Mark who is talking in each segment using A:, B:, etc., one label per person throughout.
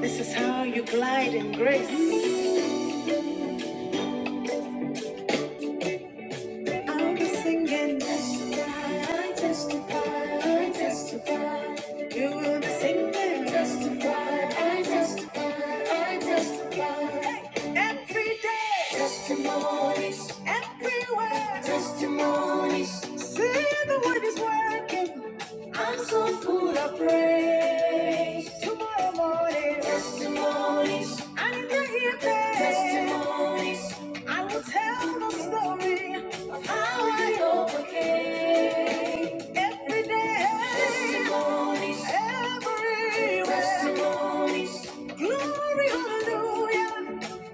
A: This is how you glide in grace. I'll be singing. Testify, testify, I testify. You will be singing. Testify, I testify, I testify. Every day. Testimonies. Everywhere. Testimonies. See the word is working. I'm so full of praise. Tomorrow morning. Testimonies. I need to hear evening. Testimonies. I will tell the story of how I overcame every day. Testimonies. Everywhere. Testimonies. Glory, hallelujah.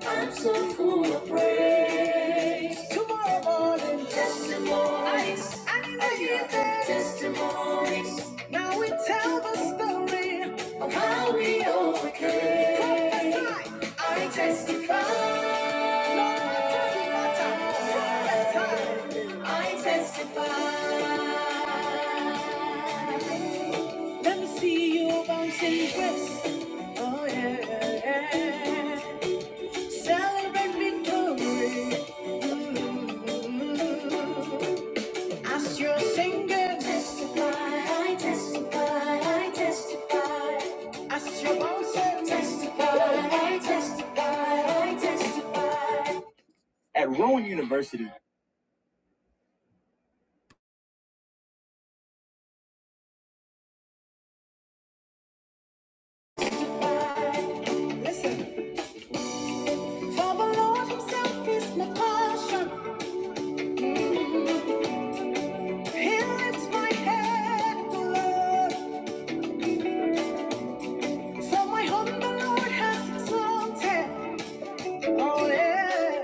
A: I'm so full of praise. Tomorrow morning. Testimonies. I need that. Testimonies. Now we tell the story of how we overcame. Prophesy. I testify. I testify. Let me see you bouncing breasts. Oh yeah. yeah, yeah. Celebrate victory. Mm. As you're singing. Testify, I testify, I testify. As you're bouncing. Testify, I testify, I testify. At Rowan University, Mm. So Oh, yeah.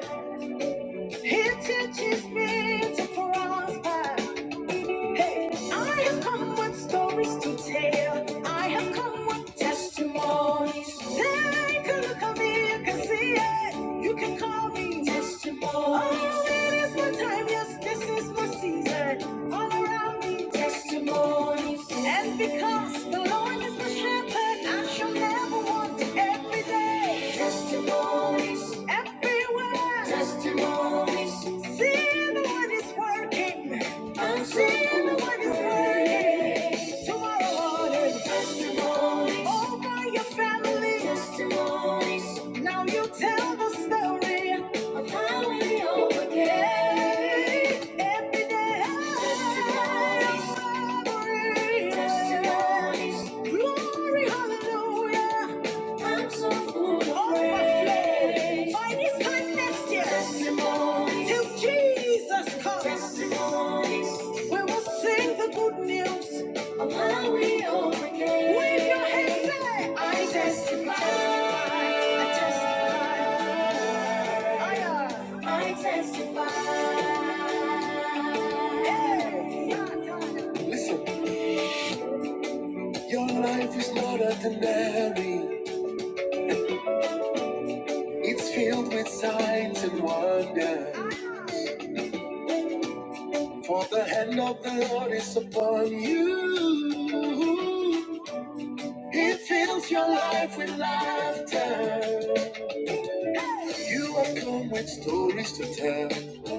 A: teaches me to prosper. Hey, I have come with stories to tell. I have come with testimonies. Take a look at me, you can see it. You can call me testimonies. Oh, it is my time, yes, this is my season. All around me, testimonies. And because the Lord is my shepherd, I shall never want every day. Testimonies. Everywhere. Testimonies. See, the Lord is working. I'm seeing the word is coming. Tomorrow morning, testimonies. Over your family, testimonies. Now you tell the story of how we overcame. Every day, testimonies. Glory, Glory, hallelujah. I'm so full of praise. By this time next year, testimonies. Till Jesus comes, testimonies. We will sing the good news of how we overcame. Wave your hands, say, I testify. I testify. I, uh, I testify. Hey, my God. Listen, your life is not ordinary. It's filled with signs and wonders. For the hand of the Lord is upon you. He fills your life with laughter. You have come with stories to tell.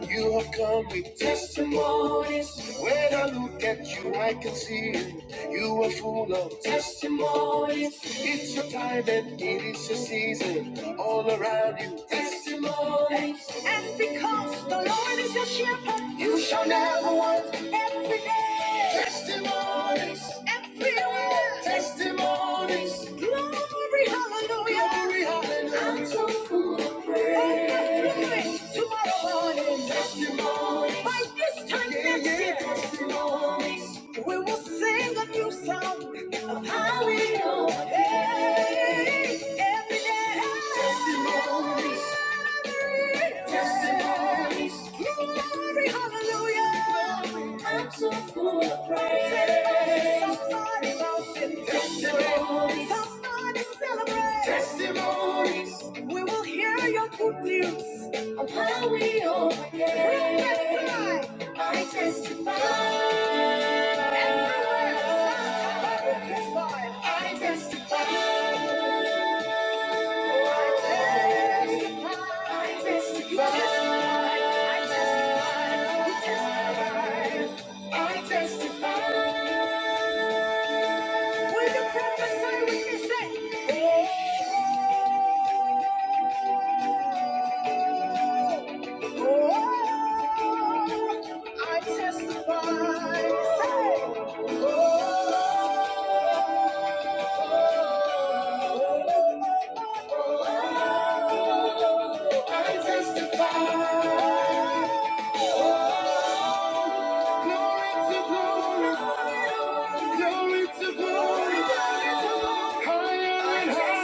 A: You have come with testimonies. When I look at you, I can see it. You are full of testimonies. It's your time and it is your season. All around you, testimonies. And because the Lord is your shepherd, you shall never want every day. Everywhere. There's all glory, hallelujah. Glory, hallelujah. I'm so full of praise. Tomorrow morning, testimonies. By this time yeah, next yeah, year, testimonies. We will sing a new song of how we know. Hey, every day. Testimonies. Testimonies. Glory, hallelujah. I'm so full of praise. Somebody motion. Testimonies. Somebody celebrate. Testimonies. We will hear your good news of how we overcame. I testify. I testify. I testify. I testify. I testify. With the prophecy we can say, oh, oh, I testify. Say, oh, I testify. Glory to glory, glory to glory, higher and higher,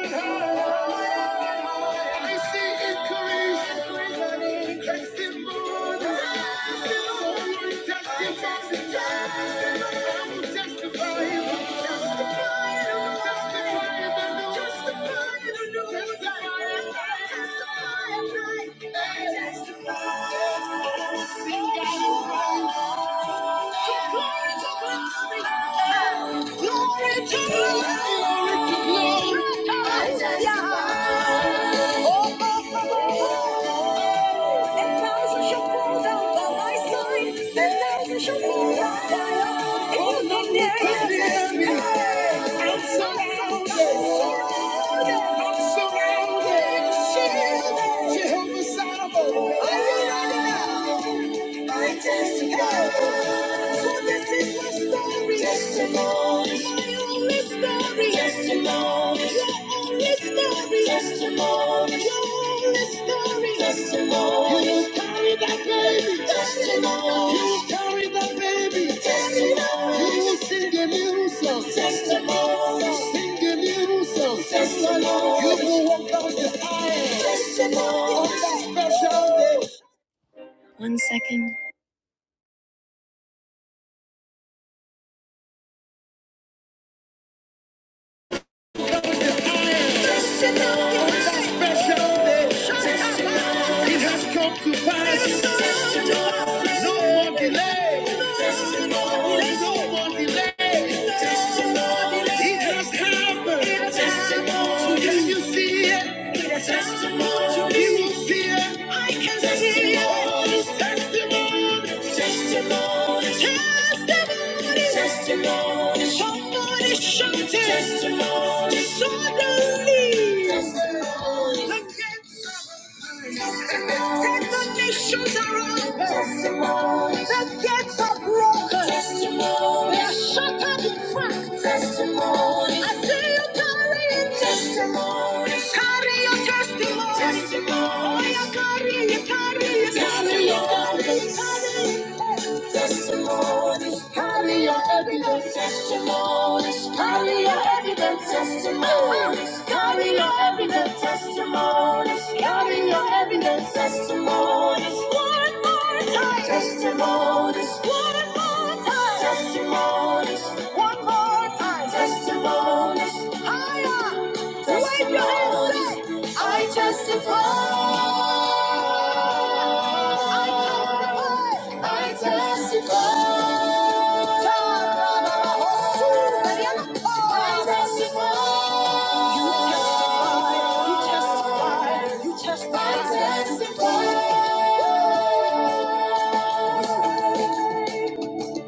A: higher and higher. I see increase, testimony, testimony, testimony. I will testify, testify, testify, testify. Sing God is great. Surrounded, shielded, Jehovah's Shadow. Oh, yeah, yeah, yeah. I testify. For this is my story. Testimony. My only story. Testimony. Your only story. Testimony. Your only story. Testimony. You- you- One second. Special day, it has come to pass. It's a Friday. Testimony. Testimony. It has come. Testimony. Testimony. Testimony. Testimony. And the nations around us, the gates are broken. Testimony. They are shattered in fact. Testimony. I see you carrying testimony. Carry your testimony. Testimony. Oh, you carry, you carry, you carry. Testimony. Carry it, carry it testimonies. Hardly your evident testimonies. Hardly your evident testimonies. Hardly your evident testimonies. Hardly your evident testimonies. One more time. Testimonies. One more time. Testimonies. One more time. Testimonies. Higher. Wave your hands. say, I testify. I testify. I testify.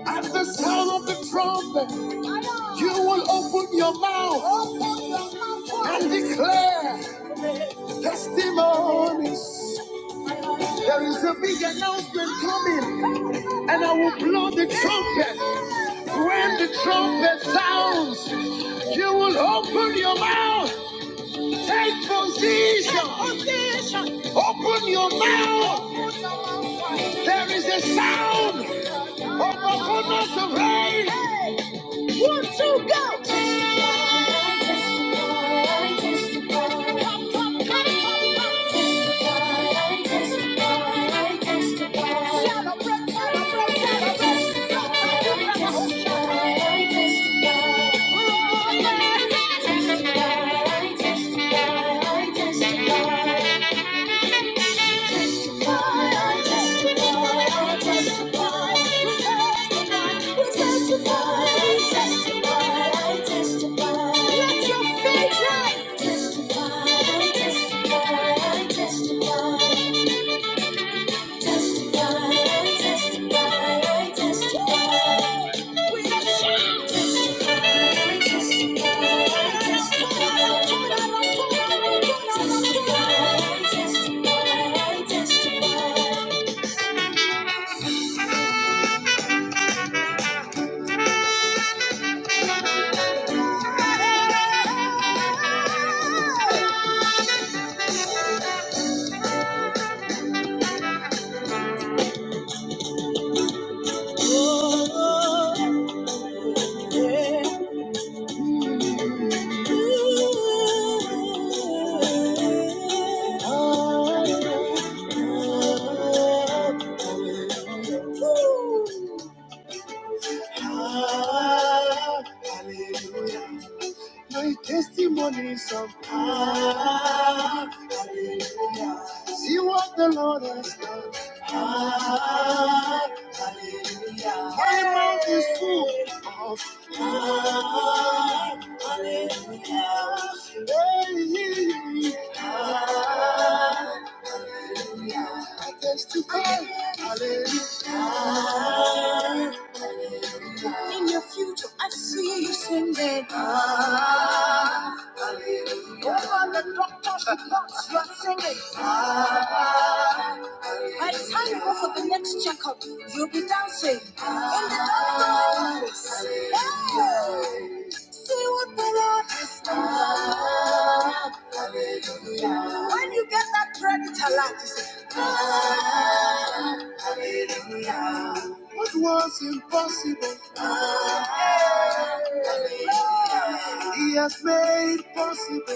A: At the sound of the trumpet, you will open your mouth and declare testimonies. There is a big announcement coming, and I will blow the trumpet. When the trumpet sounds, you will open your mouth, take position. Open your mouth. There is a sound of abundance of rain. One, two, go. I Testify, I testify, I testify. Testify, testify, testify. testify. My testimony in your future, I see you possible. He has made possible.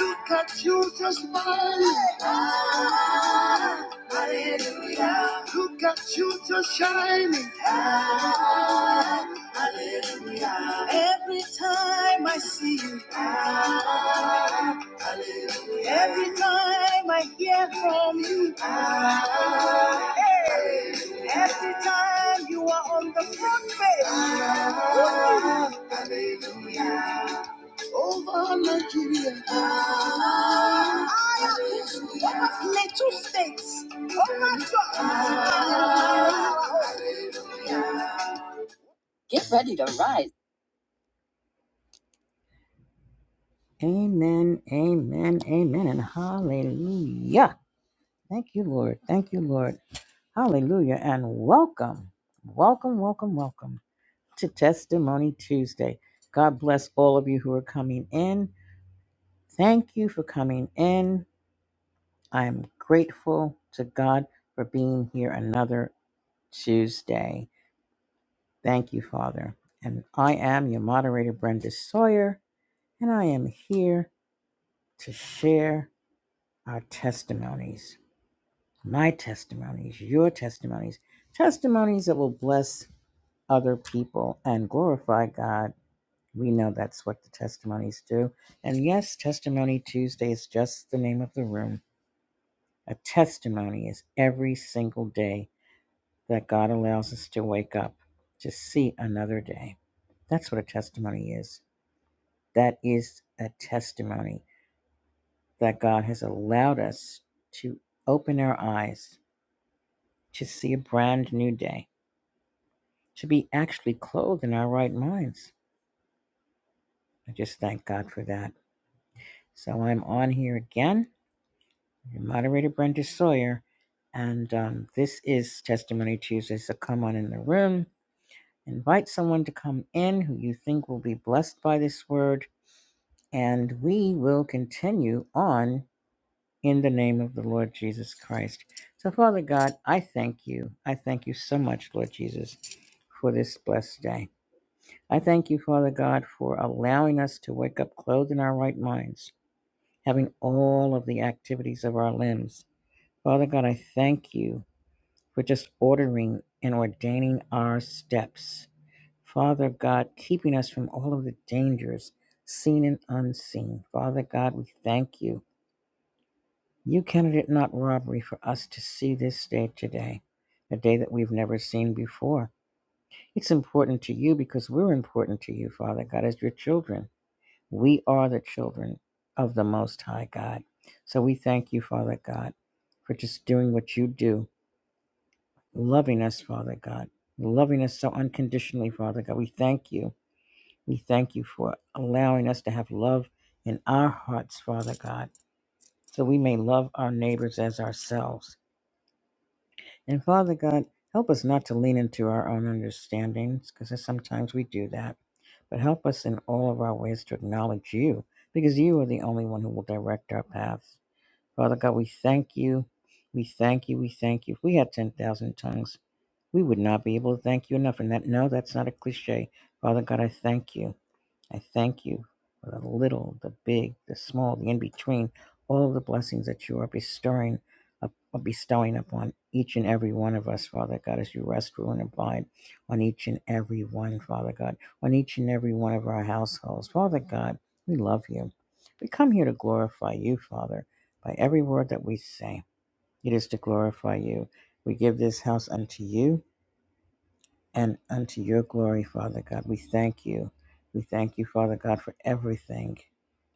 A: Look at you just smiling. Look at you just shining. Amen, amen, amen, and hallelujah. Thank you, Lord. Thank you, Lord. Hallelujah. And welcome, welcome, welcome, welcome to Testimony Tuesday. God bless all of you who are coming in. Thank you for coming in. I am grateful to God for being here another Tuesday. Thank you, Father. And I am your moderator, Brenda Sawyer, and I am here to share our testimonies my testimonies, your testimonies, testimonies that will bless other people and glorify God. We know that's what the testimonies do. And yes, Testimony Tuesday is just the name of the room. A testimony is every single day that God allows us to wake up to see another day. That's what a testimony is. That is a testimony that God has allowed us to open our eyes to see a brand new day to be actually clothed in our right minds. I just thank God for that. So I'm on here again, your moderator Brenda Sawyer, and um, this is Testimony Tuesday. So come on in the room, invite someone to come in who you think will be blessed by this word, and we will continue on in the name of the Lord Jesus Christ. So, Father God, I thank you. I thank you so much, Lord Jesus, for this blessed day. I thank you, Father God, for allowing us to wake up clothed in our right minds, having all of the activities of our limbs. Father God, I thank you for just ordering and ordaining our steps. Father God, keeping us from all of the dangers, seen and unseen. Father God, we thank you. You counted it not robbery for us to see this day today, a day that we've never seen before. It's important to you because we're important to you, Father God, as your children. We are the children of the Most High God. So we thank you, Father God, for just doing what you do, loving us, Father God, loving us so unconditionally, Father God. We thank you. We thank you for allowing us to have love in our hearts, Father God, so we may love our neighbors as ourselves. And Father God, help us not to lean into our own understandings, because sometimes we do that, but help us in all of our ways to acknowledge you, because you are the only one who will direct our paths. Father God, we thank you. We thank you. We thank you. If we had 10,000 tongues, we would not be able to thank you enough. And that, no, that's not a cliche. Father God, I thank you. I thank you for the little, the big, the small, the in between, all of the blessings that you are bestowing, up- uh, bestowing upon each and every one of us, Father God, as you rest, rule, and abide on each and every one, Father God, on each and every one of our households. Father God, we love you. We come here to glorify you, Father, by every word that we say. It is to glorify you. We give this house unto you and unto your glory, Father God. We thank you. We thank you, Father God, for everything,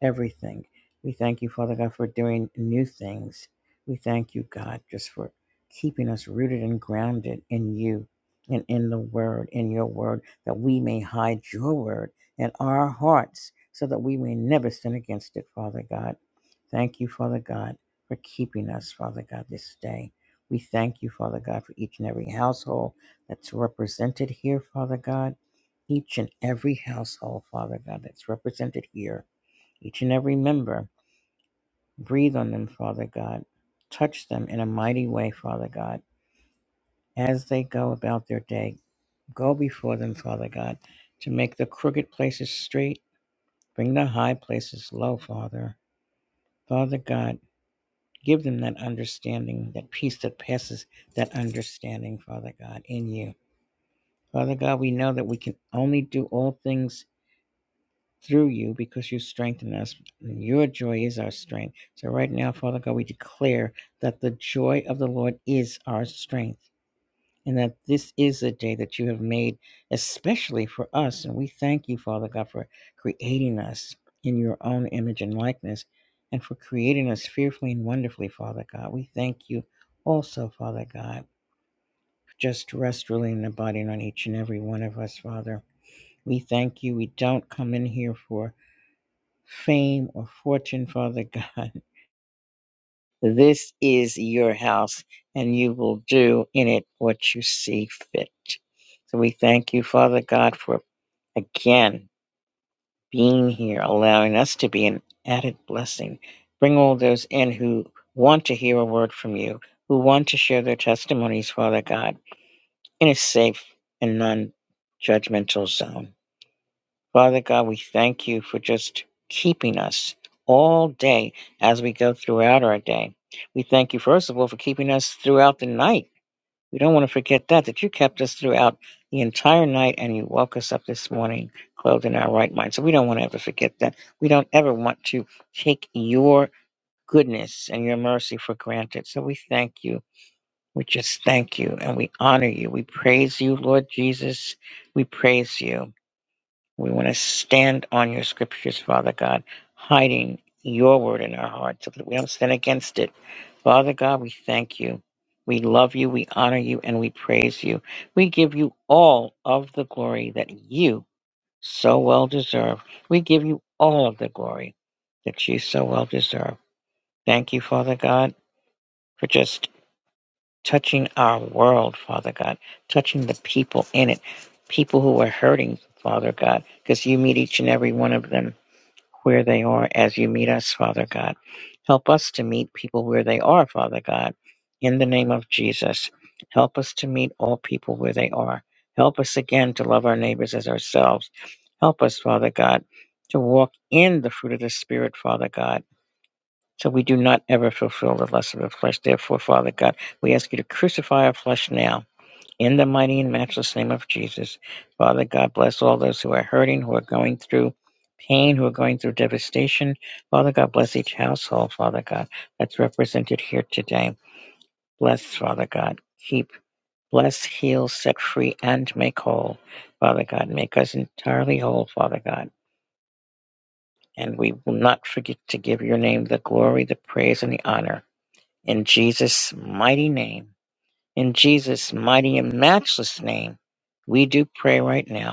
A: everything. We thank you, Father God, for doing new things. We thank you, God, just for keeping us rooted and grounded in you and in the word, in your word, that we may hide your word in our hearts so that we may never sin against it, Father God. Thank you, Father God, for keeping us, Father God, this day. We thank you, Father God, for each and every household that's represented here, Father God. Each and every household, Father God, that's represented here. Each and every member, breathe on them, Father God. Touch them in a mighty way, Father God, as they go about their day. Go before them, Father God, to make the crooked places straight, bring the high places low, Father. Father God, give them that understanding, that peace that passes that understanding, Father God, in you. Father God, we know that we can only do all things through you because you strengthen us. And your joy is our strength. So right now, Father God, we declare that the joy of the Lord is our strength and that this is a day that you have made especially for us. And we thank you, Father God, for creating us in your own image and likeness and for creating us fearfully and wonderfully, Father God. We thank you also, Father God, for just rest, ruling, and abiding on each and every one of us, Father. We thank you. We don't come in here for fame or fortune, Father God. This is your house, and you will do in it what you see fit. So we thank you, Father God, for again being here, allowing us to be an added blessing. Bring all those in who want to hear a word from you, who want to share their testimonies, Father God, in a safe and non judgmental zone. Father God, we thank you for just keeping us all day as we go throughout our day. We thank you, first of all, for keeping us throughout the night. We don't want to forget that, that you kept us throughout the entire night and you woke us up this morning clothed in our right mind. So we don't want to ever forget that. We don't ever want to take your goodness and your mercy for granted. So we thank you. We just thank you and we honor you. We praise you, Lord Jesus. We praise you. We want to stand on your scriptures, Father God, hiding your word in our hearts so that we don't sin against it. Father God, we thank you. We love you, we honor you, and we praise you. We give you all of the glory that you so well deserve. We give you all of the glory that you so well deserve. Thank you, Father God, for just touching our world, Father God, touching the people in it, people who are hurting, Father God, because you meet each and every one of them where they are as you meet us, Father God. Help us to meet people where they are, Father God, in the name of Jesus. Help us to meet all people where they are. Help us again to love our neighbors as ourselves. Help us, Father God, to walk in the fruit of the Spirit, Father God, so we do not ever fulfill the lust of the flesh. Therefore, Father God, we ask you to crucify our flesh now in the mighty and matchless name of Jesus, Father God, bless all those who are hurting, who are going through pain, who are going through devastation. Father God, bless each household, Father God, that's represented here today. Bless, Father God, keep, bless, heal, set free, and make whole. Father God, make us entirely whole, Father God. And we will not forget to give your name the glory, the praise, and the honor. In Jesus' mighty name, in Jesus' mighty and matchless name, we do pray right now.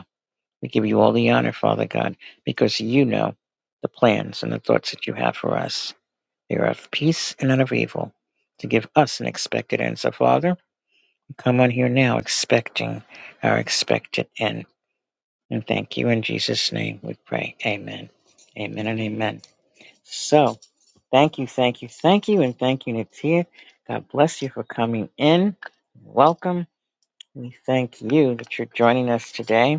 A: We give you all the honor, Father God, because you know the plans and the thoughts that you have for us. They are of peace and not of evil, to give us an expected end. So, Father, we come on here now expecting our expected end. And thank you in Jesus' name we pray. Amen. Amen and amen. So, thank you, thank you, thank you, and thank you, Natia. God bless you for coming in. Welcome. We thank you that you're joining us today.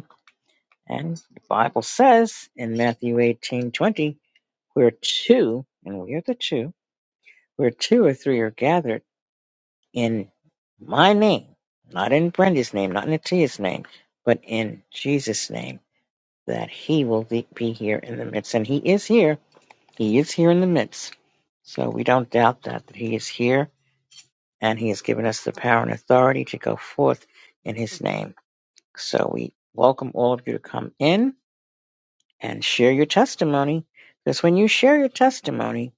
A: And the Bible says in Matthew eighteen twenty, where two, and we are the two, where two or three are gathered in my name, not in Brenda's name, not in Atia's name, but in Jesus' name, that he will be be here in the midst. And he is here. He is here in the midst. So we don't doubt that, that he is here and he has given us the power and authority to go forth in his name. So we welcome all of you to come in and share your testimony. Because when you share your testimony,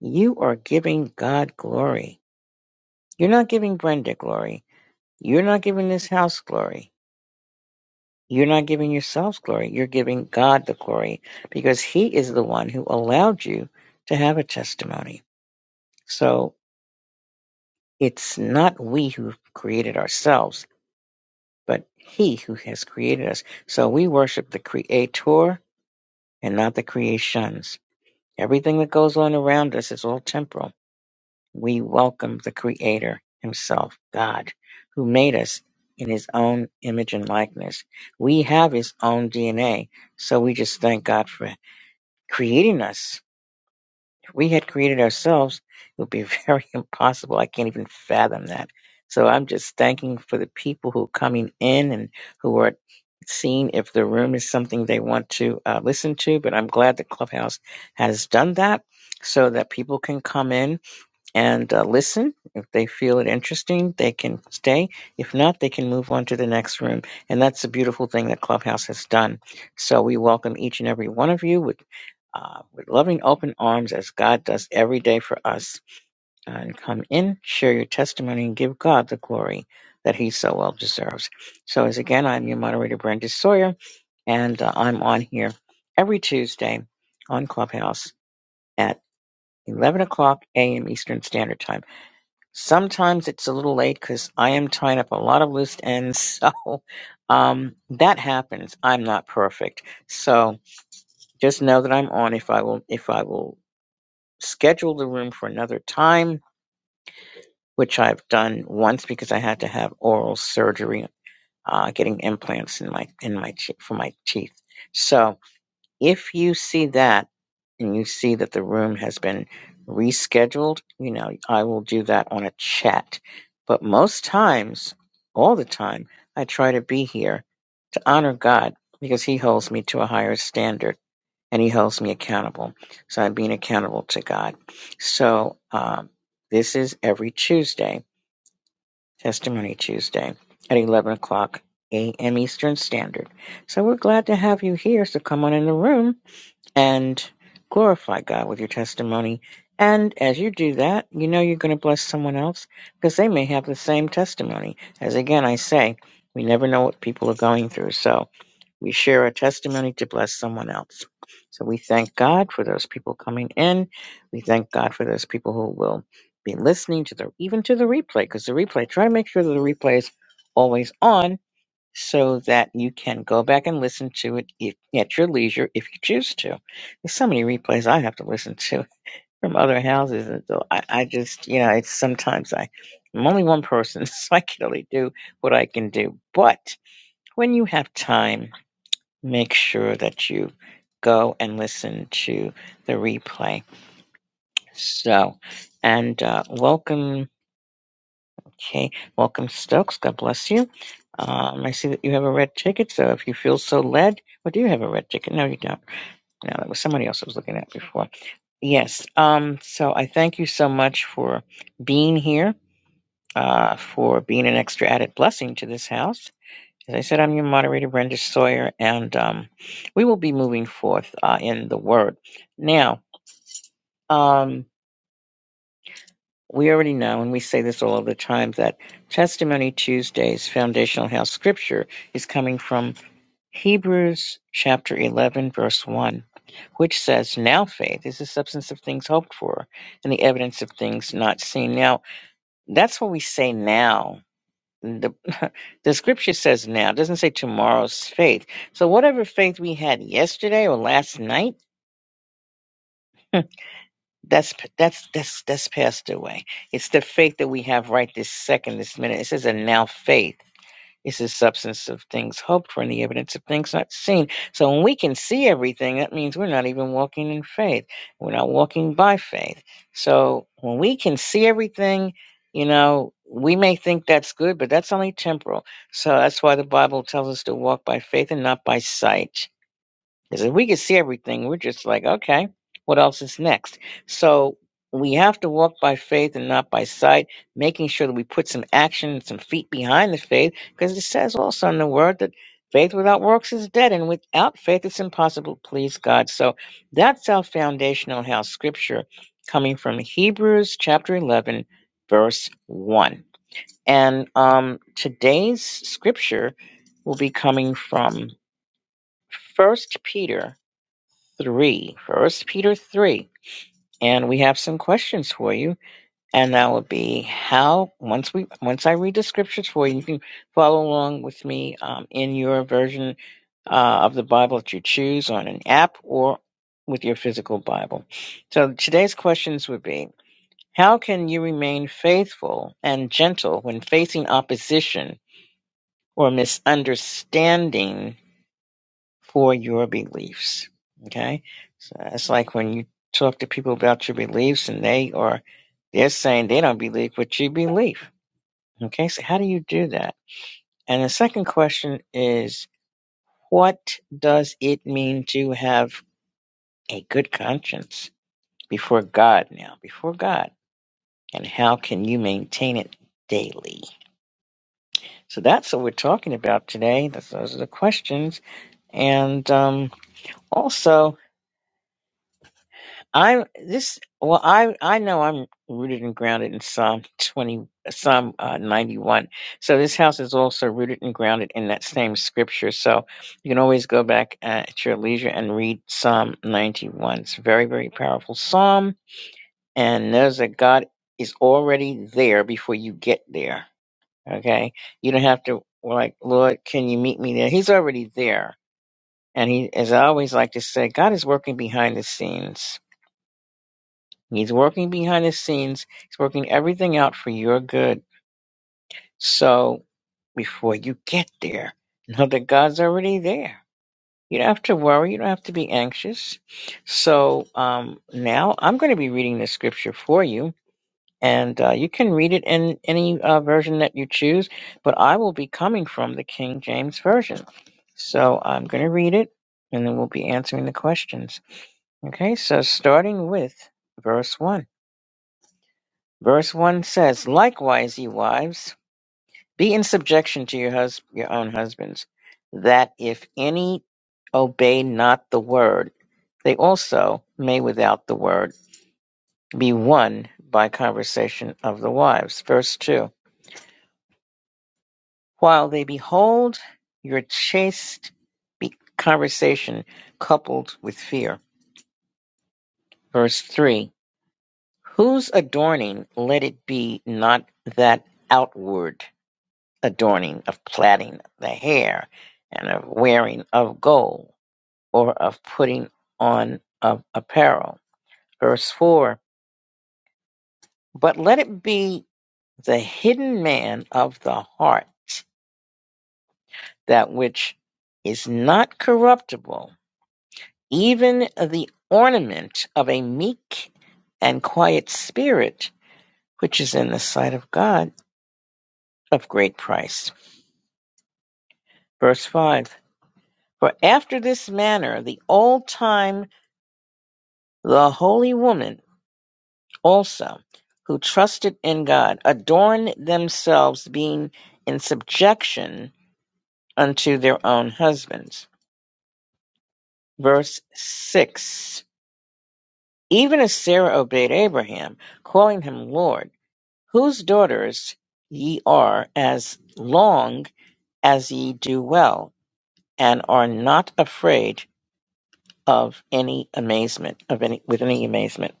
A: you are giving God glory. You're not giving Brenda glory. You're not giving this house glory. You're not giving yourselves glory. You're giving God the glory because He is the one who allowed you to have a testimony. So it's not we who created ourselves, but He who has created us. So we worship the Creator and not the creations. Everything that goes on around us is all temporal we welcome the Creator Himself, God, who made us in His own image and likeness. We have His own DNA, so we just thank God for creating us. If we had created ourselves, it would be very impossible. I can't even fathom that. So I'm just thanking for the people who are coming in and who are seeing if the room is something they want to uh, listen to. But I'm glad that Clubhouse has done that so that people can come in and uh, listen. If they feel it interesting, they can stay. If not, they can move on to the next room. And that's the beautiful thing that Clubhouse has done. So we welcome each and every one of you with, uh, with loving open arms as God does every day for us. Uh, And come in, share your testimony, and give God the glory that he so well deserves. So, as again, I'm your moderator, Brenda Sawyer, and uh, I'm on here every Tuesday on Clubhouse at 11 o'clock a.m. Eastern Standard Time. Sometimes it's a little late because I am tying up a lot of loose ends. So um, that happens. I'm not perfect. So just know that I'm on if I will if I will schedule the room for another time, which I've done once because I had to have oral surgery, uh, getting implants in my in my che- for my teeth. So If you see that and you see that the room has been rescheduled, you know, I will do that on a chat. But most times, all the time, I try to be here to honor God because He holds me to a higher standard and He holds me accountable. So I'm being accountable to God. So um, this is every Tuesday, Testimony Tuesday at 11 o'clock a.m. Eastern Standard. So we're glad to have you here. So come on in the room and glorify God with your testimony. And as you do that, you know you're going to bless someone else because they may have the same testimony. As again, I say, we never know what people are going through. So we share our testimony to bless someone else. So we thank God for those people coming in. We thank God for those people who will be listening to the even to the replay because the replay try to make sure that the replay is always on so that you can go back and listen to it if, at your leisure if you choose to. There's so many replays I have to listen to from other houses, and so I, I just, you know, it's sometimes I, I'm only one person, so I can only do what I can do. But when you have time, make sure that you go and listen to the replay. So, and uh, welcome. Okay, welcome Stokes. God bless you. Um, I see that you have a red ticket, so if you feel so led, well, do you have a red ticket? No, you don't. No, that was somebody else I was looking at before. Yes. Um, so I thank you so much for being here, uh, for being an extra added blessing to this house. As I said, I'm your moderator, Brenda Sawyer, and um, we will be moving forth uh, in the Word. Now, um, We already know, and we say this all of the time, that Testimony Tuesday's foundational house scripture is coming from Hebrews chapter 11, verse 1, which says, Now faith is the substance of things hoped for and the evidence of things not seen. Now, that's what we say now. The, the scripture says now, it doesn't say tomorrow's faith. So, whatever faith we had yesterday or last night, That's that's that's that's passed away. It's the faith that we have right this second, this minute. It says, "And now faith is the substance of things hoped for, and the evidence of things not seen." So when we can see everything, that means we're not even walking in faith. We're not walking by faith. So when we can see everything, you know, we may think that's good, but that's only temporal. So that's why the Bible tells us to walk by faith and not by sight. Because if we could see everything, we're just like, okay, what else is next? So we have to walk by faith and not by sight, making sure that we put some action and some feet behind the faith, because it says also in the word that faith without works is dead, and without faith it's impossible to please God. So that's our foundational house scripture coming from Hebrews chapter 11, verse 1. And um, today's scripture will be coming from First Peter 3, First Peter 3. And we have some questions for you. And that would be how, once we, once I read the scriptures for you, you can follow along with me um, in your version uh, of the Bible that you choose on an app or with your physical Bible. So today's questions would be How can you remain faithful and gentle when facing opposition or misunderstanding for your beliefs. Okay? So that's like when you talk to people about your beliefs and they are they're saying they don't believe what you believe. Okay, so how do you do that? And the second question is what does it mean to have a good conscience before God now, before God? And how can you maintain it daily? So that's what we're talking about today. That's, those are the questions. And um, also, I this well I I know I'm rooted and grounded in Psalm 20 Psalm uh, 91. So this house is also rooted and grounded in that same scripture. So you can always go back uh, at your leisure and read Psalm 91. It's a very very powerful psalm and knows that God is already there before you get there. Okay? You don't have to like Lord, can you meet me there? He's already there. And he as I always like to say, God is working behind the scenes He's working behind the scenes. He's working everything out for your good. So before you get there, know that God's already there. You don't have to worry. You don't have to be anxious. So um, now I'm going to be reading the scripture for you, and uh, you can read it in any uh, version that you choose. But I will be coming from the King James version. So I'm going to read it, and then we'll be answering the questions. Okay. So starting with verse one. Verse 1 says, Likewise, ye wives, be in subjection to your, hus- your own husbands, that if any obey not the word, they also may without the word be won by conversation of the wives. Verse 2 While they behold your chaste be- conversation coupled with fear. Verse 3 Whose adorning let it be not that outward? adorning, of plaiting the hair, and of wearing of gold, or of putting on of apparel. Verse 4 But let it be the hidden man of the heart, that which is not corruptible, even the ornament of a meek and quiet spirit, which is in the sight of God of great price. Verse 5 For after this manner the old time the holy woman also, who trusted in God, adorned themselves, being in subjection unto their own husbands. Verse 6 Even as Sarah obeyed Abraham, calling him Lord, whose daughters ye are, as long as ye do well, and are not afraid of any amazement, of any, with any amazement.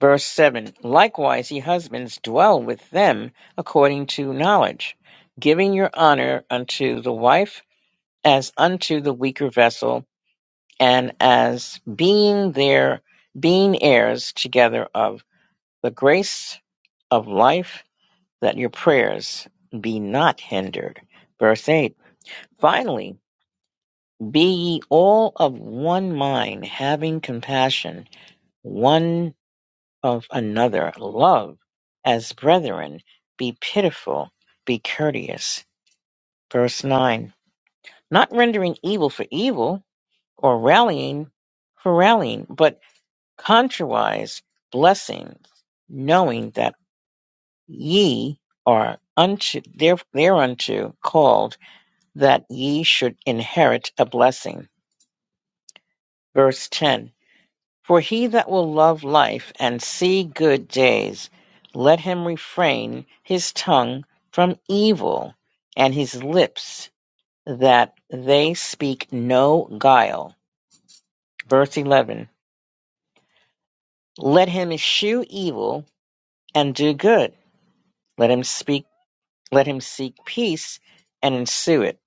A: Verse 7 Likewise, ye husbands, dwell with them according to knowledge, giving your honor unto the wife as unto the weaker vessel, and as being there, being heirs together of the grace of life, that your prayers be not hindered. Verse 8 Finally, be ye all of one mind, having compassion, one. of another love as brethren, be pitiful, be courteous. Verse 9. Not rendering evil for evil or rallying for rallying, but contrariwise blessings, knowing that ye are unto there, thereunto called that ye should inherit a blessing. Verse 10 For he that will love life and see good days, let him refrain his tongue from evil, and his lips that they speak no guile. Verse 11. Let him eschew evil and do good. Let him speak, let him seek peace and ensue it.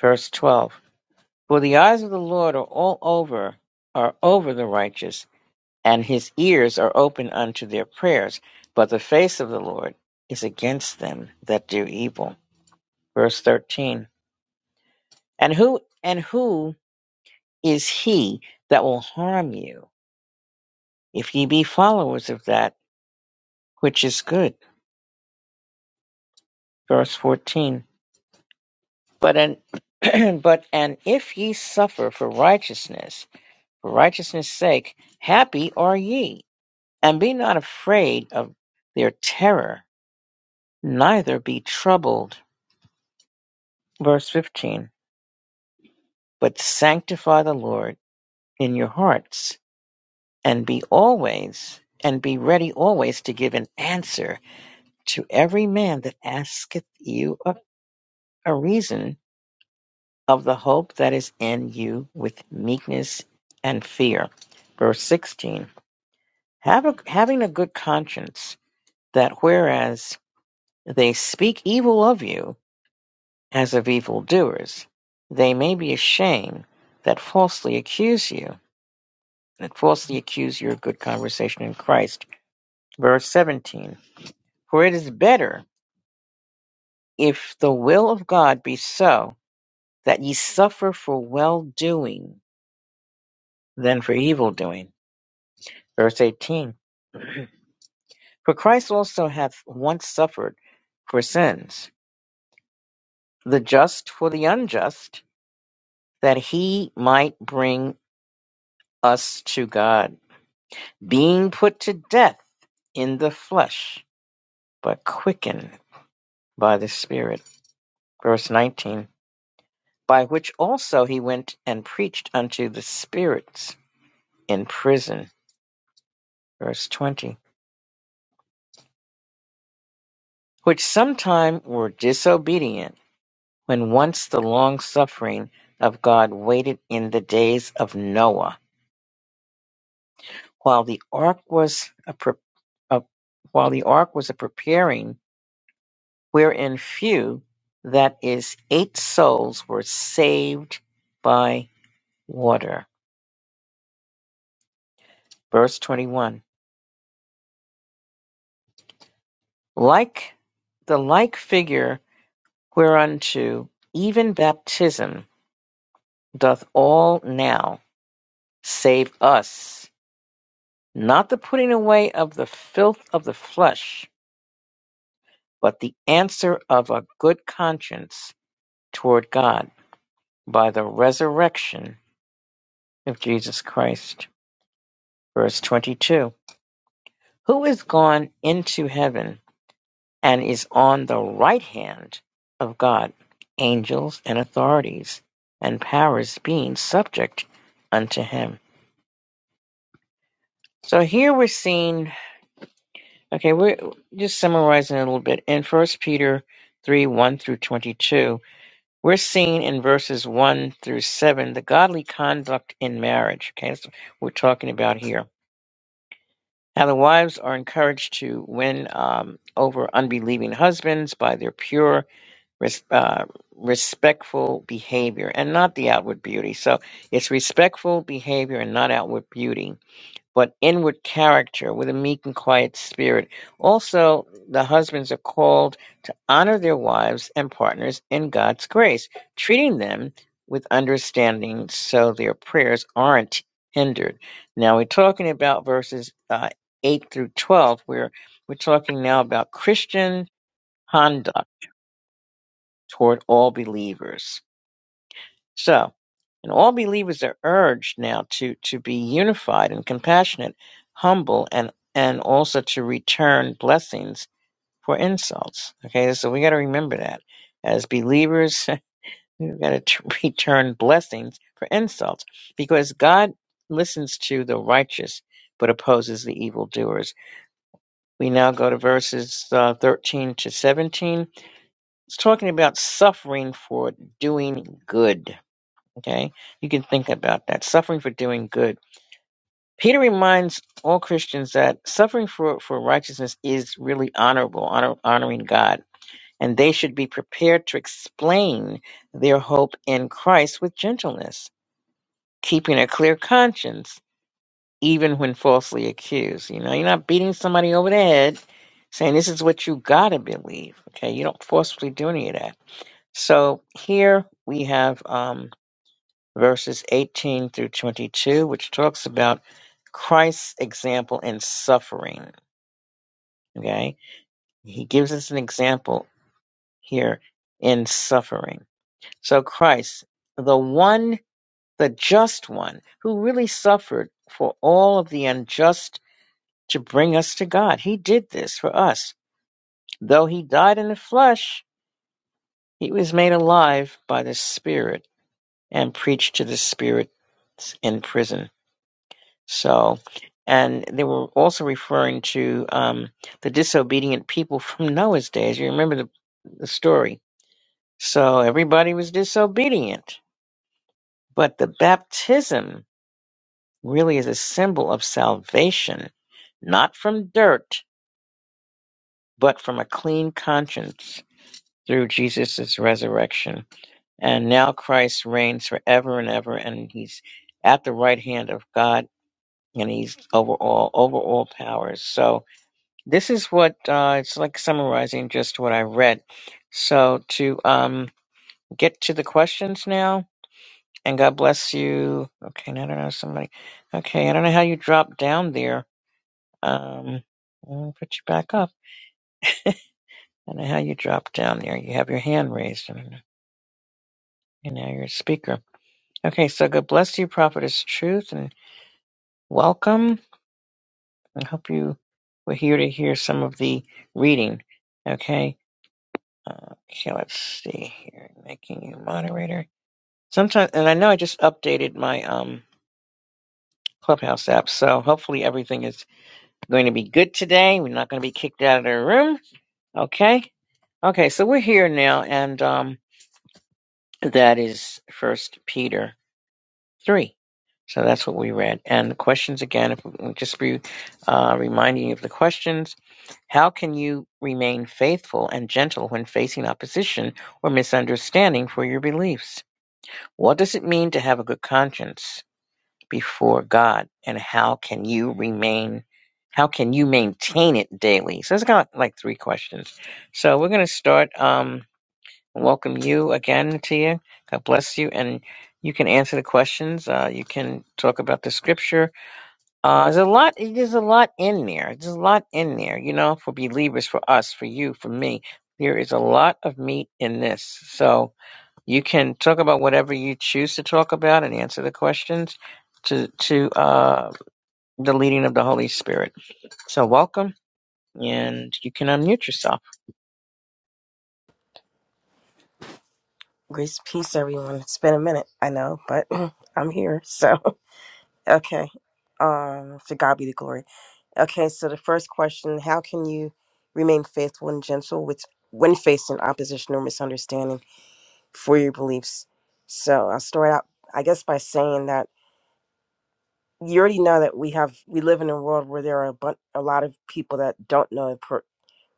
A: Verse 12. For the eyes of the Lord are all over, are over the righteous and his ears are open unto their prayers, but the face of the Lord is against them that do evil. Verse thirteen. And who and who is he that will harm you, if ye be followers of that which is good? Verse fourteen. But an but and if ye suffer for righteousness, for righteousness' sake, happy are ye, and be not afraid of their terror, neither be troubled. Verse fifteen. But sanctify the Lord in your hearts, and be always and be ready always to give an answer to every man that asketh you a, a reason of the hope that is in you with meekness and fear. Verse 16. Have a, having a good conscience, that whereas they speak evil of you as of evildoers, they may be ashamed that falsely accuse you and falsely accuse your good conversation in Christ. Verse 17 For it is better, if the will of God be so, that ye suffer for well doing than for evil doing. Verse 18 For Christ also hath once suffered for sins, the just for the unjust, that he might bring us to God, being put to death in the flesh, but quickened by the Spirit. Verse 19. by which also he went and preached unto the spirits in prison. Verse 20. Which sometime were disobedient, when once the long suffering of God waited in the days of Noah, while the ark was a, pre- a- while the ark was a preparing, wherein few, that is, eight souls were saved by water. Verse 21. Like the like figure whereunto even baptism doth all now save us, not the putting away of the filth of the flesh, but the answer of a good conscience toward God by the resurrection of Jesus Christ. Verse 22 Who is gone into heaven and is on the right hand of God, angels and authorities and powers being subject unto him So here we're seeing, okay, we're just summarizing a little bit in First Peter 3 1 through 22. We're seeing in verses 1 through 7 the godly conduct in marriage. Okay, that's what we're talking about here. Now the wives are encouraged to win um, over unbelieving husbands by their pure, res- uh, respectful behavior and not the outward beauty. So it's respectful behavior and not outward beauty but inward character with a meek and quiet spirit. Also, the husbands are called to honor their wives and partners in God's grace, treating them with understanding so their prayers aren't hindered. Now, we're talking about verses uh, 8 through 12, where we're talking now about Christian conduct toward all believers. So, and all believers are urged now to, to be unified and compassionate, humble, and, and also to return blessings for insults. Okay, so we got to remember that. As believers, we've got to t- return blessings for insults because God listens to the righteous but opposes the evildoers. We now go to verses uh, 13 to 17. It's talking about suffering for doing good Okay? You can think about that. Suffering for doing good. Peter reminds all Christians that suffering for, for righteousness is really honorable, honor, honoring God, and they should be prepared to explain their hope in Christ with gentleness, keeping a clear conscience, even when falsely accused. You know, you're not beating somebody over the head saying this is what you gotta believe. Okay, you don't forcefully do any of that. So here we have um verses 18 through 22, which talks about Christ's example in suffering. Okay. He gives us an example here in suffering. So Christ, the one, the just one who really suffered for all of the unjust to bring us to God. He did this for us. Though he died in the flesh, he was made alive by the Spirit and preached to the Spirit in prison. So, and they were also referring to um, the disobedient people from Noah's days. You remember the, the story. So everybody was disobedient, but the baptism really is a symbol of salvation, not from dirt, but from a clean conscience through Jesus' resurrection. And now Christ reigns forever and ever, and he's at the right hand of God, and he's over all, over all powers. So, This is what uh, it's like summarizing just what I read. So to um, get to the questions now, and God bless you. Okay, now I don't know somebody. Okay, I don't know how you dropped down there. Um, I'll put you back up. I don't know how you dropped down there. You have your hand raised, and, and now you're a speaker. Okay, so God bless you, Prophetess Truth, and welcome. I hope you were here to hear some of the reading. Okay. uh, Okay, let's see here. Making you moderator. Sometimes, and I know I just updated my um Clubhouse app, so hopefully everything is going to be good today. We're not going to be kicked out of the room. Okay. Okay, so we're here now, and um that is First Peter three. So that's what we read. And the questions again, if we just be uh, reminding you of the questions. How can you remain faithful and gentle when facing opposition or misunderstanding for your beliefs? What does it mean to have a good conscience? before God and how can you remain how can you maintain it daily? So it's got like three questions. So we're gonna start um welcome you again Tia. God bless you and you can answer the questions. Uh, you can talk about the scripture. Uh, there's a lot. There's a lot in there. There's a lot in there. You know, for believers, for us, for you, for me. There is a lot of meat in this. So you can talk about whatever you choose to talk about and answer the questions to to uh, the leading of the Holy Spirit. So welcome, and you can unmute yourself.
B: Grace, peace, everyone. It's been a minute, I know, but I'm here. So, okay. Um, to God be the glory. Okay, so the first question: How can you remain faithful and gentle with when facing opposition or misunderstanding for your beliefs? So I'll start out, I guess, by saying that you already know that we have we live in a world where there are a, bu- a lot of people that don't know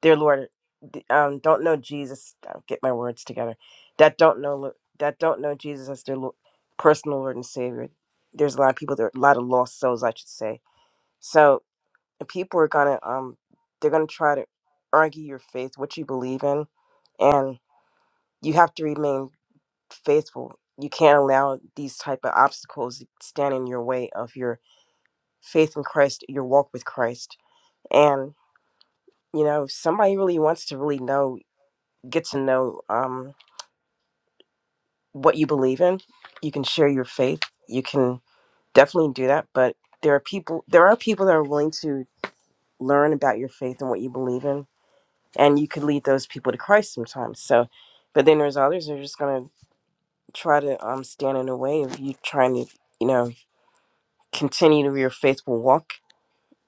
B: dear Lord, d- um, don't know Jesus. I'll get my words together. That don't know Lo- that don't know Jesus as their Lo- personal Lord and Savior. There's a lot of people. There a lot of lost souls, I should say. So if people are gonna um, they're gonna try to argue your faith, what you believe in, and you have to remain faithful. You can't allow these type of obstacles to stand in your way of your faith in Christ, your walk with Christ, and you know if somebody really wants to really know get to know um, what you believe in. You can share your faith. You can definitely do that. But there are people. There are people that are willing to learn about your faith and what you believe in, and you could lead those people to Christ sometimes. So, but then there's others that are just gonna try to um, stand in the way of you trying to, you know, continue your faithful walk,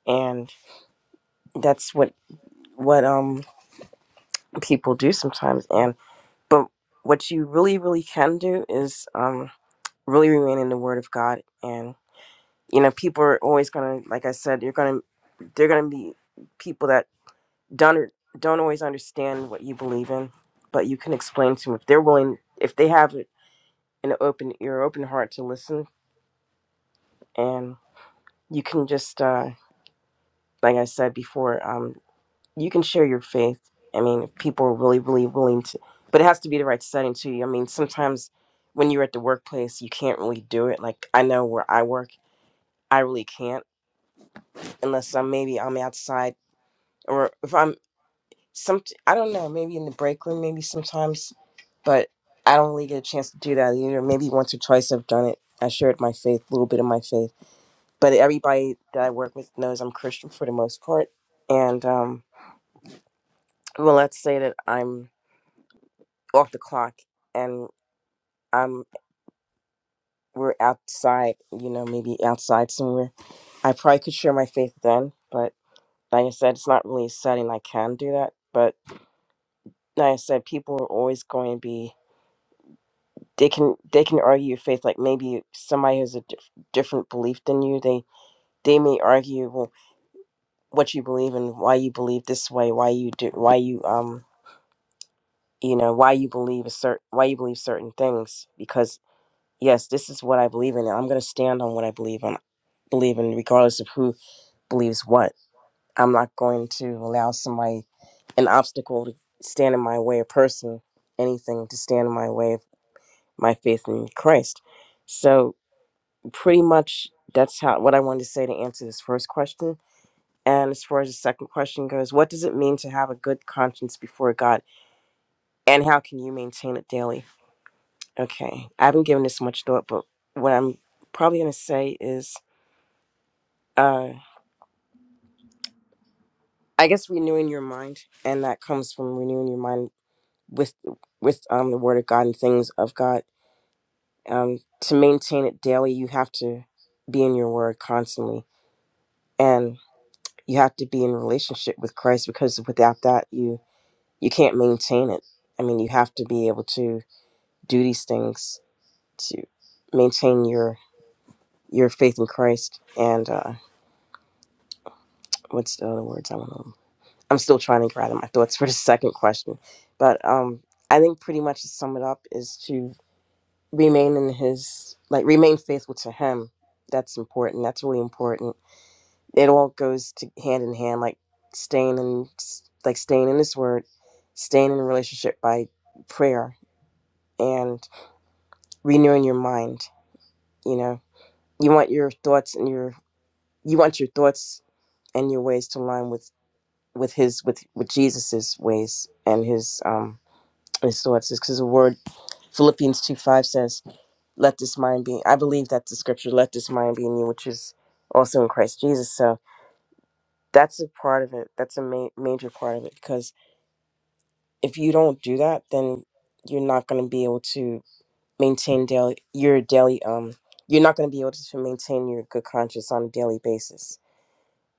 B: and that's what what um people do sometimes. And but what you really, really can do is um really remain in the Word of God and. you know people are always gonna like i said you're gonna they're gonna be people that don't don't always understand what you believe in but you can explain to them if they're willing if they have an open ear open heart to listen and you can just uh like i said before um you can share your faith i mean if people are really really willing to but it has to be the right setting too i mean sometimes when you're at the workplace you can't really do it like i know where i work i really can't unless i'm maybe i'm outside or if I'm some I don't know, maybe in the break room, maybe sometimes, but I don't really get a chance to do that either. Maybe once or twice I've done it. I shared my faith, a little bit of my faith, but everybody that I work with knows I'm Christian for the most part. And um, well, let's say that I'm off the clock and I'm we're outside, you know, maybe outside somewhere. I probably could share my faith then, but like I said, it's not really a setting I can do that. But like I said, people are always going to be they can they can argue your faith like maybe somebody has a dif- different belief than you they they may argue well what you believe and why you believe this way why you do why you um you know why you believe a certain why you believe certain things because yes this is what i believe in and i'm going to stand on what i believe in believe in regardless of who believes what i'm not going to allow somebody an obstacle to stand in my way a person anything to stand in my way of my faith in christ so pretty much that's how what I wanted to say to answer this first question. And as far as the second question goes, what does it mean to have a good conscience before God, and how can you maintain it daily? Okay, I haven't given this much thought, but what I'm probably going to say is, uh, I guess renewing your mind, and that comes from renewing your mind with with um, the Word of God and things of God. Um, to maintain it daily, you have to be in your Word constantly, and you have to be in relationship with Christ because without that you you can't maintain it. I mean, you have to be able to do these things to maintain your your faith in Christ. And uh, what's the other words I want to? I'm still trying to gather my thoughts for the second question, but um, I think pretty much to sum it up is to remain in His like remain faithful to Him. That's important. That's really important it all goes to hand in hand like staying in like staying in His word staying in a relationship by prayer and renewing your mind you know you want your thoughts and your you want your thoughts and your ways to align with with his with with jesus's ways and his um his thoughts because the word philippians 2 5 says let this mind be i believe that's the scripture let this mind be in you which is also in christ jesus so that's a part of it that's a ma- major part of it because if you don't do that, then you're not going to be able to maintain daily your daily um you're not going to be able to maintain your good conscience on a daily basis.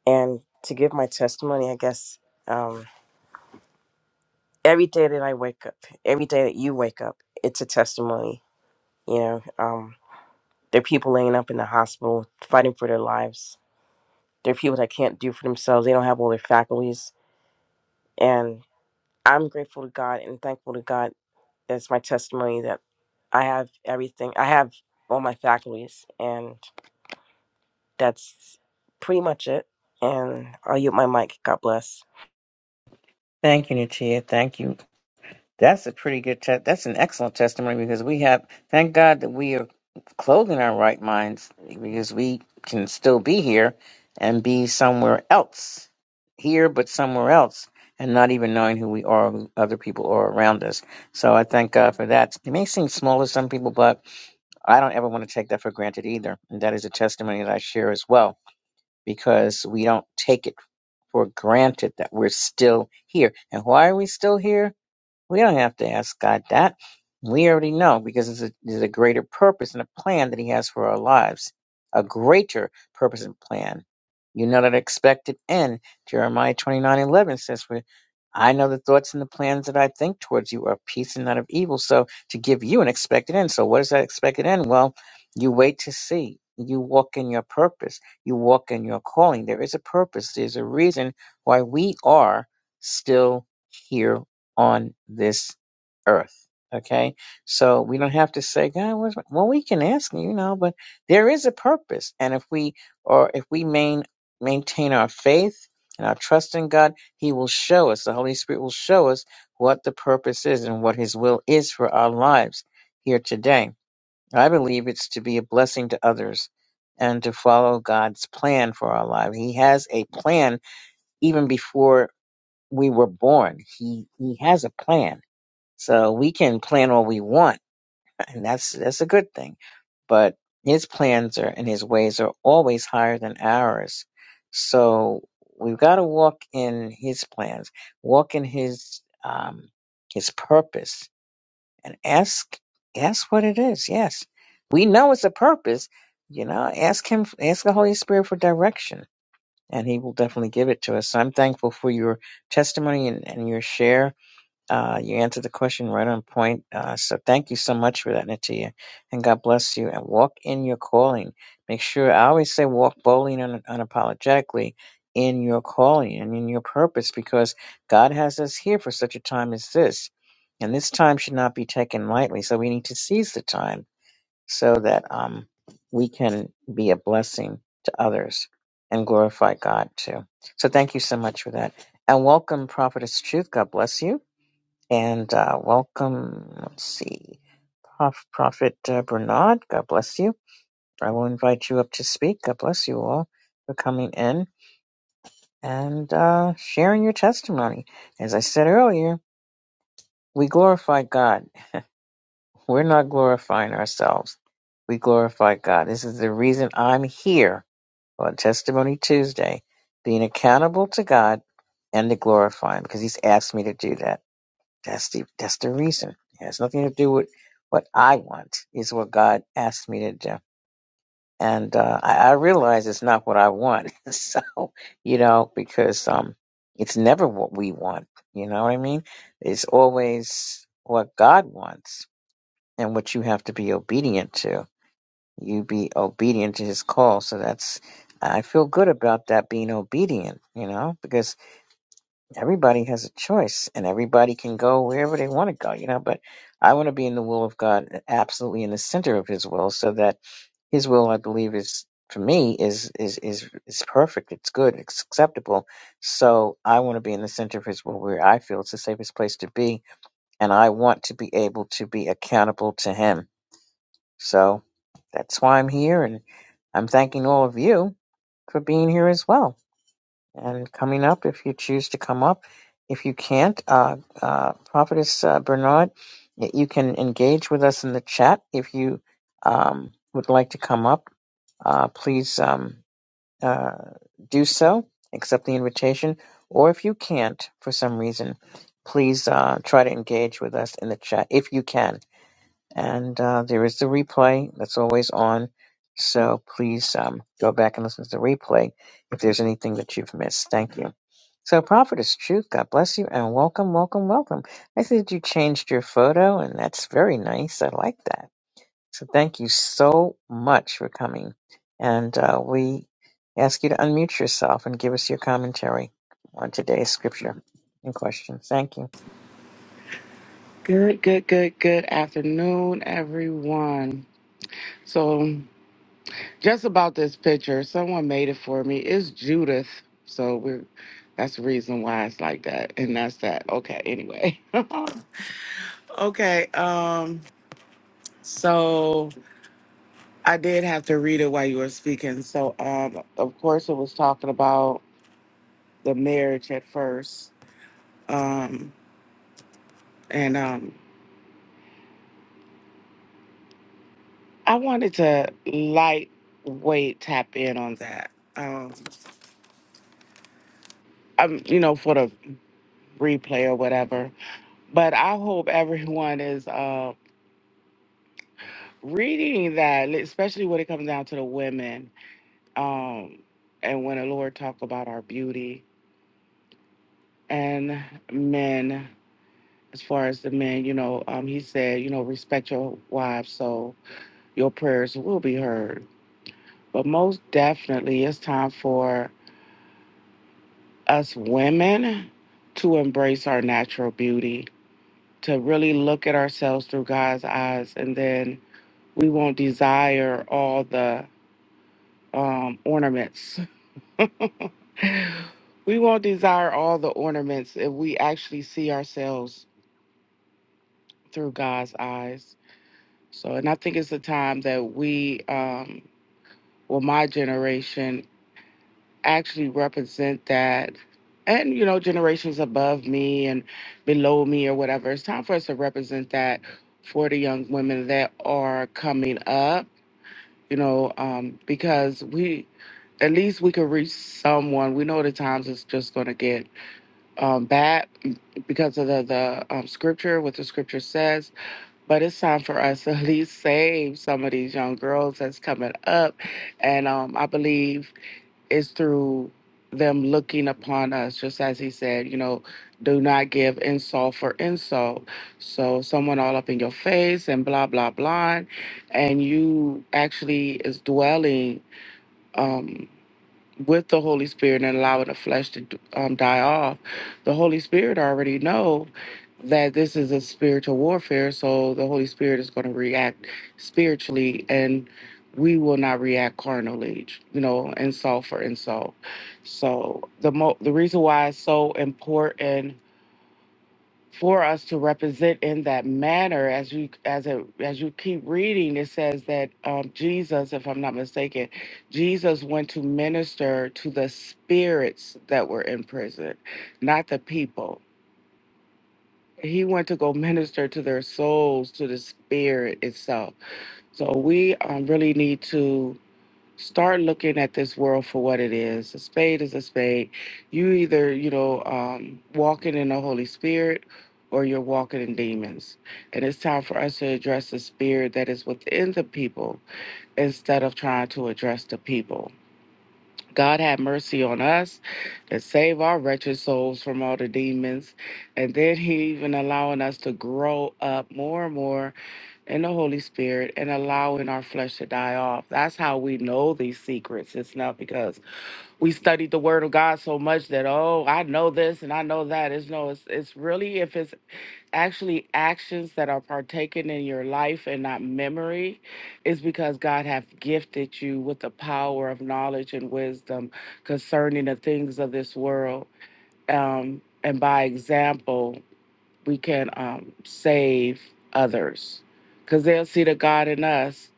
B: And to give my testimony, I guess um every day that I wake up, every day that you wake up, it's a testimony, you know. Um there are people laying up in the hospital fighting for their lives. There are people that can't do for themselves. They don't have all their faculties and I'm grateful to God and thankful to God It's my testimony that I have everything. I have all my faculties, and that's pretty much it. And I'll use my mic. God bless.
A: Thank you, Natia. Thank you. That's a pretty good test. That's an excellent testimony because we have, thank God that we are clothed in our right minds because we can still be here and be somewhere else. Here, but somewhere else, and not even knowing who we are, who other people are around us. So I thank God for that. It may seem small to some people, but I don't ever want to take that for granted either. And that is a testimony that I share as well because we don't take it for granted that we're still here. And why are we still here? We don't have to ask God that. We already know because there's a, there's a greater purpose and a plan that He has for our lives, a greater purpose and plan. You know that expected end. Jeremiah twenty nine eleven says, "For I know the thoughts and the plans that I think towards you are of peace and not of evil." So to give you an expected end. So what is that expected end? Well, you wait to see. You walk in your purpose. You walk in your calling. There is a purpose. There's a reason why we are still here on this earth. Okay, so we don't have to say, God, where's my-" well, we can ask, you know, but there is a purpose, and if we or if we main, maintain our faith and our trust in God, He will show us. The Holy Spirit will show us what the purpose is and what His will is for our lives here today. I believe it's to be a blessing to others and to follow God's plan for our lives. He has a plan even before we were born. He He has a plan so we can plan all we want, and that's that's a good thing. But his plans are and his ways are always higher than ours. So we've got to walk in his plans, walk in his um, his purpose, and ask ask what it is. Yes, we know it's a purpose. You know, ask him, ask the Holy Spirit for direction, and he will definitely give it to us. So I'm thankful for your testimony and, and your share uh, you answered the question right on point. Uh, so thank you so much for that, Natia. And God bless you. And walk in your calling. Make sure, I always say walk boldly and un- unapologetically in your calling and in your purpose because God has us here for such a time as this. And this time should not be taken lightly. So we need to seize the time so that um, we can be a blessing to others and glorify God too. So thank you so much for that. And welcome, Prophetess Truth. God bless you. And uh, welcome, let's see, Prof, Prophet uh, Bernard. God bless you. I will invite you up to speak. God bless you all for coming in and uh, sharing your testimony. As I said earlier, we glorify God. We're not glorifying ourselves. We glorify God. This is the reason I'm here on Testimony Tuesday, being accountable to God and to glorify Him because He's asked me to do that. That's the that's the reason. It has nothing to do with what I want. Is what God asked me to do, and uh, I, I realize it's not what I want. so you know, because um, it's never what we want. You know what I mean? It's always what God wants, and what you have to be obedient to. You be obedient to His call. So that's I feel good about that being obedient. You know, because everybody has a choice and everybody can go wherever they want to go, you know, but I want to be in the will of God, absolutely in the center of his will so that his will, I believe is for me is, is, is, is perfect. It's good. It's acceptable. So I want to be in the center of his will where I feel it's the safest place to be. And I want to be able to be accountable to him. So that's why I'm here. And I'm thanking all of you for being here as well and coming up if you choose to come up. If you can't, uh, uh, Prophetess uh, Bernard, y- you can engage with us in the chat. If you um, would like to come up, uh, please um, uh, do so, accept the invitation. Or if you can't for some reason, please uh, try to engage with us in the chat if you can. And uh, there is the replay that's always on. So please um, go back and listen to the replay if there's anything that you've missed. Thank you. So, Prophetess Truth, God bless you and welcome, welcome, welcome. I see that you changed your photo, and that's very nice. I like that. So, thank you so much for coming. And uh, we ask you to unmute yourself and give us your commentary on today's scripture in question. Thank you.
C: Good, good, good, good afternoon, everyone. So, just about this picture, someone made it for me. It's Judith. So, we're that's the reason why it's like that. And that's that. Okay, anyway. okay, um, so I did have to read it while you were speaking. So, um, of course, it was talking about the marriage at first. Um, and um, I wanted to lightweight tap in on that. Um, um, you know, for the replay or whatever. But I hope everyone is uh, reading that, especially when it comes down to the women, um, and when the Lord talk about our beauty and men. As far as the men, you know, um, he said, you know, respect your wives so your prayers will be heard. But most definitely, it's time for us women to embrace our natural beauty, to really look at ourselves through God's eyes, and then we won't desire all the um, ornaments. we won't desire all the ornaments if we actually see ourselves through God's eyes. So, and I think it's a time that we, um, well, my generation actually represent that. And, you know, generations above me and below me or whatever. It's time for us to represent that for the young women that are coming up you know, um, because we, at least we could reach someone. We know the times it's just going to get um, bad because of the, the um, scripture, what the scripture says. But it's time for us to at least save some of these young girls that's coming up. And um, I believe it's through them looking upon us, just as he said, you know, do not give insult for insult. So someone all up in your face and blah, blah, blah. And you actually is dwelling um, with the Holy Spirit and allowing the flesh to um, die off, the Holy Spirit already know that this is a spiritual warfare. So the Holy Spirit is going to react spiritually, and we will not react carnally. You know, insult for insult. So the mo- the reason why it's so important for us to represent in that manner as you as it as you keep reading it says that um, jesus if i'm not mistaken jesus went to minister to the spirits that were in prison not the people he went to go minister to their souls to the spirit itself so we um, really need to start looking at this world for what it is. A spade is a spade. You either, you know, um, walking in the Holy Spirit or you're walking in demons. And it's time for us to address the spirit that is within the people instead of trying to address the people. God have mercy on us and save our wretched souls from all the demons. And then he even allowing us to grow up more and more and the Holy Spirit and allowing our flesh to die off. That's how we know these secrets. It's not because we studied the word of God so much that oh, I know this and I know that. It's no, it's it's really if it's actually actions that are partaken in your life and not memory, is because God hath gifted you with the power of knowledge and wisdom concerning the things of this world. Um and by example, we can um, save others because they'll see the God in us.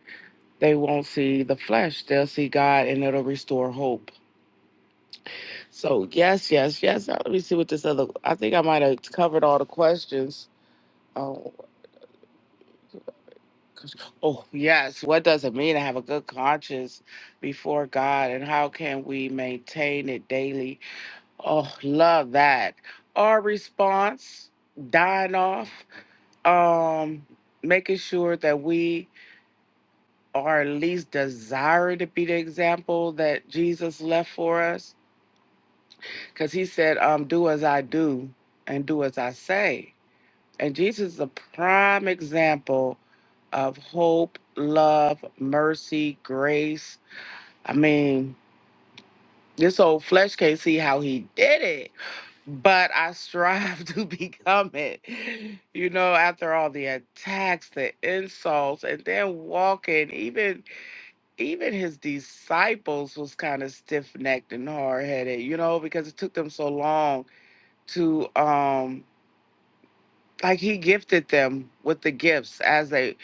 C: They won't see the flesh. They'll see God and it'll restore hope. So, yes, yes, yes. Now, let me see what this other, I think I might have covered all the questions. Oh, oh, yes. What does it mean to have a good conscience before God and how can we maintain it daily? Oh, love that. Our response, dying off, um, making sure that we or at least desire to be the example that Jesus left for us. Because he said, um, Do as I do and do as I say. And Jesus is a prime example of hope, love, mercy, grace. I mean, this old flesh can't see how he did it, but I strive to become it. You know, after all the attacks, the insults, and then walking, even even his disciples was kind of stiff-necked and hard-headed you know because it took them so long to um like he gifted them with the gifts as they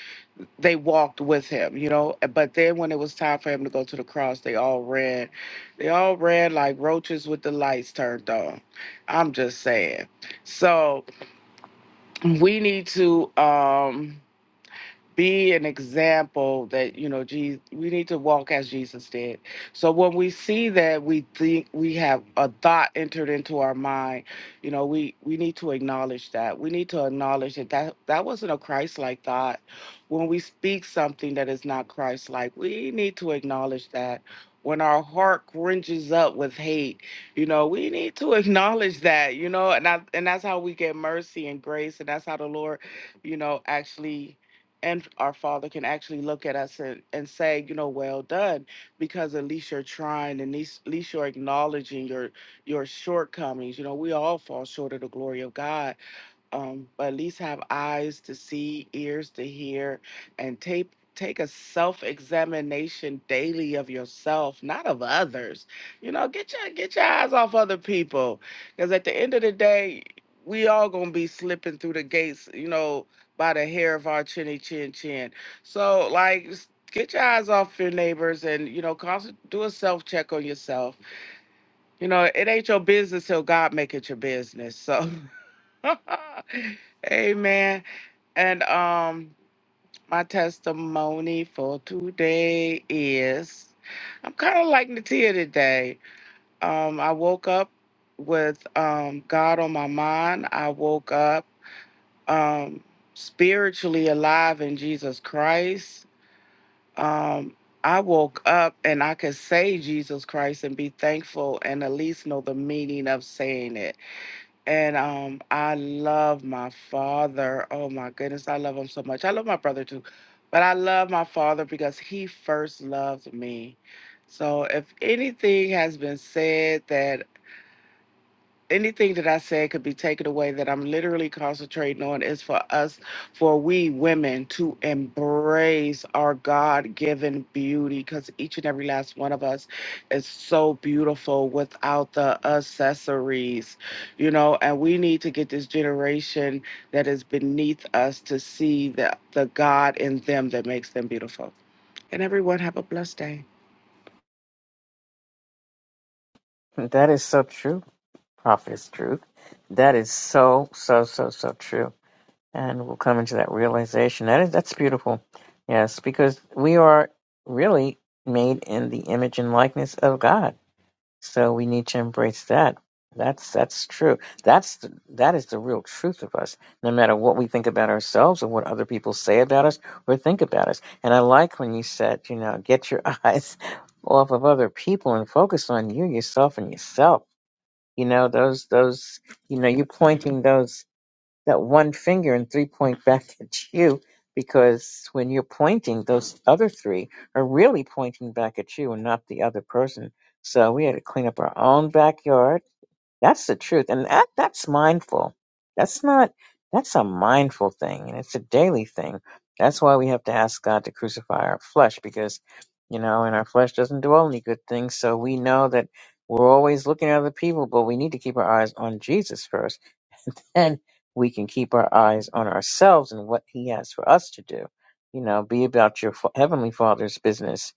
C: they walked with him you know eh, but then when it was time for him to go to the cross they all ran they all ran like roaches with the lights turned on i'm just saying so we need to um be an example that you know jesus we need to walk as jesus did so when we see that we think we have a thought entered into our mind you know we we need to acknowledge that we need to acknowledge that that, that wasn't a christ-like thought when we speak something that is not christ-like we need to acknowledge that when our heart cringes up with hate you know we need to acknowledge that you know and I, and that's how we get mercy and grace and that's how the lord you know actually and our father can actually look at us and, and say you know well done because at least you're trying and at least, at least you're acknowledging your your shortcomings you know we all fall short of the glory of god um, but at least have eyes to see, ears to hear, and take take a self examination daily of yourself, not of others. You know, get your get your eyes off other people, because at the end of the day, we all gonna be slipping through the gates. You know, by the hair of our chinny chin chin. So like. s- Get your eyes off your neighbors and you know, constant, do a self check on yourself. You know, it ain't your business till God make it your business. So Amen. And um my testimony for today is I'm kind of like Natia today. Um I woke up with um God on my mind. I woke up um spiritually alive in Jesus Christ. Um I woke up and I could say Jesus Christ and be thankful and at least know the meaning of saying it and um, I love my father. Oh my goodness, I love him so much. I love my brother too, but I love my father because he first loved me. So if anything has been said that anything that I said could be taken away that I'm literally concentrating on is for us, for we women to embrace our God given beauty because each and every last one of us is so beautiful without the accessories, you know, and we need to get this generation that is beneath us to see the, the God in them that makes them beautiful. And everyone have a blessed day.
A: That is so true. Prophetess Truth. That is so, so, so, so true. And we'll come into that realization. That is that's beautiful. Yes, because we are really made in the image and likeness of God. So we need to embrace that. That's that's true. That's the, that is the real truth of us. No matter what we think about ourselves or what other people say about us or think about us. And I like when you said, you know, get your eyes off of other people and focus on you, yourself, and yourself you know, those, those, you know, you pointing those, that one finger and three point back at you because when you're pointing, those other three are really pointing back at you and not the other person. So we had to clean up our own backyard that's the truth. And that that's mindful. That's not that's a mindful thing and it's a daily thing. That's why we have to ask God to crucify our flesh because you know, and our flesh doesn't do any good things, so we know that we're always looking at other people, but we need to keep our eyes on Jesus first. And we can keep our eyes on ourselves and what he has for us to do. You know, be about your fa- heavenly father's business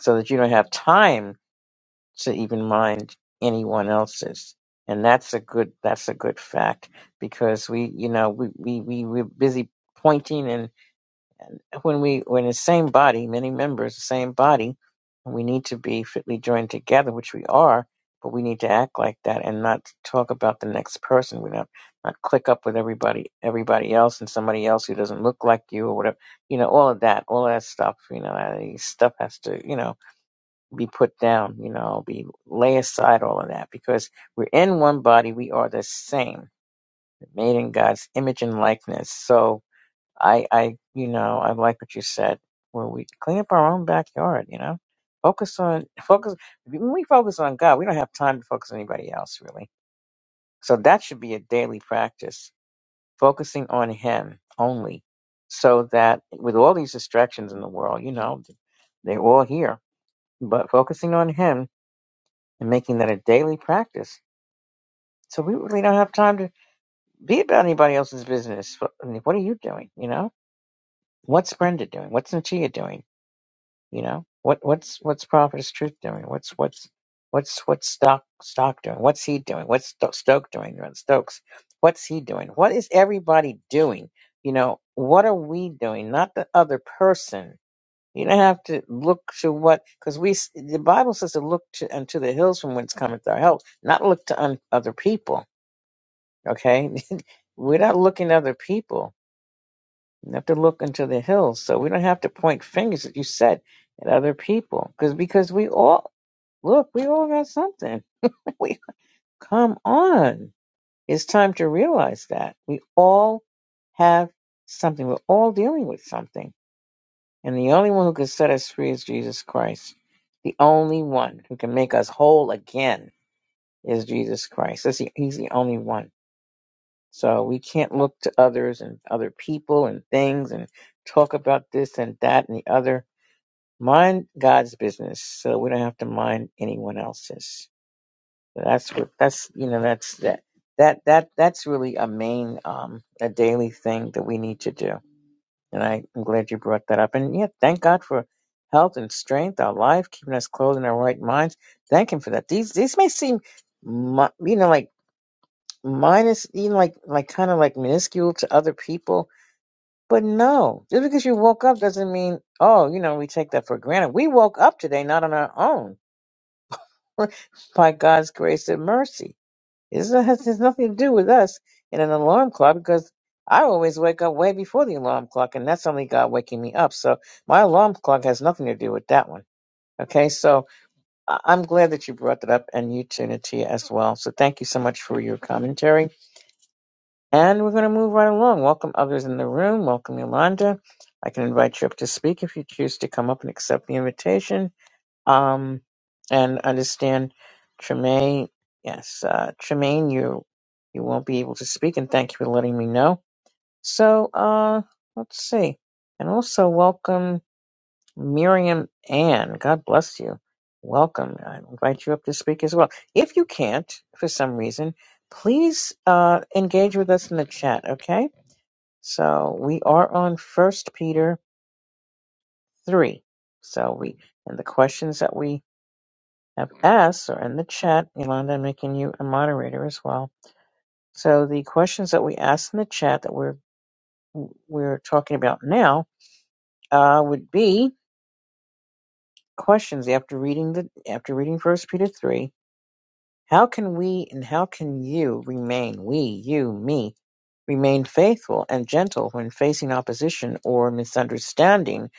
A: so that you don't have time to even mind anyone else's. And that's a good that's a good fact because we you know we we we we're busy pointing and when we when the same body many members the same body we need to be fitly joined together which we are but we need to act like that and not talk about the next person we don't not click up with everybody everybody else and somebody else who doesn't look like you or whatever you know all of that all of that stuff you know that stuff has to you know be put down, you know, be lay aside all of that because we're in one body, we are the same, made in God's image and likeness. So I I you know, I like what you said, where we clean up our own backyard, you know. Focus on focus when we focus on God, we don't have time to focus on anybody else really. So that should be a daily practice, focusing on him only. So that with all these distractions in the world, you know, they're all here. But focusing on him and making that a daily practice. So we really don't have time to be about anybody else's business. What I mean, what are you doing? You know, what's Brenda doing? What's Natia doing? You know, what what's what's Prophetess Truth doing? What's what's what's what's Stock Stock doing? What's he doing? What's Sto- Stoke doing? Stokes, what's he doing? What is everybody doing? You know, what are we doing? Not the other person You don't have to look to what, because we s- the Bible says to look to unto the hills from whence cometh our help, not look to un, other people. Okay, we're not looking to other people. you have to look into the hills, so we don't have to point fingers, as you said, at other people, because because we all look, we all got something. We come on, it's time to realize that we all have something. We're all dealing with something And the only one who can set us free is Jesus Christ. The only one who can make us whole again is Jesus Christ. That's the, he's the only one. So we can't look to others and other people and things and talk about this and that and the other. Mind God's business, so we don't have to mind anyone else's. So That's what that's you know that's that that that that's really a main um a daily thing that we need to do and I, I'm glad you brought that up. And yeah, thank God for health and strength, our life, keeping us clothed in our right minds. Thank Him for that. These these may seem, mi- you know, like minus, you know, like like kind of like minuscule to other people, but no, just because you woke up doesn't mean oh, you know, we take that for granted. We woke up today, not on our own, by God's grace and mercy. It's not, it has nothing to do with us in an alarm clock because I always wake up way before the alarm clock, and that's only God waking me up. So my alarm clock has nothing to do with that one. Okay, so I- I'm glad that you brought that up and you tuned it as well. So thank you so much for your commentary. And we're going to move right along. Welcome others in the room. Welcome Yolanda. I can invite you up to speak if you choose to come up and accept the invitation. Um, and understand, Tremaine. Yes, uh, Tremaine, you you won't be able to speak, and thank you for letting me know. So, uh, let's see, and also welcome Miriam Ann. God bless you. Welcome. I invite you up to speak as well. If you can't, for some reason, please uh, engage with us in the chat. Okay. So we are on First Peter three. So we and the questions that we have asked are in the chat. Yolanda, I'm making you a moderator as well. So the questions that we asked in the chat that we're we're talking about now uh, would be questions after reading the after reading First Peter three. How can we and how can you remain we you me remain faithful and gentle when facing opposition or misunderstanding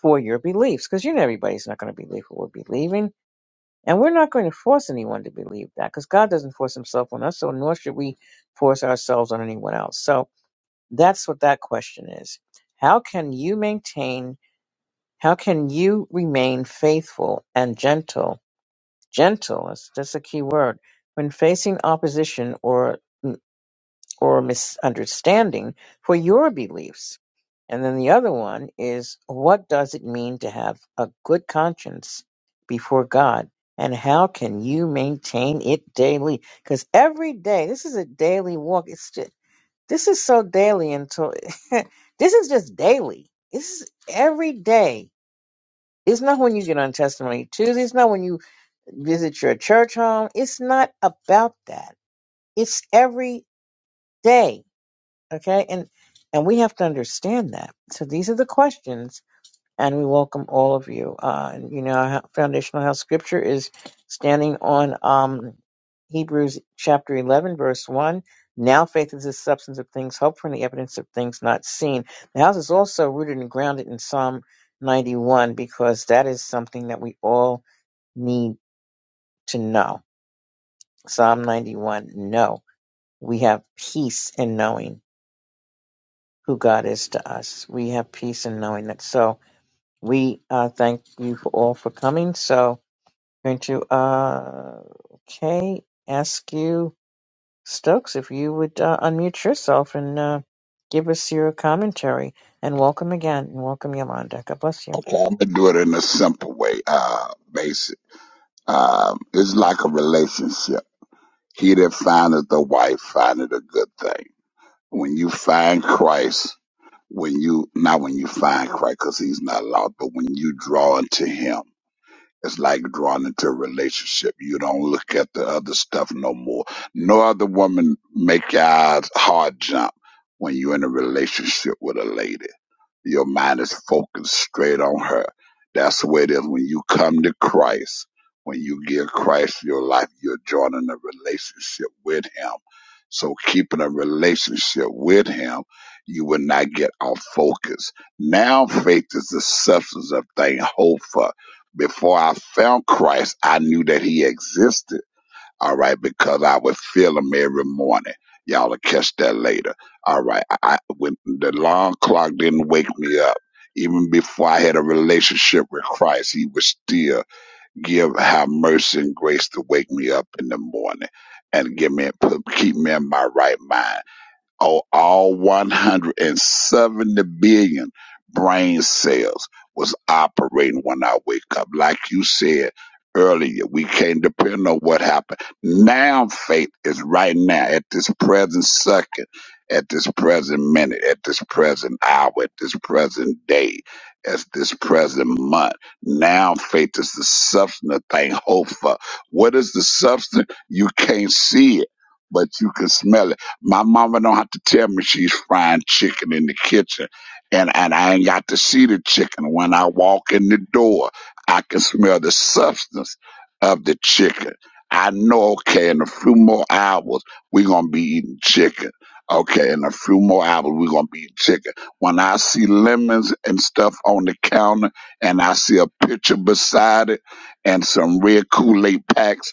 A: for your beliefs? Because you know everybody's not going to believe what we're believing And we're not going to force anyone to believe that because God doesn't force himself on us, so nor should we force ourselves on anyone else. So that's what that question is. How can you maintain, how can you remain faithful and gentle? Gentle, that's, that's a key word, when facing opposition or or misunderstanding for your beliefs. And then the other one is what does it mean to have a good conscience before God? And how can you maintain it daily? Because every day, this is a daily walk. It's just, this is so daily until this is just daily. This is every day. It's not when you get on Testimony Tuesday. It's not when you visit your church home. It's not about that. It's every day Okay, and and we have to understand that. So these are the questions, and we welcome all of you. Uh, and, you know, our ho- foundational house scripture is standing on um, Hebrews chapter eleven, verse one. Now faith is the substance of things hoped for, and the evidence of things not seen. The house is also rooted and grounded in Psalm ninety-one because that is something that we all need to know. Psalm ninety-one. know we have peace in knowing. who God is to us. We have peace in knowing that. So we uh, thank you for all for coming. So going to uh, okay ask you Stokes if you would uh, unmute yourself and uh, give us your commentary. And welcome again, and welcome Yolanda. God bless you.
D: Okay, I'm gonna do it in a simple way. Uh, basic. Um, it's like a relationship. He that findeth a wife findeth a good thing. When you find Christ, when you not when you find Christ, because He's not lost, but when you draw into Him, it's like drawing into a relationship. You don't look at the other stuff no more. No other woman make your eyes hard jump when you're in a relationship with a lady your mind is focused straight on her. That's the way it is when you come to Christ. When you give Christ your life, you're joining a relationship with Him. So, keeping a relationship with Him, you will not get off focus. Now, faith is the substance of things hoped for. Before I found Christ, I knew that He existed all right, because I would feel them every morning. Y'all will catch that later. All right, I, I when the alarm clock didn't wake me up. Even before I had a relationship with Christ, He would still give have mercy and grace to wake me up in the morning and give me put, keep me in my right mind or all 170 billion brain cells was operating when I wake up. Like you said earlier, we can't depend on what happened. Now faith is right now at this present second, at this present minute, at this present hour, at this present day, at this present month. Now faith is the substance of thing hoped for. What is the substance? You can't see it, but you can smell it my mama don't have to tell me she's frying chicken in the kitchen. And, and I ain't got to see the chicken. When I walk in the door, I can smell the substance of the chicken. I know, okay, in a few more hours, we're going to be eating chicken. Okay, in a few more hours, we're going to be eating chicken. When I see lemons and stuff on the counter, and I see a picture beside it and some red Kool Aid packs,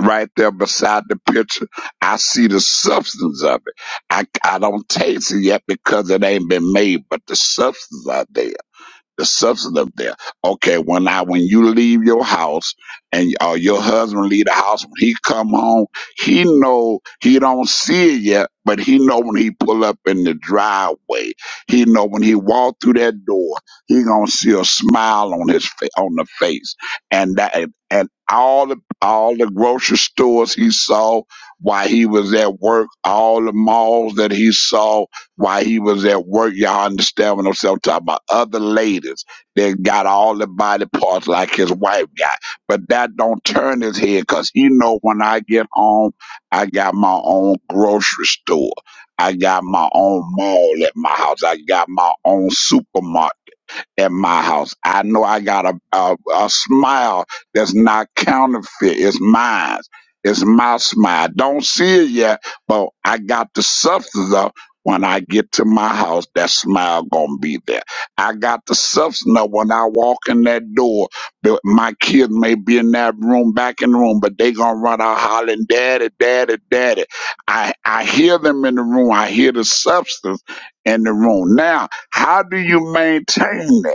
D: right there beside the picture. I see the substance of it. I, I don't taste it yet because it ain't been made, but the substance of it the substance of there. Okay, when I when you leave your house and or your husband leave the house, when he come home, he know he don't see it yet, but he know when he pull up in the driveway. He know when he walk through that door, he gonna see a smile on his fa- on the face, and that and and all the all the grocery stores he saw while he was at work, all the malls that he saw while he was at work, y'all understand what I'm saying? I'm talking about other ladies that got all the body parts like his wife got. But that don't turn his head because he know when I get home, I got my own grocery store. I got my own mall at my house. I got my own supermarket at my house. I know I got a, a, a smile that's not counterfeit. It's mine. It's my smile. I don't see it yet, but I got the substance of when I get to my house, that smile gonna be there. I got the substance of when I walk in that door. but My kids may be in that room, back in the room, but they gonna run out hollering, "Daddy, daddy, daddy!" I I hear them in the room. I hear the substance in the room now. How do you maintain that?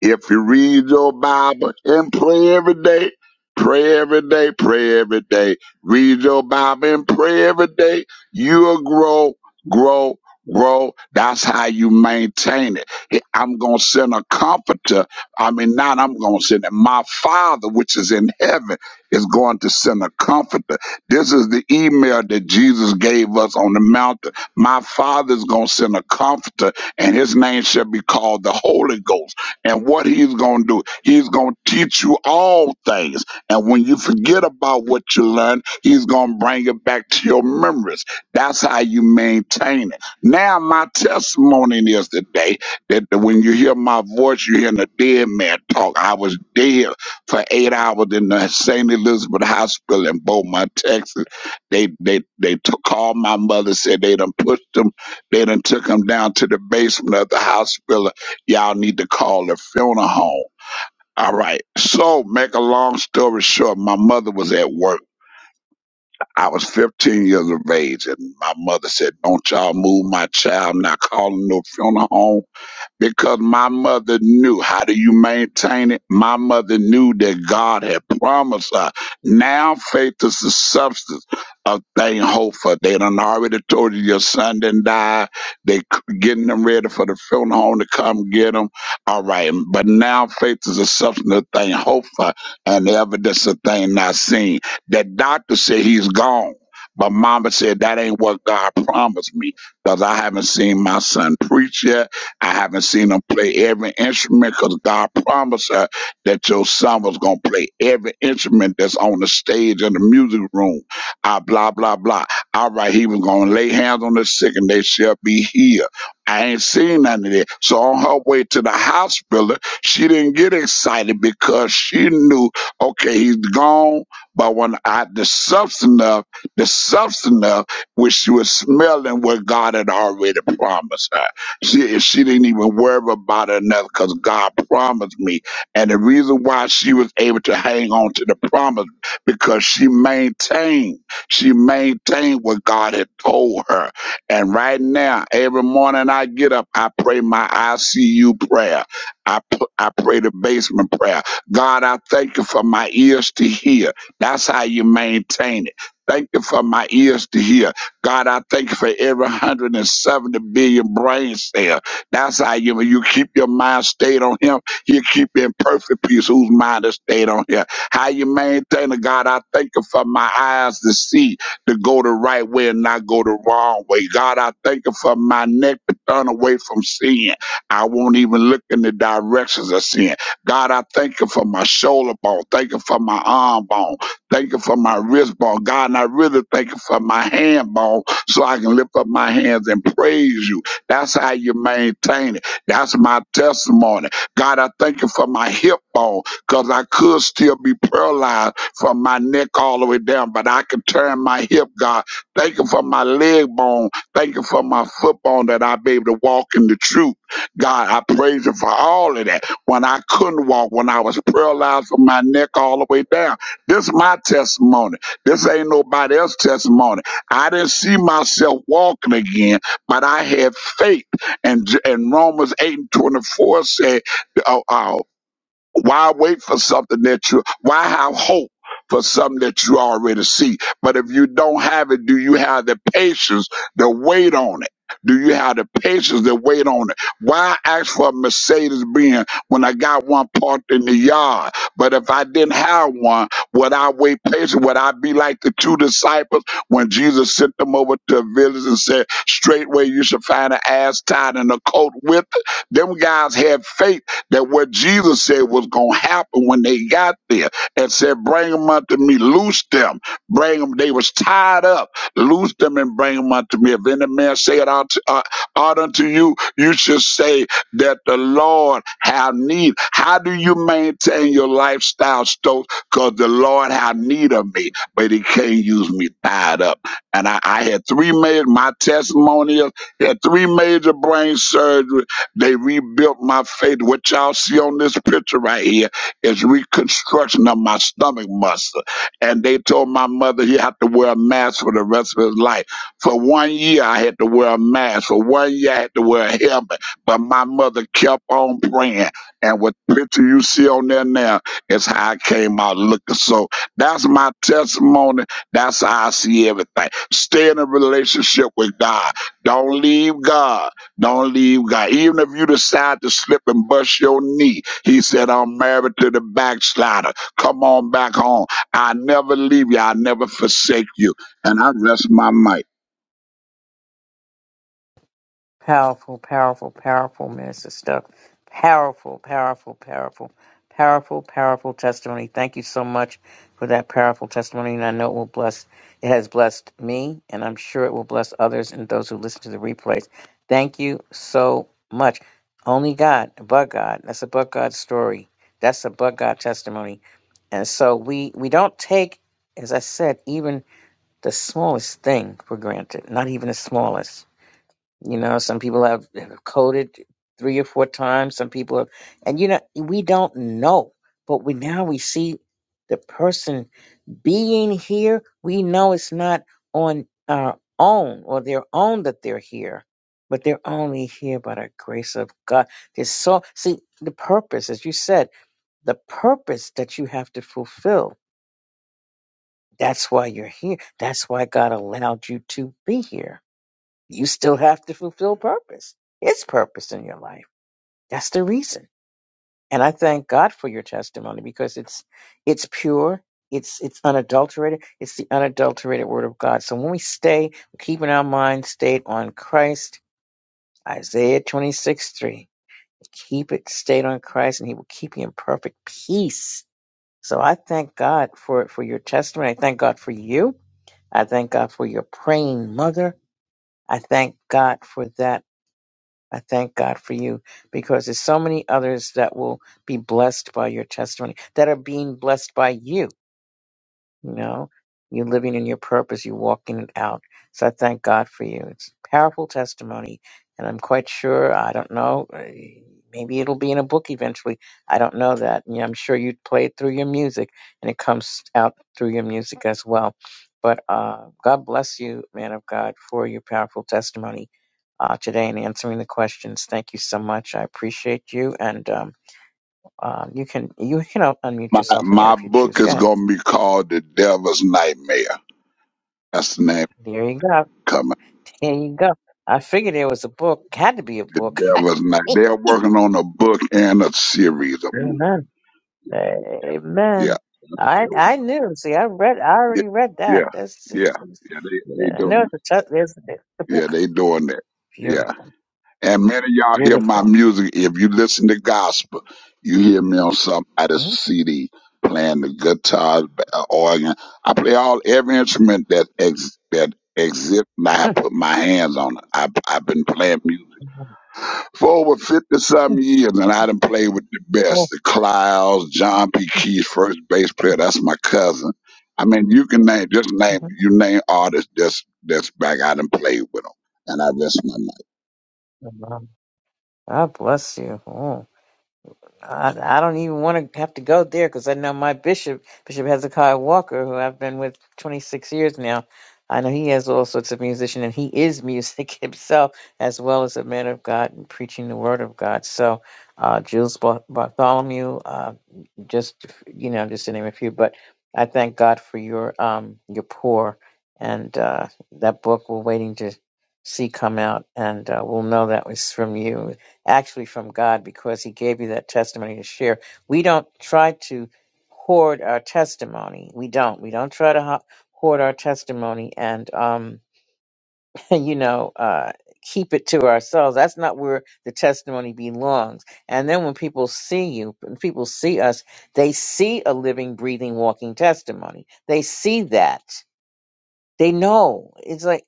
D: If you read your Bible and pray every day, pray every day, pray every day, read your Bible and pray every day, you'll grow, grow, grow. That's how you maintain it. He- I'm going to send a comforter. I mean, not I'm going to send it. My Father, which is in heaven, is going to send a comforter. This is the email that Jesus gave us on the mountain. My Father's going to send a comforter, and his name shall be called the Holy Ghost and what he's going to do. He's going to teach you all things. And when you forget about what you learned, he's going to bring it back to your memories. That's how you maintain it. Now, my testimony is today that when you hear my voice, you hear the dead man talk. I was dead for eight hours in the St. Elizabeth Hospital in Beaumont, Texas. They they they took, called my mother, said they done pushed them, they done took him down to the basement of the hospital Y'all need to call the funeral home. All right. So, make a long story short, my mother was at work. I was 15 years of age, and my mother said, Don't y'all move my child, I'm not calling no funeral home because my mother knew. How do you maintain it? My mother knew that God had promised her. Now faith is the substance of thing hoped for. They done already told you your son didn't die. They c- getting them ready for the funeral home to come get him. All right, but now faith is the substance of thing hoped for and the evidence of thing not seen. That doctor said he's gone. But mama said that ain't what God promised me because I haven't seen my son preach yet. I haven't seen him play every instrument because God promised her that your son was going to play every instrument that's on the stage in the music room. Ah, blah, blah, blah. All right, he was going to lay hands on the sick and they shall be healed. I ain't seen none of that. So on her way to the hospital, she didn't get excited because she knew, okay, he's gone. But when I, the substance of, the substance of, which she was smelling what God had already promised her. She, she didn't even worry about it enough because God promised me. And the reason why she was able to hang on to the promise because she maintained, she maintained what God had told her. And right now, every morning I get up, I pray my ICU prayer. I, p- I pray the basement prayer. God, I thank you for my ears to hear. That's how you maintain it. Thank you for my ears to hear. God, I thank you for every 170 billion brain cell. That's how you, when you keep your mind stayed on him, you keep you in perfect peace whose mind is stayed on him. How you maintain it, God, I thank you for my eyes to see, to go the right way and not go the wrong way. God, I thank you for my neck to turn away from sin. I won't even look in the directions of sin. God, I thank you for my shoulder bone. Thank you for my arm bone. Thank you for my wrist ball, God. And I really thank you for my handball so I can lift up my hands and praise you. That's how you maintain it. That's my testimony. God, I thank you for my hip bone because I could still be paralyzed from my neck all the way down, but I can turn my hip, God. Thank you for my leg bone. Thank you for my foot bone that i be able to walk in the truth. God, I praise you for all of that. When I couldn't walk, when I was paralyzed from my neck all the way down. This my testimony. This ain't nobody else's testimony. I didn't see myself walking again, but I had faith. And, and Romans 8 and 24 said, uh, uh, why wait for something that you, why have hope for something that you already see? But if you don't have it, do you have the patience to wait on it? Do you have the patience to wait on it? Why ask for a Mercedes Benz when I got one parked in the yard? But if I didn't have one, would I wait patient? Would I be like the two disciples when Jesus sent them over to a village and said, straightway you should find an ass tied and a coat with it? Them guys had faith that what Jesus said was going to happen when they got there and said, bring them unto me, loose them, bring them. They was tied up, loose them and bring them unto me. If any man say it out, uh, out unto you, you should say that the Lord have need. How do you maintain your lifestyle, Stokes? Because the Lord have need of me, but he can't use me tied up. And I, I had three major, my testimony is, had three major brain surgeries they rebuilt my faith. What y'all see on this picture right here is reconstruction of my stomach muscle. And they told my mother he had to wear a mask for the rest of his life. For one year, I had to wear a mask. For one year, I had to wear a helmet. But my mother kept on praying. And what picture you see on there now is how I came out looking. So that's my testimony. That's how I see everything. Stay in a relationship with God. Don't leave God. Don't leave God. Even if you decide to slip and bust your knee, he said, I'm married to the backslider. Come on back home. I never leave you. I never forsake you. And I rest my mic.
A: Powerful, powerful, powerful, Minister Stuff. Powerful, powerful, powerful, powerful, powerful testimony. Thank you so much for that powerful testimony, and I know it will bless. It has blessed me, and I'm sure it will bless others and those who listen to the replays. Thank you so much. Only God, but God. That's a but God story. That's a but God testimony. And so we we don't take, as I said, even the smallest thing for granted. Not even the smallest you know, some people have, have coded three or four times. Some people have, and you know, we don't know, but we now we see the person being here. We know it's not on our own or their own that they're here, but they're only here by the grace of God. There's so see the purpose, as you said, the purpose that you have to fulfill. That's why you're here. That's why God allowed you to be here you still have to fulfill purpose. It's purpose in your life. That's the reason. And I thank God for your testimony because it's it's pure, it's it's unadulterated, it's the unadulterated word of God. So when we stay keeping our mind stayed on Christ, Isaiah 26, 3, keep it stayed on Christ and he will keep you in perfect peace. So I thank God for for your testimony. I thank God for you. I thank God for your praying mother. I thank God for that I thank God for you because there's so many others that will be blessed by your testimony, that are being blessed by you. You know, you're living in your purpose, you're walking it out. So I thank God for you. It's a powerful testimony. And I'm quite sure, I don't know, eh, maybe it'll be in a book eventually. I don't know that. And I'm sure you play it through your music and it comes out through your music as well. But uh, God bless you, man of God, for your powerful testimony uh, today and answering the questions. Thank you so much. I appreciate you. And um, uh, you can you can unmute
D: My,
A: yourself again
D: my
A: if you
D: book
A: choose. Go
D: is
A: ahead.
D: going to be called The Devil's Nightmare. That's the name
A: There you go.
D: coming.
A: There you go. I figured there was a book. Had to be a
D: The
A: book.
D: Devil's Nightmare. They're working on a book and a series of movies.
A: Amen.
D: Yeah.
A: Amen. I I
D: Yeah.
A: knew. See, I read. I already read
D: Yeah.
A: that. That's
D: Yeah.
A: just. it's-
D: Yeah. They, they
A: yeah, I know
D: doing
A: it's a tough. There's there's a book.
D: Yeah, they doing that.
A: Beautiful.
D: Yeah. And many of y'all hear my
A: Beautiful.
D: music. If you listen to gospel, you hear me on somebody's
A: Mhm.
D: CD playing the guitar, b- uh, organ. I play all every instrument that ex, that exists. And I have put my hands on it. I, I've been playing music for over fifty some years, and I done played with the best: the Clouds, John P. Keys, first bass player. That's my cousin. I mean, you can
A: Mhm.
D: name just name you name artists that's that's back. I done played with them, and I rest my
A: Mhm. God bless you. Mm. I, I don't even want to have to go there because I know my bishop, Bishop Hezekiah Walker, who I've been with 26 years now. I know he has all sorts of musician, and he is music himself, as well as a man of God and preaching the word of God. So, uh, Jules Bar- Bartholomew, uh, just you know, just to name a few. But I thank God for your um your pour, and uh, that book we're waiting to see come out, and uh, we'll know that was from you actually from God because He gave you that testimony to share. We don't try to hoard our testimony. We don't. We don't try to ho- hoard our testimony and, um, you know, uh, keep it to ourselves. That's not where the testimony belongs. And then when people see you, when people see us, they see a living, breathing, walking testimony. They see that. They know. It's like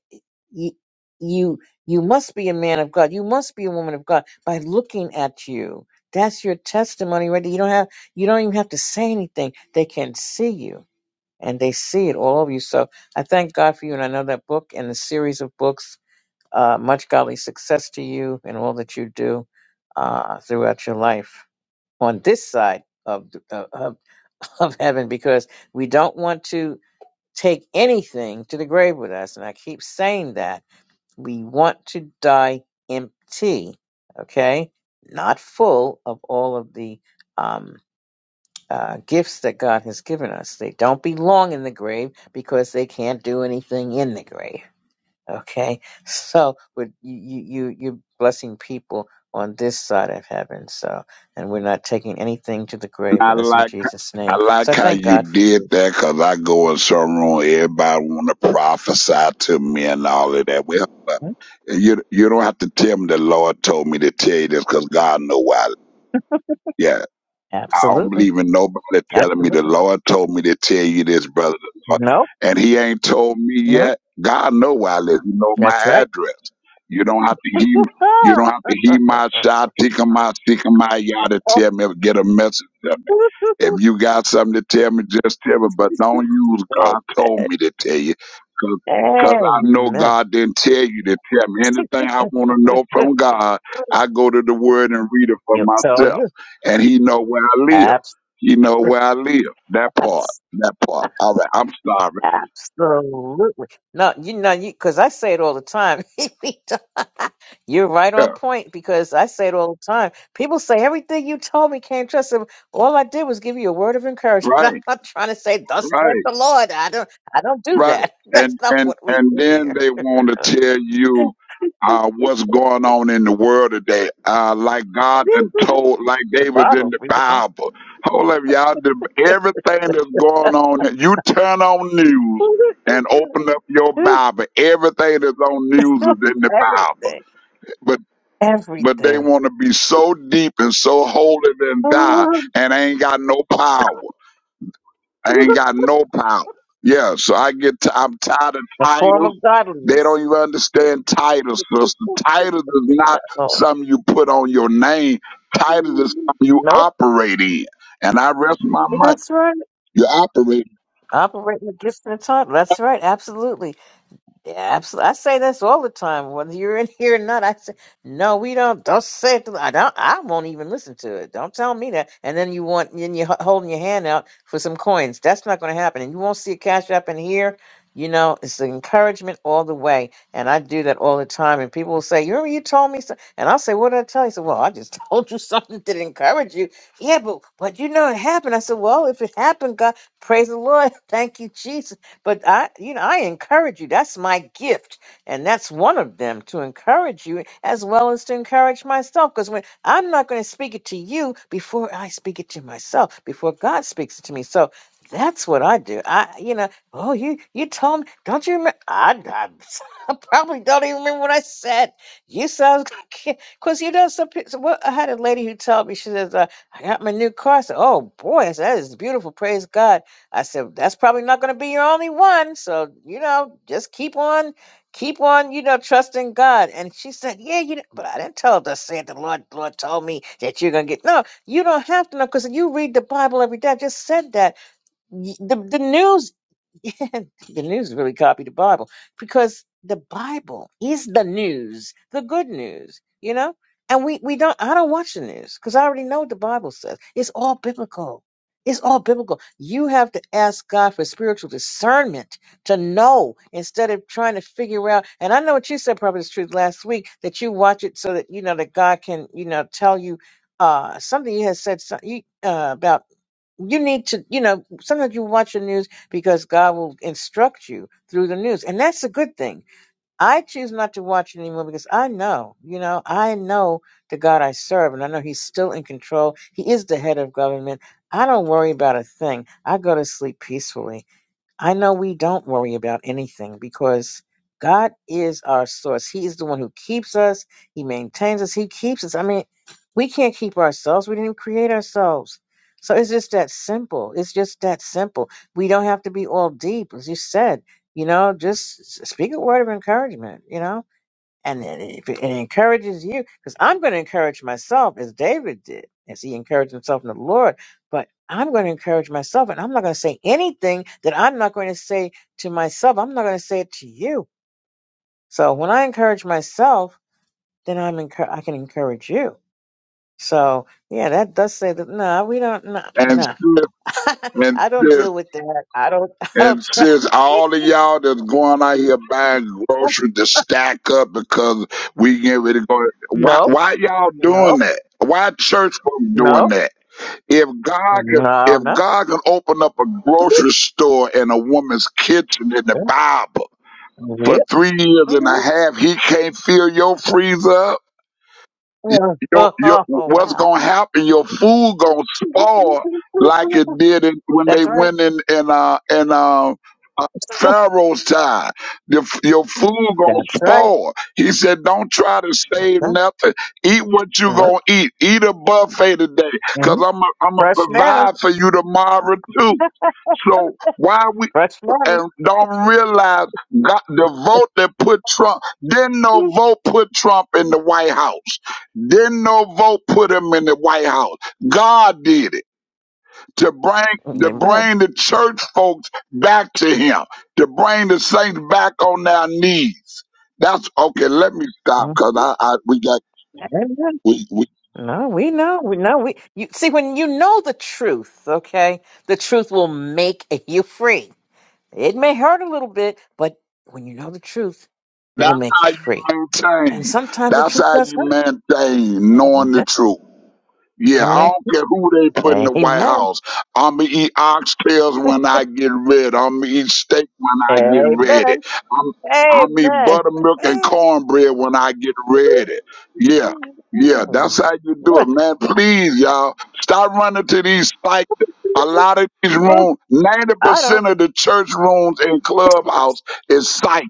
A: you, you you must be a man of God. You must be a woman of God by looking at you. That's your testimony right there. You don't have you don't even have to say anything. They can see you and they see it all over you. So I thank God for you and I know that book and the series of books, uh, much godly success to you and all that you do uh, throughout your life on this side of, the- of of heaven because we don't want to take anything to the grave with us. And I keep saying that. We want to die empty, okay? Not full of all of the um, uh, gifts that God has given us. They don't belong in the grave because they can't do anything in the grave, okay? So with- you, you, you- you're blessing people on this side of heaven. So, and we're not taking anything to the grave with us in
D: mind.
A: Jesus' name.
D: I
A: So
D: like
A: I
D: how
A: thank
D: you
A: God for
D: did
A: you.
D: that because I go in some room, everybody want to prophesy to me and all of that. Well, but you you don't have to tell me the Lord told me to tell you this because God know why. Yeah, I don't
A: Absolutely.
D: believe in nobody telling me the
A: Absolutely.
D: Lord told me to tell you this, brother. The Lord-
A: No
D: And he ain't told me
A: No,
D: yet. God know where I live. He know my
A: that's right.
D: address. You don't have to hear You don't have to hear my shot, tick my tick my yard all to tell me get a message to me. If you got something to tell me, just tell me. But don't use God told me to tell you. Cause,
A: Amen.
D: Cause I know
A: Amen.
D: God didn't tell you to tell me anything I want to know from God. I go to the Word and read it for
A: you tell
D: myself
A: you.
D: and he know where I live.
A: Abs-
D: He know where I live. That part,
A: abs-
D: that part. All right, I'm sorry.
A: Absolutely. No, you know, you because I say it all the time. You're right
D: Yeah,
A: on point because I say it all the time. People say everything you told me can't trust him. All I did was give you a word of encouragement. I'm
D: right,
A: not trying to say thus saith
D: right,
A: the Lord. I don't I don't do
D: right.
A: that. That's
D: And
A: not
D: and
A: what we
D: and
A: do
D: then
A: here.
D: they want to tell you uh, what's going on in the world today. Uh, like God done
A: the
D: told, like they was in
A: Bible,
D: the
A: we would
D: Bible. Hold up, y'all. The, everything that's going on, you turn on news and
A: want
D: open up your Bible. Everything that's on news is in the Bible
A: everything,
D: but. but they
A: everything.
D: want to be so deep and so holy and die
A: The
D: and I ain't got no power. I ain't got no power. Yeah, so I get t- I'm tired of
A: form
D: titles.
A: of
D: They
A: godliness.
D: don't even understand titles, sister. Titles is not
A: Uh, Oh,
D: something you put on your name. Titles is something you
A: nope.
D: operate in. And I rest my mind.
A: That's right.
D: You operate
A: Operating the gifts and the title. That's right. Absolutely. Yeah, absolutely. I say this all the time, whether you're in here or not. I say, no, we don't. Don't say it. To, I don't. I won't even listen to it. Don't tell me that. And then you want, and you are holding your hand out for some coins. That's not going to happen. And you won't see a cash app in here. You know, it's the encouragement all the way. And I do that all the time. And people will say, you remember you told me so? And I'll say, what did I tell you? So, well, I just told you something to encourage you. Yeah, but but you know it happened. I said, well, if it happened, God, praise the Lord. Thank you, Jesus but I, you know, I encourage you. That's my gift. And that's one of them to encourage you as well as to encourage myself. Because when I'm not going to speak it to you before I speak it to myself, before God speaks it to me. So that's what I do. I, you know, oh, you, you told me, don't you remember? I, I, I probably don't even remember what I said. You said I was going to, because you know, some people, well, I had a lady who told me, she says, uh, I got my new car. I said, oh boy, I said, that is beautiful. Praise God. I said, that's probably not going to be your only one. So, you know, just keep on, keep on, you know, trusting God. And she said, yeah, you, know, but I didn't tell her to say it. The Lord, the Lord told me that you're going to get, no, you don't have to know because you read the Bible every day. I just said that. Y- The, the news yeah, the news really copied the Bible because the Bible is the news, the good news, you know? And we, we don't, I don't watch the news because I already know what the Bible says. It's all biblical. It's all biblical. You have to ask God for spiritual discernment to know instead of trying to figure out. And I know what you said, Prophet's Truth, last week that you watch it so that, you know, that God can, you know, tell you uh, something you had said so- you, uh, about you need to, you know, sometimes you watch the news because God will instruct you through the news. And that's a good thing. I choose not to watch it anymore because I know, you know, I know the God I serve and I know He's still in control. He is the head of government. I don't worry about a thing. I go to sleep peacefully. I know we don't worry about anything because God is our source. He is the one who keeps us, He maintains us, He keeps us. I mean, we can't keep ourselves, we didn't even create ourselves. So it's just that simple. It's just that simple. We don't have to be all deep, as you said. You know, just s- speak a word of encouragement, you know? and it, if it, it encourages you because i'm going to encourage myself as david did as he encouraged himself in the lord but i'm going to encourage myself and i'm not going to say anything that i'm not going to say to myself i'm not going to say it to you so when i encourage myself then i'm encour- i can encourage you so yeah that does say that no we don't no
D: and
A: no
D: sis, and
A: i don't
D: sis
A: deal with that i don't i don't
D: And
A: try
D: since all of y'all that's going out here buying groceries to stack up because we get ready to go, why
A: no
D: why y'all doing
A: no
D: that? Why church folks doing
A: no
D: that? If God could,
A: no
D: if
A: no
D: God can open up a grocery store in a woman's kitchen in the Bible
A: yeah.
D: for three years and
A: mhm.
D: a half, He can't fill your freezer up
A: Oh, oh,
D: your, your
A: oh, oh,
D: what's
A: wow.
D: gonna happen? Your food gonna spoil like it did in, when they
A: That's right.
D: went in in uh in uh, uh Pharaoh's time. Your, your food gonna
A: That's right.
D: spoil. He said, "Don't try to save
A: Uh-huh.
D: nothing. Eat what you
A: Uh-huh.
D: gonna eat. Eat a buffet today, cause
A: Mhm.
D: I'm i I'm gonna
A: Fresh manner.
D: provide for you tomorrow too." So why
A: Fresh manner.
D: and don't realize got the vote that put Trump. Didn't no
A: Mm.
D: vote put Trump in the White House. Didn't no vote put him in the White House. God did it to bring to
A: Amen.
D: bring the church folks back to Him, to bring the saints back on their knees. That's okay. Let me stop
A: Mm.
D: because I, I we got
A: Amen.
D: we we.
A: No, we know. We know. We you see when you know the truth, okay, the truth will make you free. It may hurt a little bit, but when you know the truth, it
D: That's
A: will make you
D: how you
A: free. And
D: maintain.
A: sometimes the
D: That's
A: truth
D: how
A: does
D: you
A: hurt.
D: maintain knowing the
A: Amen.
D: truth. Yeah,
A: Mm.
D: I don't care who they put in the White
A: Amen.
D: House. I'ma eat oxtails when I get ready. I'ma eat steak when I get ready.
A: Amen.
D: I'm I'm eat
A: Amen.
D: buttermilk and cornbread when I get ready. Yeah, yeah, that's
A: Hmm.
D: how you do it,
A: What?
D: man. Please, y'all, stop running to these psych. A lot of these
A: Oh,
D: rooms, ninety
A: I don't.
D: percent of the church rooms in clubhouse is psych.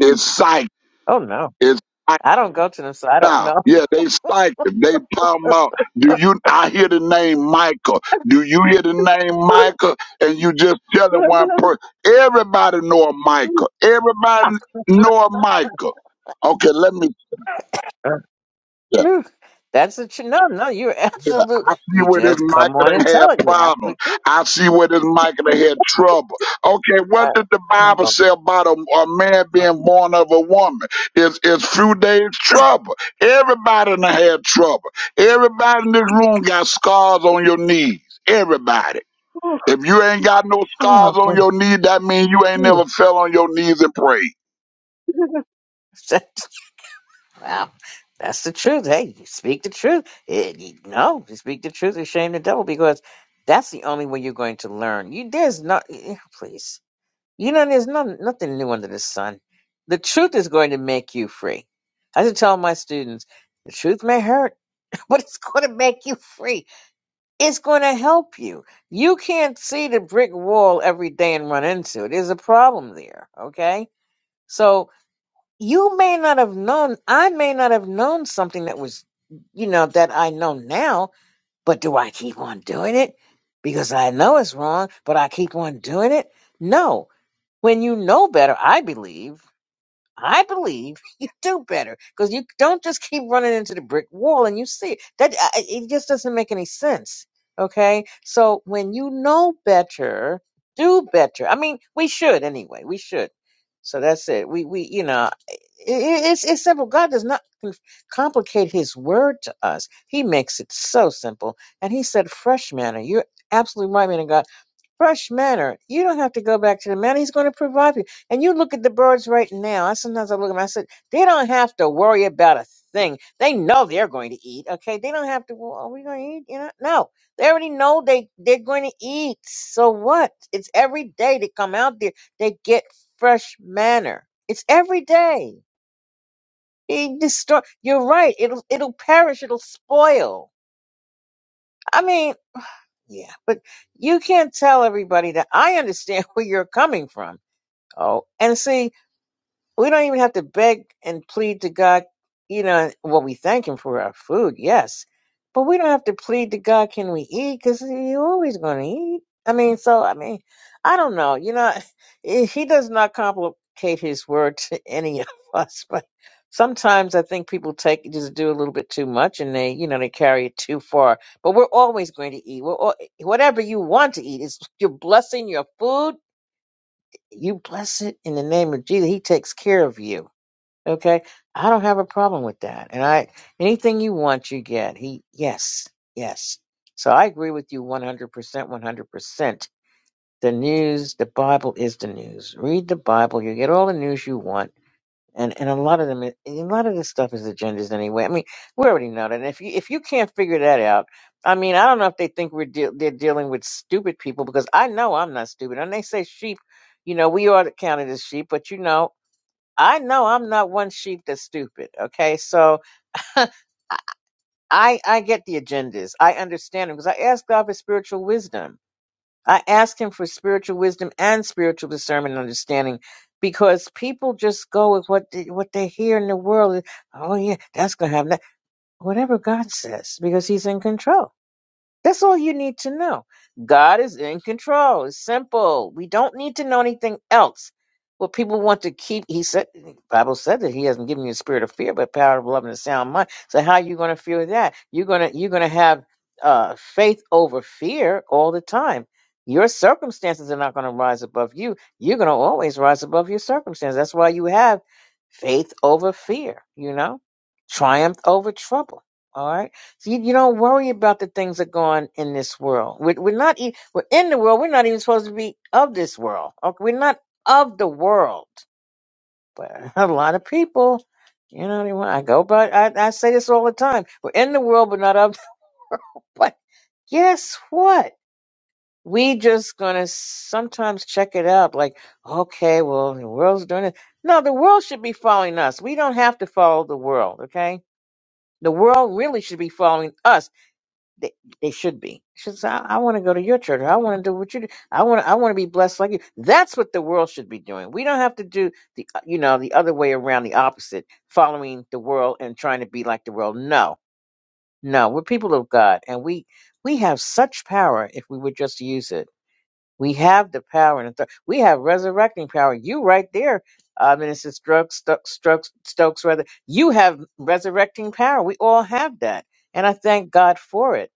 D: It's psych.
A: Oh no,
D: It's psych.
A: I don't go to them, so I don't
D: Now,
A: know.
D: yeah, they psyched him. They talking about, do you, I hear the name Michael. Do you hear the name Michael? And you just telling one person, everybody know a Michael. Everybody know a Michael. Okay, let me,
A: That's a tr- no, no. You're
D: Yeah,
A: absolute.
D: I see
A: You
D: where this
A: just come
D: Michael
A: on
D: done
A: and tell
D: had
A: it. You
D: problems.
A: absolutely.
D: I see where this Michael done had trouble. Okay, what did the Bible say about a, a man being born of a woman? It's, it's few days trouble. Everybody done had trouble. Everybody in this room got scars on your knees. Everybody. If you ain't got no
A: Wow,
D: scars on your knees, that means you ain't never fell on your knees and prayed.
A: that's the truth. Hey, you speak the truth. It, you, no, you speak the truth and shame the devil because that's the only way you're going to learn. You there's no. eh, eh, Please. You know, there's not, nothing new under the sun. The truth is going to make you free. I just tell my students, the truth may hurt, but it's going to make you free. It's going to help you. You can't see the brick wall every day and run into it. There's a problem there, okay? So you may not have known, I may not have known something that was, you know, that I know now, but do I keep on doing it? Because I know it's wrong, but I keep on doing it? No, when you know better, I believe, I believe you do better because you don't just keep running into the brick wall and you see it. That I- I- it just doesn't make any sense. Okay, so when you know better, do better. I mean, we should anyway. We should. So that's it. We we you know, i i- it's it's simple. God does not conf- complicate His word to us. He makes it so simple. And He said, "Fresh manner." You're absolutely right, man fresh manner. You don't have to go back to the manor. He's going to provide for you. And you look at the birds right now. I sometimes I look at them. I said they don't have to worry about a thing. They know they're going to eat. Okay, they don't have to. Well, are we going to eat? You know, no. They already know they they're going to eat. So what? It's every day they come out there. They get fresh manner. It's every day. Being destroyed. You're right. It'll it'll perish. It'll spoil. I mean, yeah, but you can't tell everybody that. I understand where you're coming from Oh, and see, we don't even have to beg and plead to God, you know, well, we thank Him for our food, yes, but we don't have to plead to God, can we eat? Because you're always going to eat. I mean, so, I mean, I don't know, you know, He does not complicate His word to any of us, but sometimes I think people take, just do a little bit too much and they, you know, they carry it too far. But we're always going to eat. We're all, whatever you want to eat, is you're blessing your food you bless it in the name of Jesus. He takes care of you. Okay. I don't have a problem with that. And I, anything you want, you get. He, yes, yes. So I agree with you 100%, 100%. The news, the Bible is the news. Read the Bible. You get all the news you want and and a lot of them, a lot of this stuff is agendas anyway. I mean, we already know that. And if you if you can't figure that out, I mean, I don't know if they think we're deal they're dealing with stupid people because I know I'm not stupid. And they say sheep, you know, we are counted as sheep, but you know, I know I'm not one sheep that's stupid. Okay, so. I, I get the agendas. I understand them because I ask God for spiritual wisdom I asked him for spiritual wisdom and spiritual discernment and understanding because people just go with what they, what they hear in the world. Oh yeah, that's going to happen. That- Whatever God says because he's in control. That's all you need to know. God is in control. It's simple. We don't need to know anything else. What people want to keep, he said, the Bible said that he hasn't given you a spirit of fear, but power of love and a sound mind. So how are you going to fear that? You're going to, you're going to have uh, faith over fear all the time. Your circumstances are not going to rise above you. You're going to always rise above your circumstances. That's why you have faith over fear, you know, triumph over trouble. All right. So you, you don't worry about the things that go on in this world. We're, we're not, e- we're in the world. We're not even supposed to be of this world. Okay, we're not of the world. But a lot of people, you know, they want, I go, but I, I say this all the time. We're in the world, but not of. But guess what? We just gonna sometimes check it out. Like, okay, well, the world's doing it. No, the world should be following us. We don't have to follow the world. Okay, the world really should be following us They, they should be. She says, I, I want to go to your church. I want to do what you do. I want to, I want to be blessed like you. That's what the world should be doing. We don't have to do the uh, you know the other way around, the opposite, following the world and trying to be like the world. No, no, we're people of God, and we we have such power if we would just use it. We have the power and authority. we have resurrecting power. You right there, uh, Minister Strokes, Stokes, Stokes, Stokes, rather. You have resurrecting power. We all have that, and I thank God for it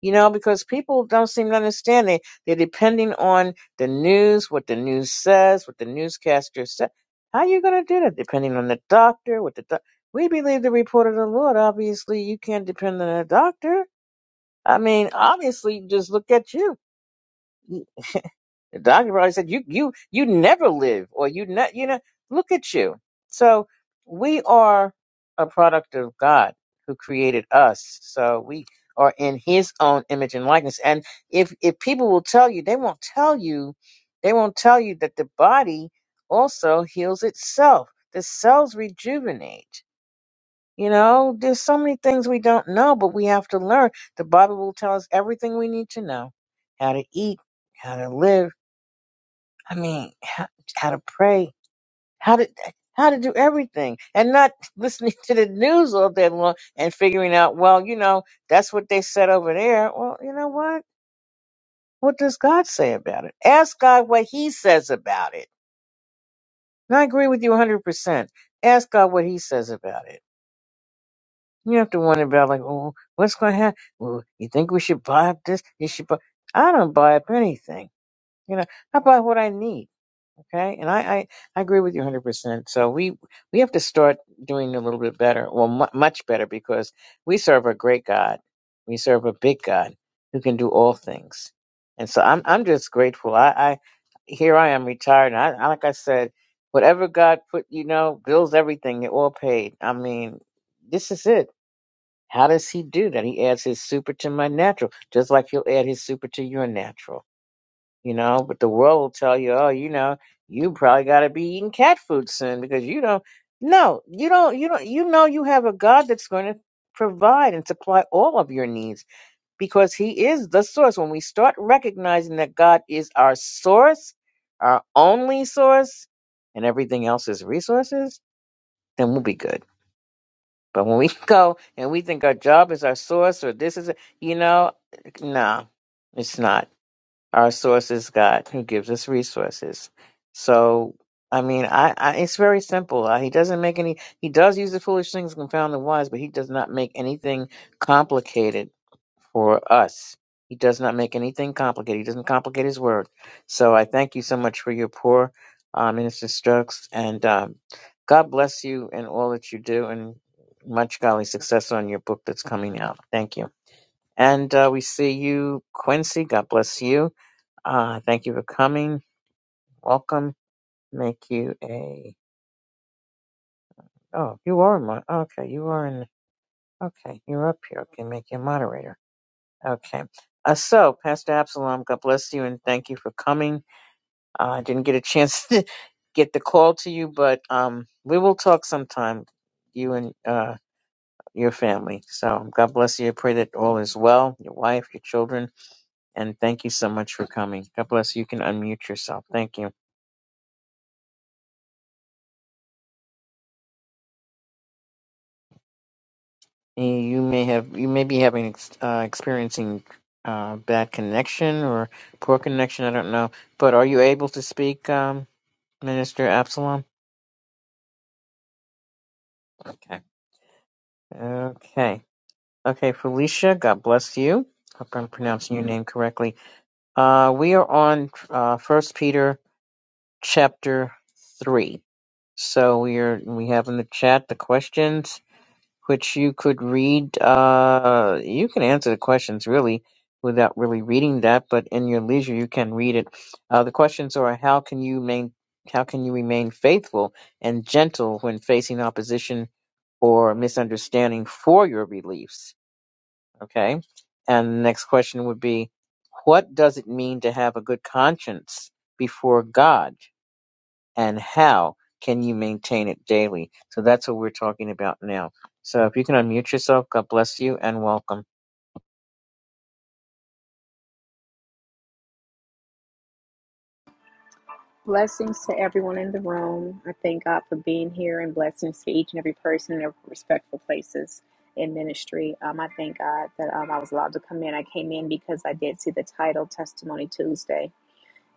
A: you know, because people don't seem to understand it. They're depending on the news, what the news says, what the newscaster said. How you going to do that? Depending on the doctor, what the doc- we believe the report of the Lord. Obviously, you can't depend on a doctor. I mean, obviously, just look at you. The doctor probably said, "You, you, you never live, or you, ne- you know, look at you." So we are a product of God who created us. So we are in His own image and likeness. And if if people will tell you, they won't tell you, they won't tell you that the body also heals itself. The cells rejuvenate. You know, there's so many things we don't know, but we have to learn. The Bible will tell us everything we need to know: how to eat, how to live I mean, how, how to pray, how to how to do everything, and not listening to the news all day long and figuring out, well, you know, that's what they said over there. Well, you know what? What does God say about it? Ask God what He says about it. And I agree with you 100%. Ask God what He says about it. You don't have to wonder about, like, oh, what's going to happen? Well, you think we should buy this? You should buy. I don't buy up anything. You know, I buy what I need. Okay, and I, I, I agree with you 100%. So we we have to start doing a little bit better, well, mu much better, because we serve a great God. We serve a big God who can do all things. And so I'm I'm just grateful. I, I here I am retired, and I, I like I said, whatever God put, you know, bills everything, it all paid. I mean, this is it. How does He do that? He adds His super to my natural, just like He'll add His super to your natural you know. But the world will tell you, oh, you know, you probably got to be eating cat food soon because you don't. No, you don't. You don't. You know, you have a God that's going to provide and supply all of your needs because He is the source. When we start recognizing that God is our source, our only source, and everything else is resources, then we'll be good. But when we go and we think our job is our source or this is, you know, no, it's not our source is God who gives us resources. So, I mean, I, I it's very simple. Uh, He doesn't make any, he does use the foolish things to confound the wise, but he does not make anything complicated for us. He does not make anything complicated. He doesn't complicate his word. So I thank you so much for your poor uh, Minister Strokes, and um, God bless you and all that you do, and much golly success on your book that's coming out. Thank you. And uh, we see you, Quincy. God bless you. Uh, thank you for coming. Welcome. Make you a. Oh, you are my. Okay, you are in. Okay, you're up here. Okay, make you a moderator. Okay. Uh, so, Pastor Absalom, God bless you and thank you for coming. Uh, I didn't get a chance to get the call to you, but um, we will talk sometime, you and uh, your family. So, God bless you. I pray that all is well, your wife, your children, and thank you so much for coming. God bless you. You can unmute yourself. Thank you. you may have you may be having ex- uh, experiencing uh, bad connection or poor connection. I don't know, but are you able to speak, um, Minister Absalom? Okay, okay, okay. Felicia, God bless you. Hope I'm pronouncing your name correctly. Uh, we are on uh, First Peter chapter three. So we are we have in the chat the questions which you could read. Uh, you can answer the questions really without really reading that, but in your leisure, you can read it. Uh, the questions are: How can you main, How can you remain faithful and gentle when facing opposition or misunderstanding for your beliefs? Okay, and the next question would be: What does it mean to have a good conscience before God? and how can you maintain it daily? So that's what we're talking about now. So if you can unmute yourself, God bless you and welcome.
E: Blessings to everyone in the room. I thank God for being here and blessings to each and every person in their respectful places in ministry. Um, I thank God that um, I was allowed to come in. I came in because I did see the title Testimony Tuesday,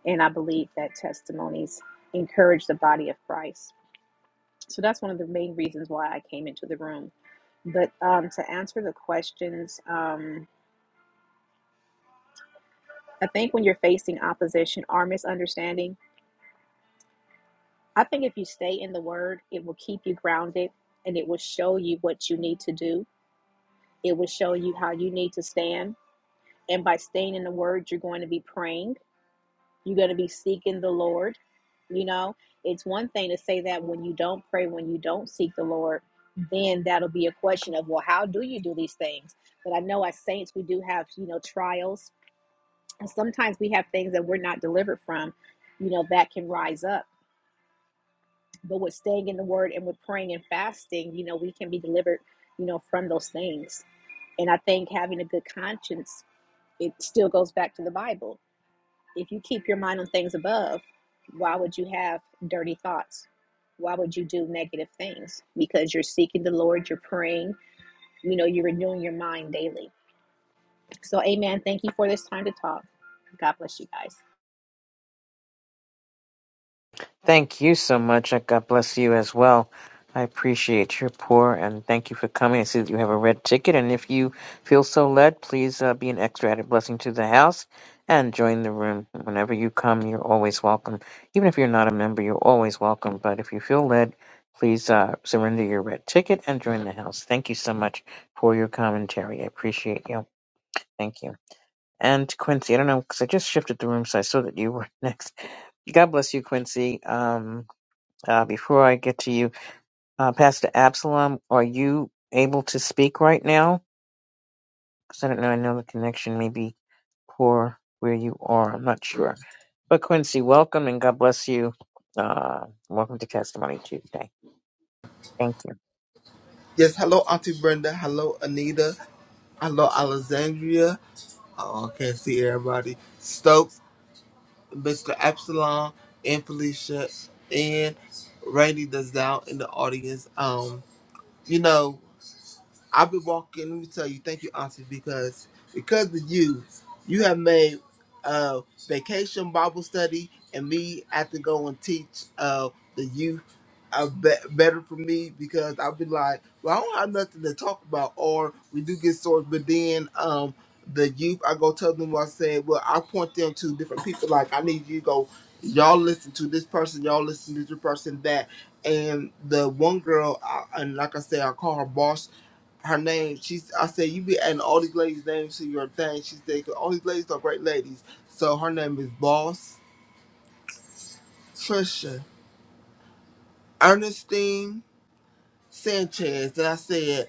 E: and I believe that testimonies encourage the body of Christ. So that's one of the main reasons why I came into the room. But um, to answer the questions, um, I think when you're facing opposition or misunderstanding, I think if you stay in the word, it will keep you grounded and it will show you what you need to do. It will show you how you need to stand. And by staying in the word, you're going to be praying, you're going to be seeking the Lord. You know, it's one thing to say that when you don't pray, when you don't seek the Lord, then that'll be a question of, well, how do you do these things? But I know as saints, we do have, you know, trials. And sometimes we have things that we're not delivered from, you know, that can rise up but with staying in the word and with praying and fasting you know we can be delivered you know from those things and i think having a good conscience it still goes back to the bible if you keep your mind on things above why would you have dirty thoughts why would you do negative things because you're seeking the lord you're praying you know you're renewing your mind daily so amen thank you for this time to talk god bless you guys
A: Thank you so much, and God bless you as well. I appreciate your pour, and thank you for coming. I see that you have a red ticket, and if you feel so led, please uh, be an extra added blessing to the house and join the room. Whenever you come, you're always welcome. Even if you're not a member, you're always welcome. But if you feel led, please uh, surrender your red ticket and join the house. Thank you so much for your commentary. I appreciate you. Thank you. And Quincy, I don't know because I just shifted the room, so I saw that you were next. God bless you, Quincy. Um, uh, before I get to you, uh, Pastor Absalom, are you able to speak right now? Because I don't know. I know the connection may be poor where you are. I'm not sure. But Quincy, welcome and God bless you. Uh, welcome to Testimony Tuesday. Thank you.
F: Yes, hello, Auntie Brenda. Hello, Anita. Hello, Alexandria. Oh, I can't see everybody. Stokes, Mr. Epsilon, and Felicia, and Randy that's down in the audience. Um, you know. I've been walking. Let me tell you, thank you, Auntie, because because of you, you have made uh, vacation Bible study and me have to go and teach uh, the youth uh, be- better for me because I've been like, well, I don't have nothing to talk about, or we do get stories, but then um, the youth, I go tell them what I said. Well, I point them to different people. Like I need you to go. Y'all listen to this person. Y'all listen to this person that. And the one girl, I, and like I said, I call her boss her name. She's I said you be adding all these ladies' names to your thing. She said 'cause all these ladies are great ladies. So her name is Boss Trisha Ernestine Sanchez. And I said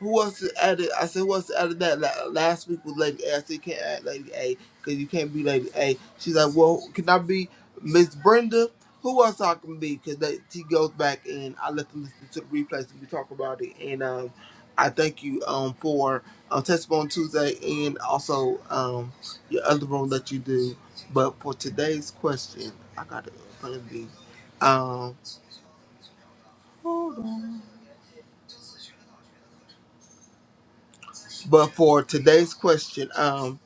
F: Who wants to add it? I said, who wants else added that? La- Last week was Lady A. I said, you can't add Lady A because you can't be Lady A. She's like, well, can I be Miss Brenda? Who else I can be? Because she goes back and I let them listen to the replays and we talk about it. And um, I thank you um for um, Testimony Tuesday and also um your other room that you do. But for today's question, I got it in front of me. Um, hold on. But for today's question, um.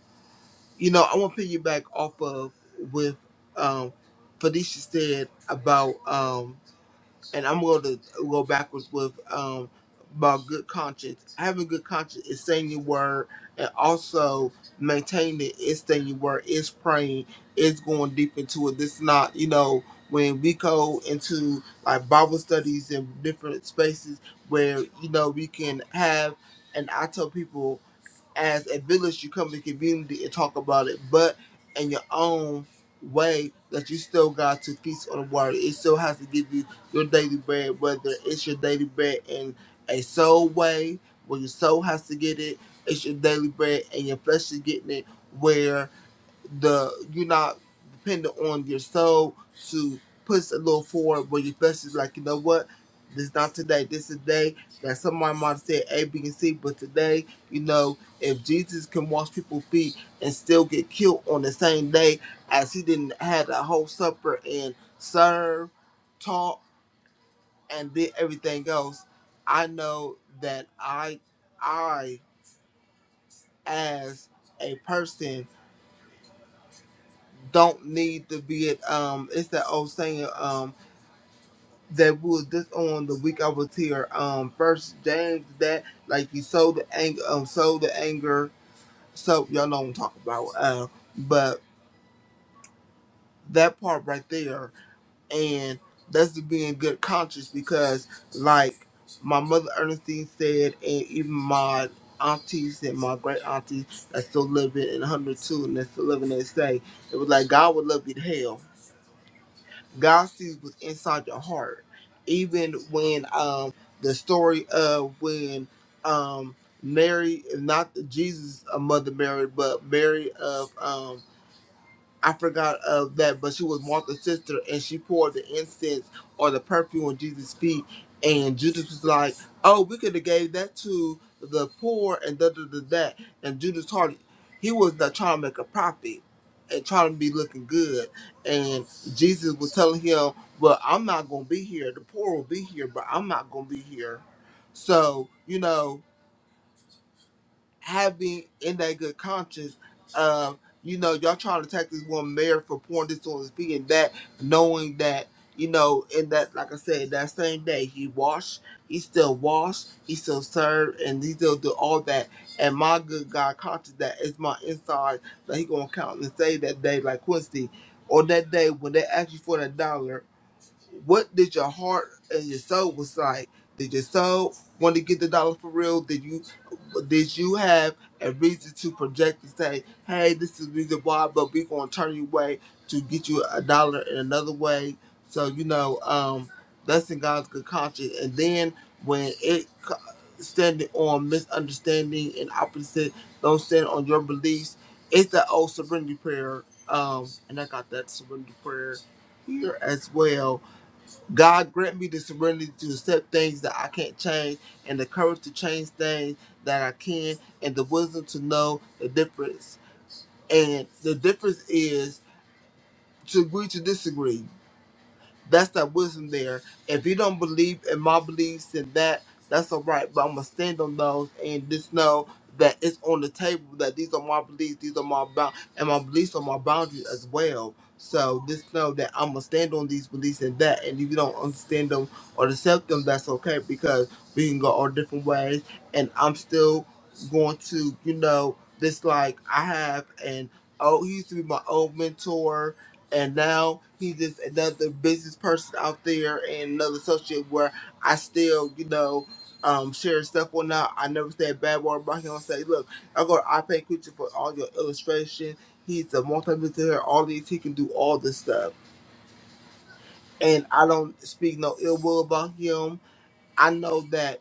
F: You know, I want to piggyback off of with um, Felicia said about, um, and I'm going to go backwards with um, about good conscience. Having good conscience is saying your word and also maintaining it is saying your word, is praying, is going deep into it. This not, you know, when we go into like Bible studies and different spaces where, you know, we can have, and I tell people, as a village, you come to the community and talk about it, but in your own way that you still got to feast on the water. It still has to give you your daily bread, whether it's your daily bread in a soul way, where your soul has to get it, it's your daily bread and your flesh is getting it, Where the you're not dependent on your soul to push a little forward but your flesh is like, you know what? This not today. This is the day that someone might have said A, B, and C, but today, you know, if Jesus can wash people's feet and still get killed on the same day as he didn't have a whole supper and serve, talk, and did everything else, I know that I, I, as a person don't need to be it. Um, it's that old saying. Um, that was just on the week I was here. Um, first James that like you sow the anger. Um, sow the anger. So y'all know what I'm talking about. Uh, but that part right there, and that's to be in good conscience because like my mother Ernestine said, and even my aunties and my great aunties that still living in 102 and that's still living they say it was like God would love you to hell God sees what's inside your heart. Even when um the story of when um Mary not Jesus uh, mother Mary, but Mary of um I forgot of that, but she was Martha's sister, and she poured the incense or the perfume on Jesus' feet, and Judas was like, "Oh, we could have gave that to the poor and da da da that." And Judas Hart, he was not trying to make a profit and trying to be looking good, and Jesus was telling him, "Well, I'm not gonna be here. The poor will be here, but I'm not gonna be here." So you know, having in that good conscience of you know y'all trying to take this one mayor for pouring this on his feet and that knowing that you know in that like i said that same day he washed he still washed he still served and he still do all that and my good god conscious that is my inside that he gonna count and say that day like quincy or that day when they ask you for that dollar what did your heart and your soul was like? Did your soul want to get the dollar for real? Did you did you have a reason to project and say, hey, this is the reason why, but we're gonna turn you away to get you a dollar in another way. So you know, um, that's in God's good conscience. And then when it co- standing on misunderstanding and opposite, don't stand on your beliefs. It's the old surrender prayer, um, and I got that surrender prayer here as well God grant me the serenity to accept things that I can't change and the courage to change things that I can and the wisdom to know the difference. And the difference is to agree to disagree. That's that wisdom there. If you don't believe in my beliefs and that, that's all right. But I'm gonna stand on those and just know that it's on the table that these are my beliefs, these are my bound, and my beliefs are my boundaries as well. So just know that I'm gonna stand on these beliefs and that. And if you don't understand them or accept them, that's okay because we can go all different ways. And I'm still going to, you know, this like I have an oh, he used to be my old mentor and now he's just another business person out there and another associate where I still, you know, um, share stuff or not. I never say a bad word about him. I say, look, I go to iPad Creature for all your illustration. He's a multi-millionaire, all these, he can do all this stuff. And I don't speak no ill will about him I know that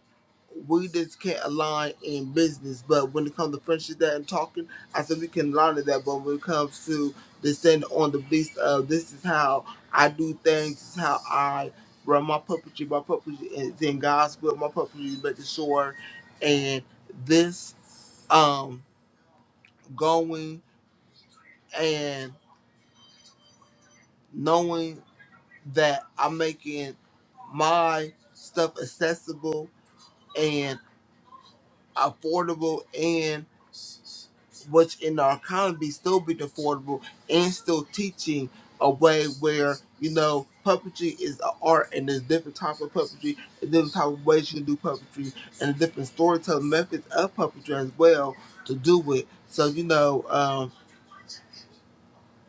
F: we just can't align in business, but when it comes to friendship that and talking, I said we can learn to that. But when it comes to the stand on the beast of this is how I do things, this is how I run my puppetry, my puppetry is in God's will, my puppetry is making sure and this um going and knowing that I'm making my stuff accessible and affordable which in our economy still be affordable and still teaching a way where you know puppetry is an art and there's different types of puppetry and different type of ways you can do puppetry and different storytelling methods of puppetry as well to do it. So you know. Um,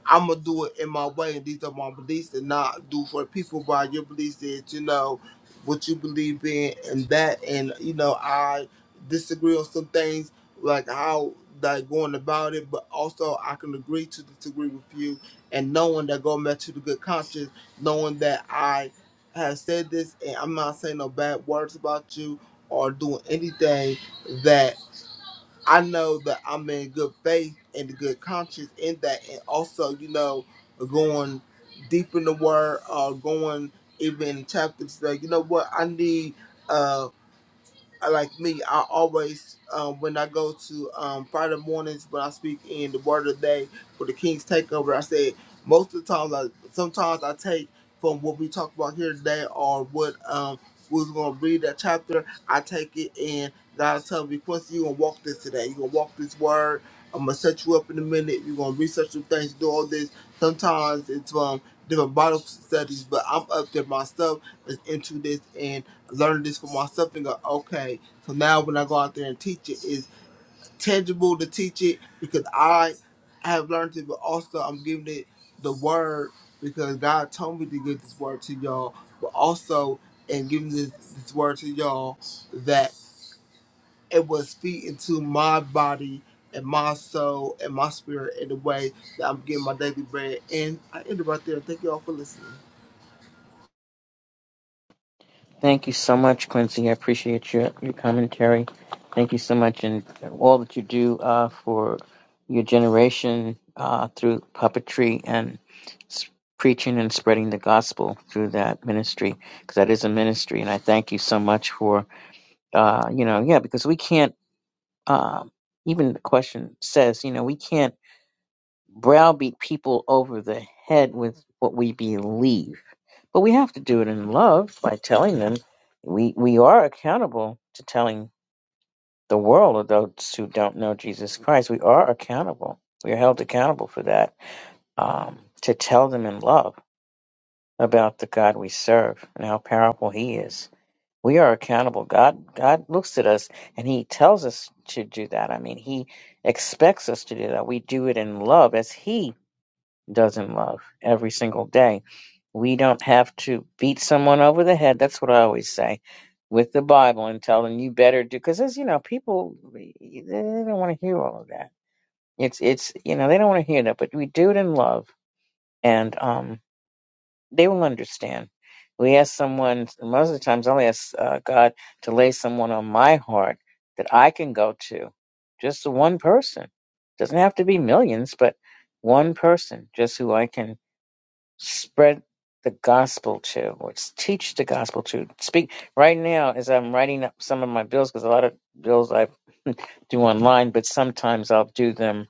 F: I'm gonna do it in my way, and these are my beliefs, and not do for people by your beliefs is, you know, what you believe in, and that, and you know, I disagree on some things, like how like going about it, but also I can agree to disagree with you, and knowing that going back to the good conscience, knowing that I have said this, and I'm not saying no bad words about you or doing anything that. I know that I'm in good faith and good conscience in that, and also, you know, going deep in the word, or going even in chapters that you know what I need. uh I- like me, I always um, when I go to um, Friday mornings when I speak in the Word of the Day for the King's Takeover, I said most of the times, I, sometimes I take from what we talked about here today or what um, we was going to read that chapter. I take it and God tell me, Quincy, you gonna walk this today. You gonna walk this word. I'm gonna set you up in a minute. You're gonna research some things, do all this. Sometimes it's from different Bible studies, but I'm up there myself is into this and learned this for myself and go, okay, so now when I go out there and teach it, it's tangible to teach it because I have learned it, but also I'm giving it the word because God told me to give this word to y'all, but also in giving this, this word to y'all that it will speak into my body and my soul and my spirit in the way that I'm getting my daily bread. And I end it right there. Thank y'all for listening.
A: Thank you so much, Quincy. I appreciate your, your commentary. Thank you so much, and all that you do uh, for your generation uh, through puppetry and s- preaching and spreading the gospel through that ministry, because that is a ministry. And I thank you so much for, uh, you know, yeah, because we can't, uh, even the question says, you know, we can't browbeat people over the head with what we believe but we have to do it in love by telling them we, we are accountable to telling the world of those who don't know Jesus Christ. We are accountable. We are held accountable for that um, to tell them in love about the God we serve and how powerful He is. We are accountable. God God looks at us and He tells us to do that. I mean, He expects us to do that. We do it in love as He does in love every single day we don't have to beat someone over the head. That's what I always say with the Bible and tell them you better do because as you know, people they don't want to hear all of that. It's it's you know they don't want to hear that, but we do it in love, and um, they will understand. We ask someone most of the times. I'll ask uh, God to lay someone on my heart that I can go to, just the one person. Doesn't have to be millions, but one person, just who I can spread the gospel to, or s- teach the gospel to. Speak right now as I'm writing up some of my bills, because a lot of bills I do online, but sometimes I'll do them,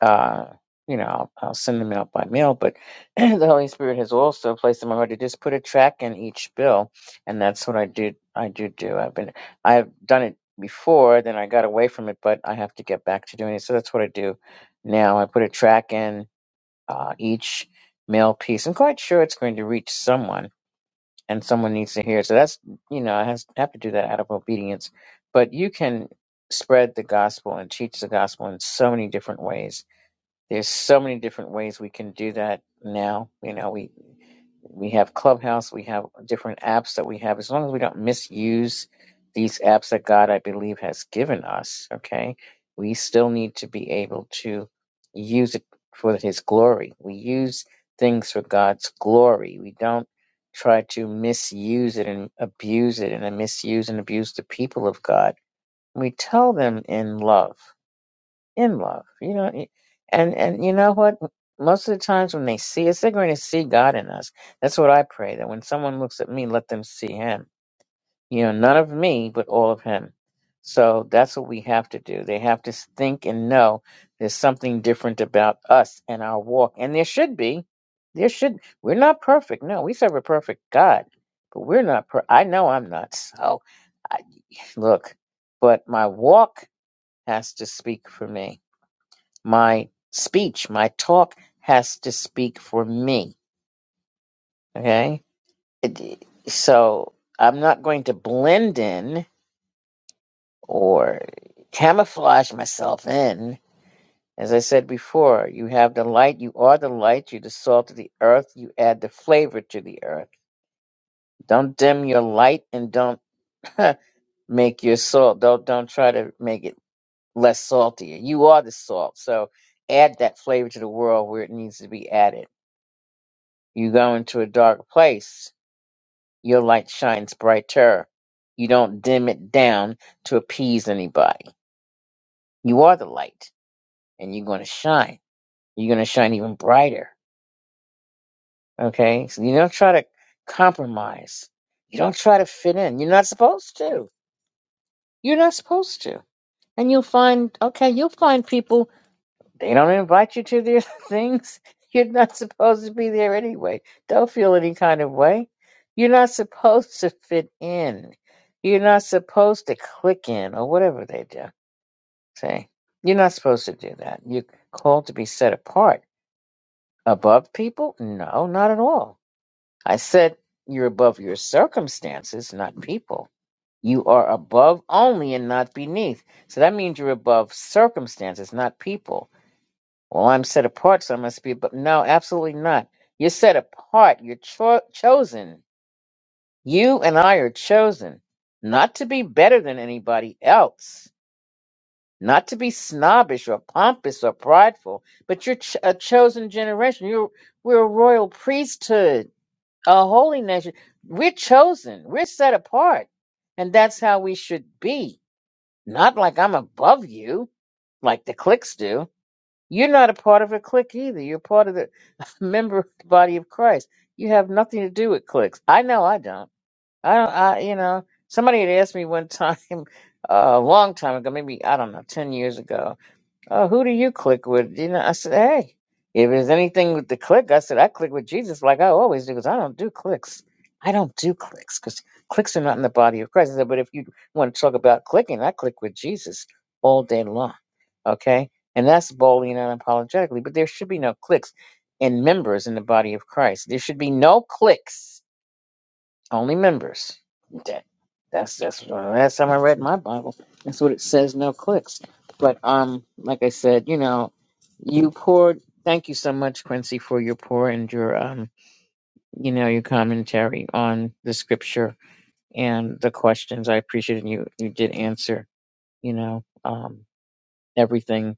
A: uh, you know, I'll, I'll send them out by mail. But the Holy Spirit has also placed in my heart to just put a track in each bill, and that's what I do. I do do. I've been, I've done it before, then I got away from it, but I have to get back to doing it. So that's what I do now. I put a track in uh, each mail piece. I'm quite sure it's going to reach someone, and someone needs to hear. it. So that's you know I has, have to do that out of obedience. But you can spread the gospel and teach the gospel in so many different ways there's so many different ways we can do that now. You know, we we have Clubhouse, we have different apps that we have. As long as we don't misuse these apps that God, I believe, has given us, okay, we still need to be able to use it for His glory. We use things for God's glory. We don't try to misuse it and abuse it and then misuse and abuse the people of God. We tell them in love in love. You know, y- and and you know what? Most of the times when they see us, they're going to see God in us. That's what I pray that when someone looks at me, let them see Him. You know, none of me, but all of Him. So that's what we have to do. They have to think and know there's something different about us and our walk, and there should be. There should. We're not perfect. No, we serve a perfect God, but we're not. Per- I know I'm not. So, I, look, but my walk has to speak for me my speech, my talk has to speak for me. Okay. It- So I'm not going to blend in or camouflage myself in. As I said before, you have the light, you are the light, you're the salt of the earth, you add the flavor to the earth. Don't dim your light and don't make your salt. Don't don't try to make it less saltier. You are the salt. So add that flavor to the world where it needs to be added You go into a dark place, your light shines brighter. You don't dim it down to appease anybody. You are the light, and you're going to shine. You're going to shine even brighter. Okay? So you don't try to compromise. You don't try to fit in. You're not supposed to. You're not supposed to. And you'll find, okay, you'll find people They don't invite you to their things. You're not supposed to be there anyway. Don't feel any kind of way. You're not supposed to fit in. You're not supposed to click in or whatever they do. Say, you're not supposed to do that. You're called to be set apart. Above people? No, not at all. I said you're above your circumstances, not people. You are above only and not beneath. So that means you're above circumstances, not people well, I'm set apart, so I must be. But no, absolutely not. You're set apart. You're cho- chosen. You and I are chosen not to be better than anybody else, not to be snobbish or pompous or prideful. But you're ch- a chosen generation. You're we're a royal priesthood, a holy nation. We're chosen. We're set apart, and that's how we should be. Not like I'm above you, like the cliques do. You're not a part of a clique either. You're part of the member of the body of Christ. You have nothing to do with cliques. I know I don't. I don't. I you know somebody had asked me one time uh, a long time ago, maybe I don't know, ten years ago. Oh, who do you click with? You know, I said, hey, if there's anything with the click, I said, I click with Jesus like I always do because I don't do clicks. I don't do clicks because clicks are not in the body of Christ. I said, but if you want to talk about clicking, I click with Jesus all day long. Okay? And that's boldly and unapologetically. But there should be no clicks in members in the body of Christ. There should be no clicks only members. That, that's that's the last time I read my Bible. That's what it says. No clicks. But um, like I said, you know, you poured. Thank you so much, Quincy, for your pour and your um, you know, your commentary on the scripture and the questions. I appreciate it. You you did answer. You know, um, everything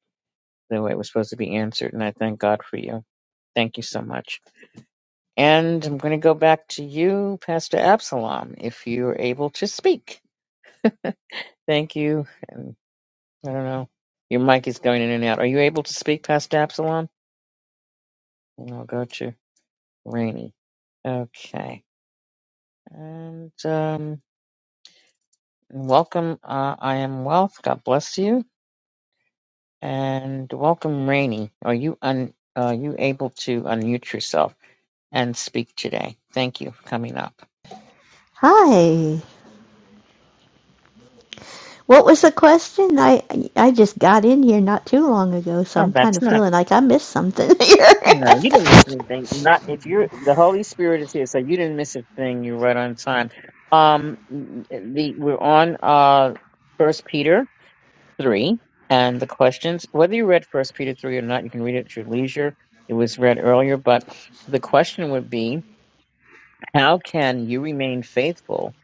A: the way it was supposed to be answered, and I thank God for you. Thank you so much. And I'm going to go back to you, Pastor Absalom, if you're able to speak. Thank you. And I don't know. Your mic is going in and out. Are you able to speak, Pastor Absalom? And I'll go to Rainy. Okay. And um, welcome. Uh, I am Wealth. God bless you. And welcome, Rainy. Are you un- are you able to unmute yourself and speak today? Thank you for coming up.
G: Hi. What was the question? I I just got in here not too long ago, so
A: Oh,
G: I'm kind
A: that's
G: of
A: not
G: feeling like I missed something here.
A: No, you didn't miss anything. Not if you're the Holy Spirit is here, so you didn't miss a thing. You're right on time. Um, the we're on uh First Peter three, and the questions. Whether you read First Peter three or not, you can read it at your leisure. It was read earlier, but the question would be, how can you remain faithful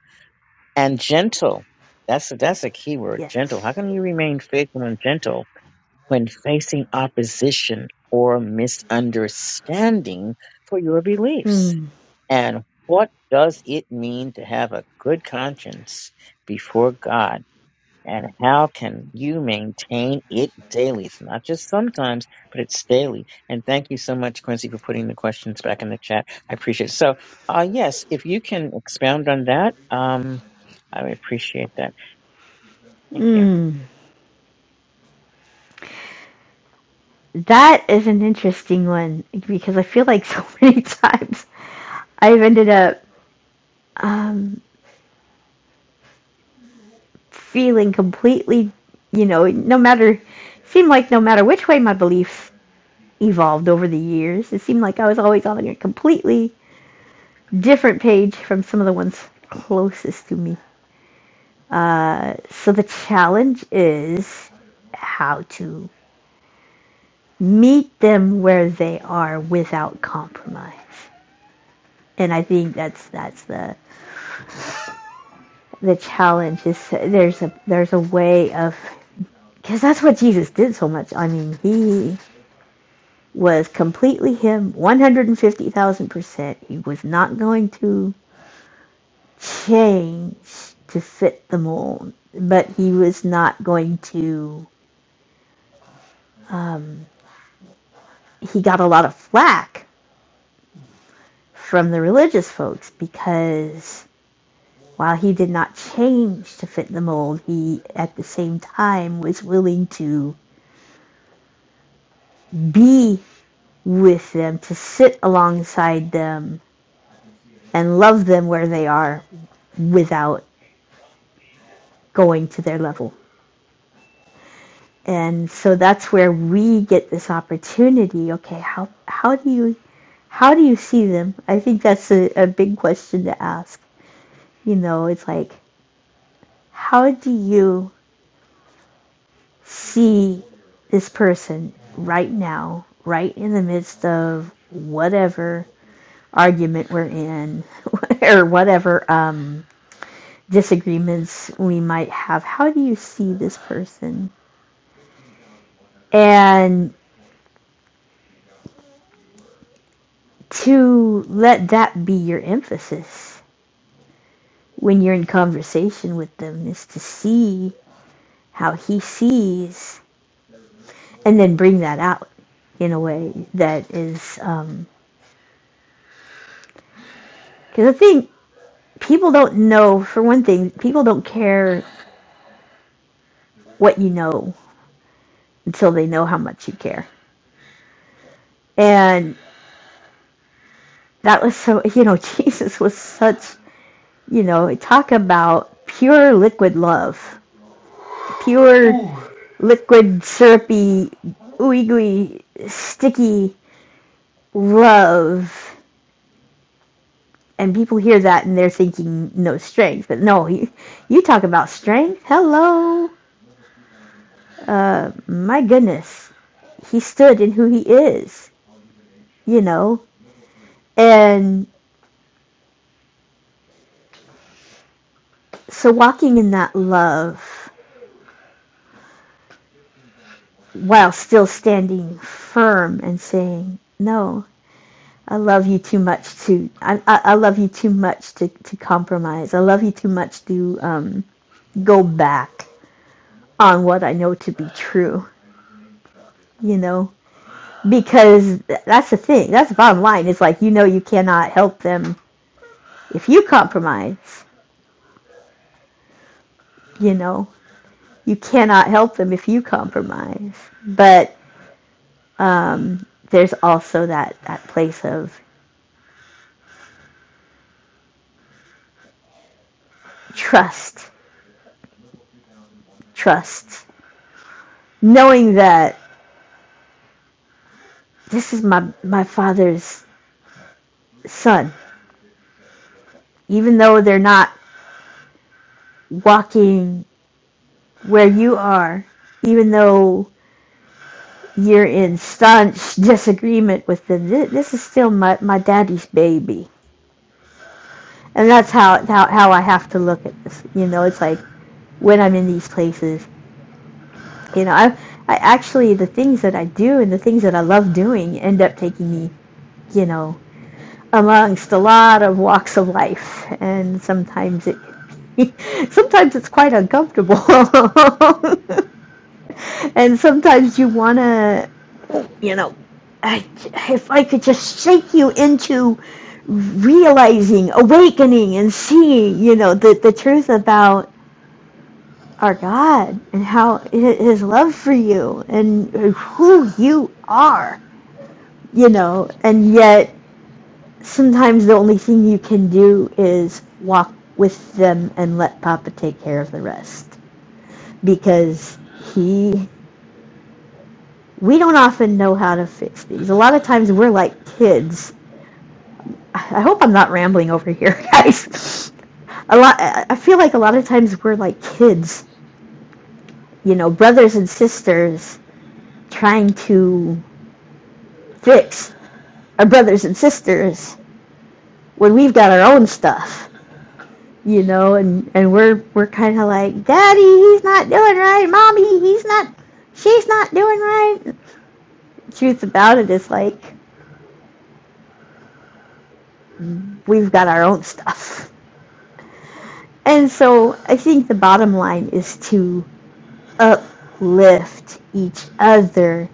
A: and gentle? That's that's a key word, gentle.
G: yes.
A: How can you remain faithful and gentle when facing opposition or misunderstanding for your beliefs?
G: Hmm.
A: And what does it mean to have a good conscience before God? And how can you maintain it daily? It's not just sometimes, but it's daily. And thank you so much, Quincy, for putting the questions back in the chat. I appreciate it. So, uh, yes, if you can expound on that, um, I would appreciate that. Thank you.
G: Hmm. That is an interesting one because I feel like so many times I've ended up um, feeling completely, you know, no matter, seemed like no matter which way my beliefs evolved over the years, it seemed like I was always on a completely different page from some of the ones closest to me. So the challenge is how to meet them where they are without compromise. And I think that's that's the the challenge is there's a there's a way of because that's what Jesus did so much. I mean, he was completely him, 150,000%. He was not going to change to fit the mold, but he was not going to he got a lot of flack from the religious folks because while he did not change to fit the mold, he at the same time was willing to be with them, to sit alongside them, and love them where they are without going to their level. And so that's where we get this opportunity. Okay, how, how do you how do you see them? I think that's a, a big question to ask. You know, it's like how do you see this person right now, right in the midst of whatever argument we're in or whatever um, disagreements we might have. How do you see this person? And to let that be your emphasis when you're in conversation with them is to see how he sees and then bring that out in a way that is um, because I think people don't know for one thing people don't care what you know until they know how much you care and that was so you know jesus was such you know talk about pure liquid love pure Ooh. liquid syrupy ooey gooey sticky love and people hear that and they're thinking no strength but no you, you talk about strength hello uh, my goodness he stood in who he is you know And so walking in that love while still standing firm and saying, no, I love you too much to, I, I, I love you too much to, to compromise. I love you too much to um, go back on what I know to be true, you know? Because that's the thing. That's the bottom line. It's like, you know, you cannot help them if you compromise, you know? You cannot help them if you compromise. But um, there's also that, that place of trust, trust, knowing that this is my, my father's son, even though they're not walking where you are, even though you're in staunch disagreement with them, this, this is still my, my daddy's baby. And that's how, how, how I have to look at this. You know, it's like when I'm in these places, you know, I, I actually, the things that I do and the things that I love doing end up taking me you know, amongst a lot of walks of life, and sometimes it sometimes it's quite uncomfortable, and sometimes you want to, you know, I, if I could just shake you into realizing, awakening, and seeing, you know, the the truth about our God and how His love for you and who you are, you know, and yet sometimes the only thing you can do is walk with them and let Papa take care of the rest because he we don't often know how to fix these. A lot of times we're like kids. I hope I'm not rambling over here, guys. A lot I I feel like a lot of times we're like kids, you know, brothers and sisters trying to fix our brothers and sisters when we've got our own stuff you know, and and we're we're kind of like, Daddy, he's not doing right. Mommy, he's not. She's not doing right. The Truth about it is like we've got our own stuff, and so I think the bottom line is to uplift each other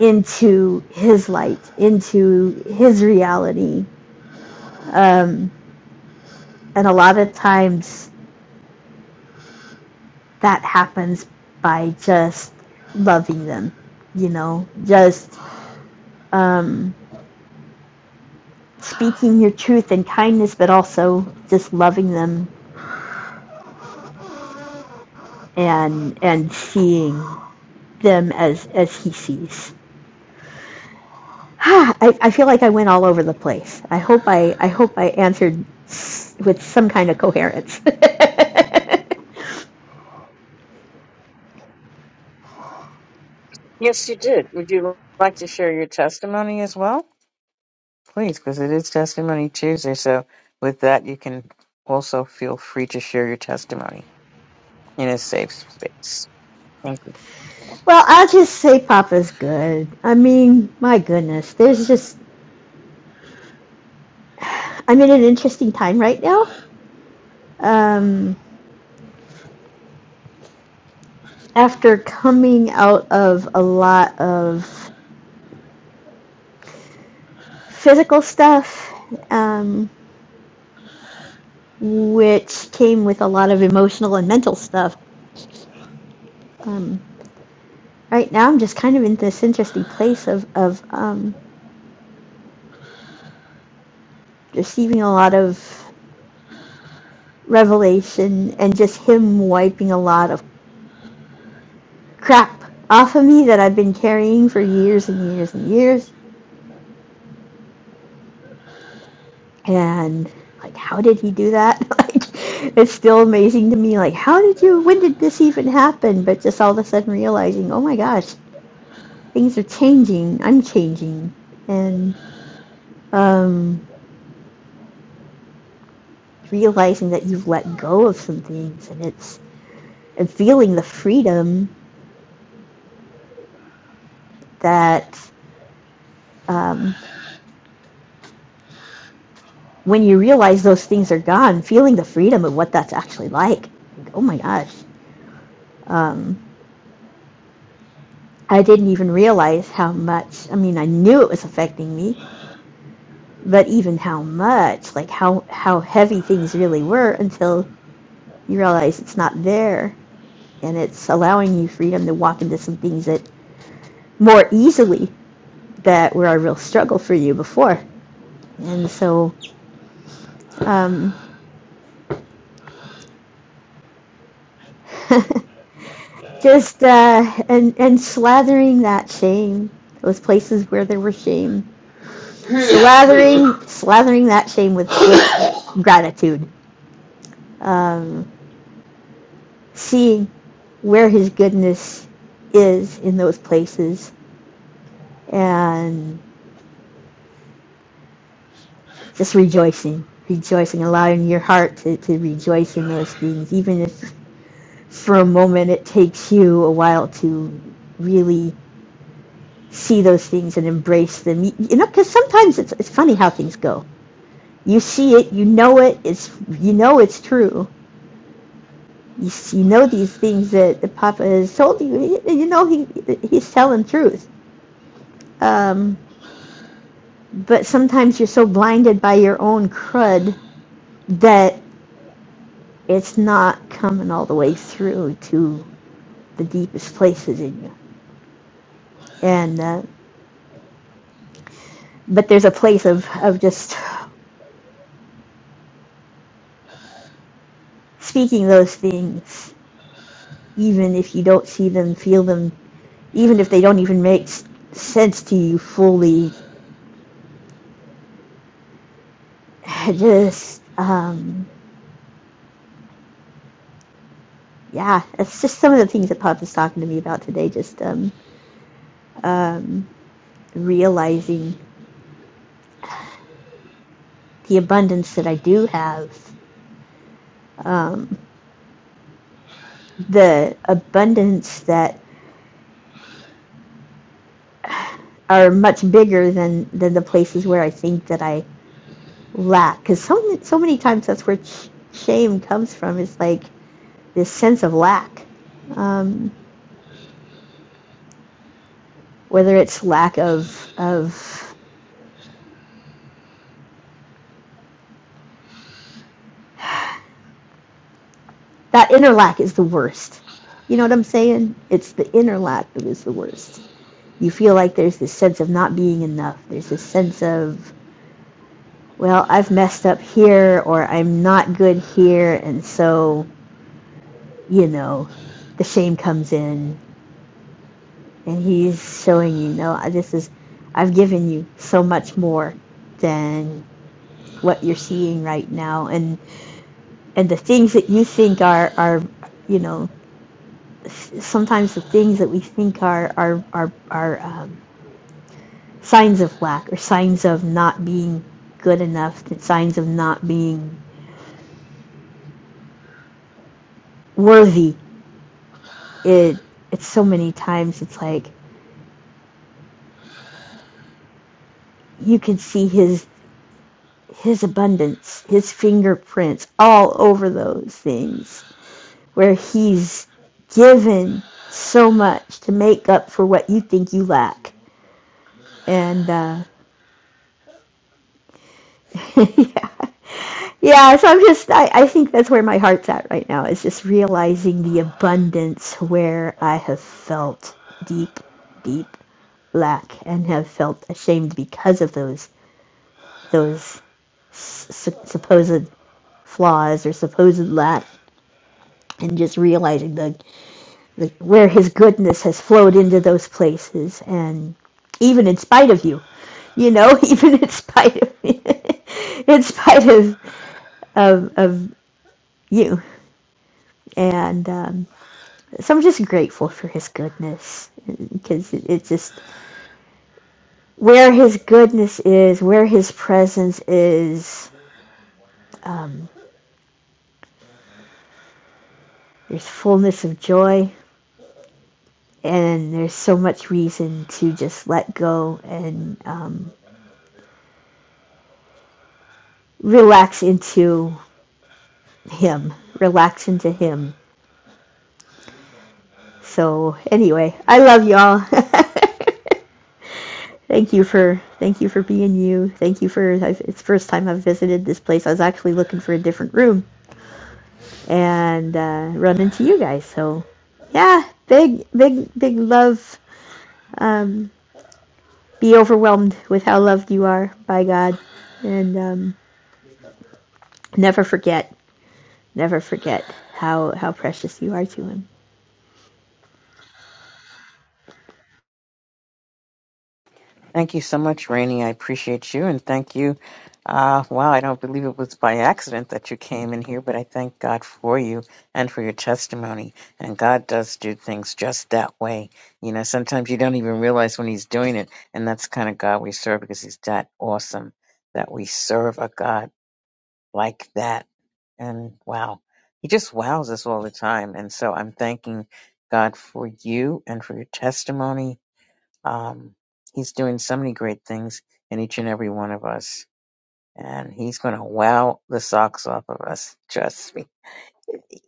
G: into His light, into His reality, um, and a lot of times that happens by just loving them, you know, just um, speaking your truth in kindness, but also just loving them and and seeing them as as he sees. I, I feel like I went all over the place. I hope I I hope I answered with some kind of coherence.
A: Yes, you did. Would you like to share your testimony as well? Please, because it is Testimony Tuesday. So, with that, you can also feel free to share your testimony in a safe space. Thank you.
G: well, I'll just say Papa's good. I mean, my goodness, there's just I'm in an interesting time right now. Um, after coming out of a lot of physical stuff, um, which came with a lot of emotional and mental stuff. Um, right now, I'm just kind of in this interesting place of, of um, receiving a lot of revelation and just Him wiping a lot of crap off of me that I've been carrying for years and years and years. And like, how did He do that? like, it's still amazing to me. Like, how did you? When did this even happen? But just all of a sudden realizing, oh my gosh, things are changing. I'm changing and. um, realizing that you've let go of some things, and it's and feeling the freedom that um, when you realize those things are gone, feeling the freedom of what that's actually like. Like, oh my gosh, um, I didn't even realize how much. I mean, I knew it was affecting me, but even how much, like how how heavy things really were, until you realize it's not there, and it's allowing you freedom to walk into some things that more easily that were a real struggle for you before. And so, um, just uh, and and slathering that shame, those places where there was shame, slathering slathering that shame with, with gratitude, um, seeing where His goodness is in those places, and just rejoicing, rejoicing, allowing your heart to, to rejoice in those things, even if for a moment it takes you a while to really see those things and embrace them. You, you know, because sometimes it's it's funny how things go. You see it, you know it. It's you know it's true. You, you know these things that the Papa has told you. You you know he he's telling truth. Um, but sometimes you're so blinded by your own crud that it's not coming all the way through to the deepest places in you. And uh, but there's a place of, of just speaking those things, even if you don't see them, feel them, even if they don't even make s- sense to you fully. Just um, yeah, it's just some of the things that Pop was talking to me about today. Just um, um, realizing the abundance that I do have, um, the abundance that are much bigger than than the places where I think that I lack. Because so so many times that's where sh- shame comes from. Is like this sense of lack, um, whether it's lack of of That interlac is the worst. You know what I'm saying? It's the interlac that is the worst. You feel like there's this sense of not being enough. There's this sense of, well, I've messed up here or I'm not good here. And so, you know, the shame comes in and he's showing you, no, this is, I've given you so much more than what you're seeing right now. And, and the things that you think are, are, you know, sometimes the things that we think are are are, are um, signs of lack or signs of not being good enough, signs of not being worthy. It it's so many times it's like you can see his his abundance, his fingerprints all over those things where he's given so much to make up for what you think you lack. And uh, yeah, Yeah, so I'm just, I, I think that's where my heart's at right now, is just realizing the abundance where I have felt deep, deep lack and have felt ashamed because of those, those su- supposed flaws or supposed lack and just realizing the, the, where his goodness has flowed into those places and even in spite of you, you know, even in spite of, in spite of, of, of you. And, um, so I'm just grateful for his goodness because it, it's just where his goodness is, where his presence is, there's fullness of joy, and there's so much reason to just let go and um, relax into him, relax into him. So anyway, I love y'all. thank you for thank you for being you. Thank you for it's the first time I've visited this place. I was actually looking for a different room and uh, run into you guys. So, yeah, big, big, big love. Um, be overwhelmed with how loved you are by God, and um, never forget, never forget how how precious you are to Him.
A: Thank you so much, Rainey. I appreciate you, and thank you. Uh, wow, I don't believe it was by accident that you came in here, but I thank God for you and for your testimony. And God does do things just that way. You know, sometimes you don't even realize when He's doing it, and that's the kind of God we serve because He's that awesome that we serve a God like that. And wow, He just wows us all the time. And so I'm thanking God for you and for your testimony um, he's doing so many great things in each and every one of us. And he's going to wow the socks off of us. Trust me.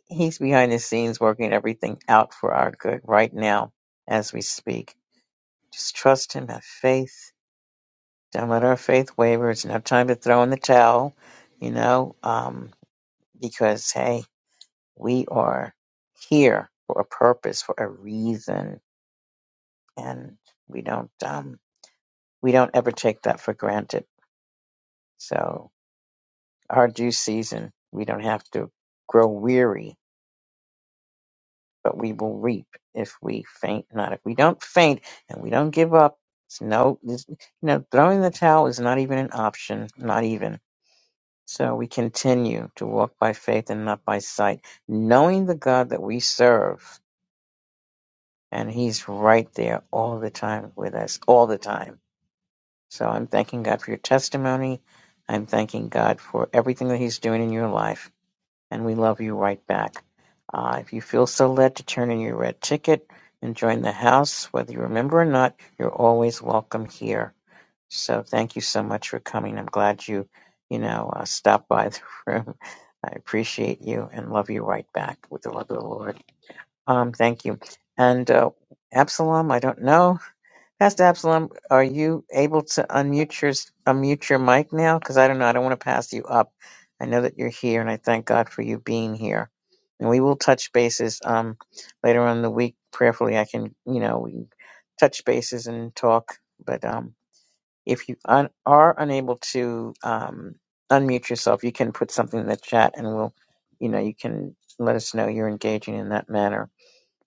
A: He's behind the scenes working everything out for our good right now as we speak. Just trust him, have faith. Don't let our faith waver. It's no time to throw in the towel, you know, um, because, hey, we are here for a purpose, for a reason. And we don't, um, we don't ever take that for granted. So our due season. We don't have to grow weary, but we will reap if we faint not. If we don't faint and we don't give up, it's no, it's- you know, throwing the towel is not even an option, not even. So we continue to walk by faith and not by sight, knowing the God that we serve, and He's right there all the time with us, all the time. So I'm thanking God for your testimony. I'm thanking God for everything that He's doing in your life and we love you right back. Uh, if you feel so led to turn in your red ticket and join the house, whether you remember or not, you're always welcome here. So thank you so much for coming. I'm glad you, you know, uh, stopped by the room. I appreciate you and love you right back with the love of the Lord. Um, thank you. And uh, Absalom, I don't know. Pastor Absalom, are you able to unmute your unmute your mic now? Because I don't know. I don't want to pass you up. I know that you're here, and I thank God for you being here. And we will touch bases um, later on in the week. Prayerfully, I can you know we can touch bases and talk. But um, if you un- are unable to um, unmute yourself, you can put something in the chat, and we'll you know you can let us know you're engaging in that manner.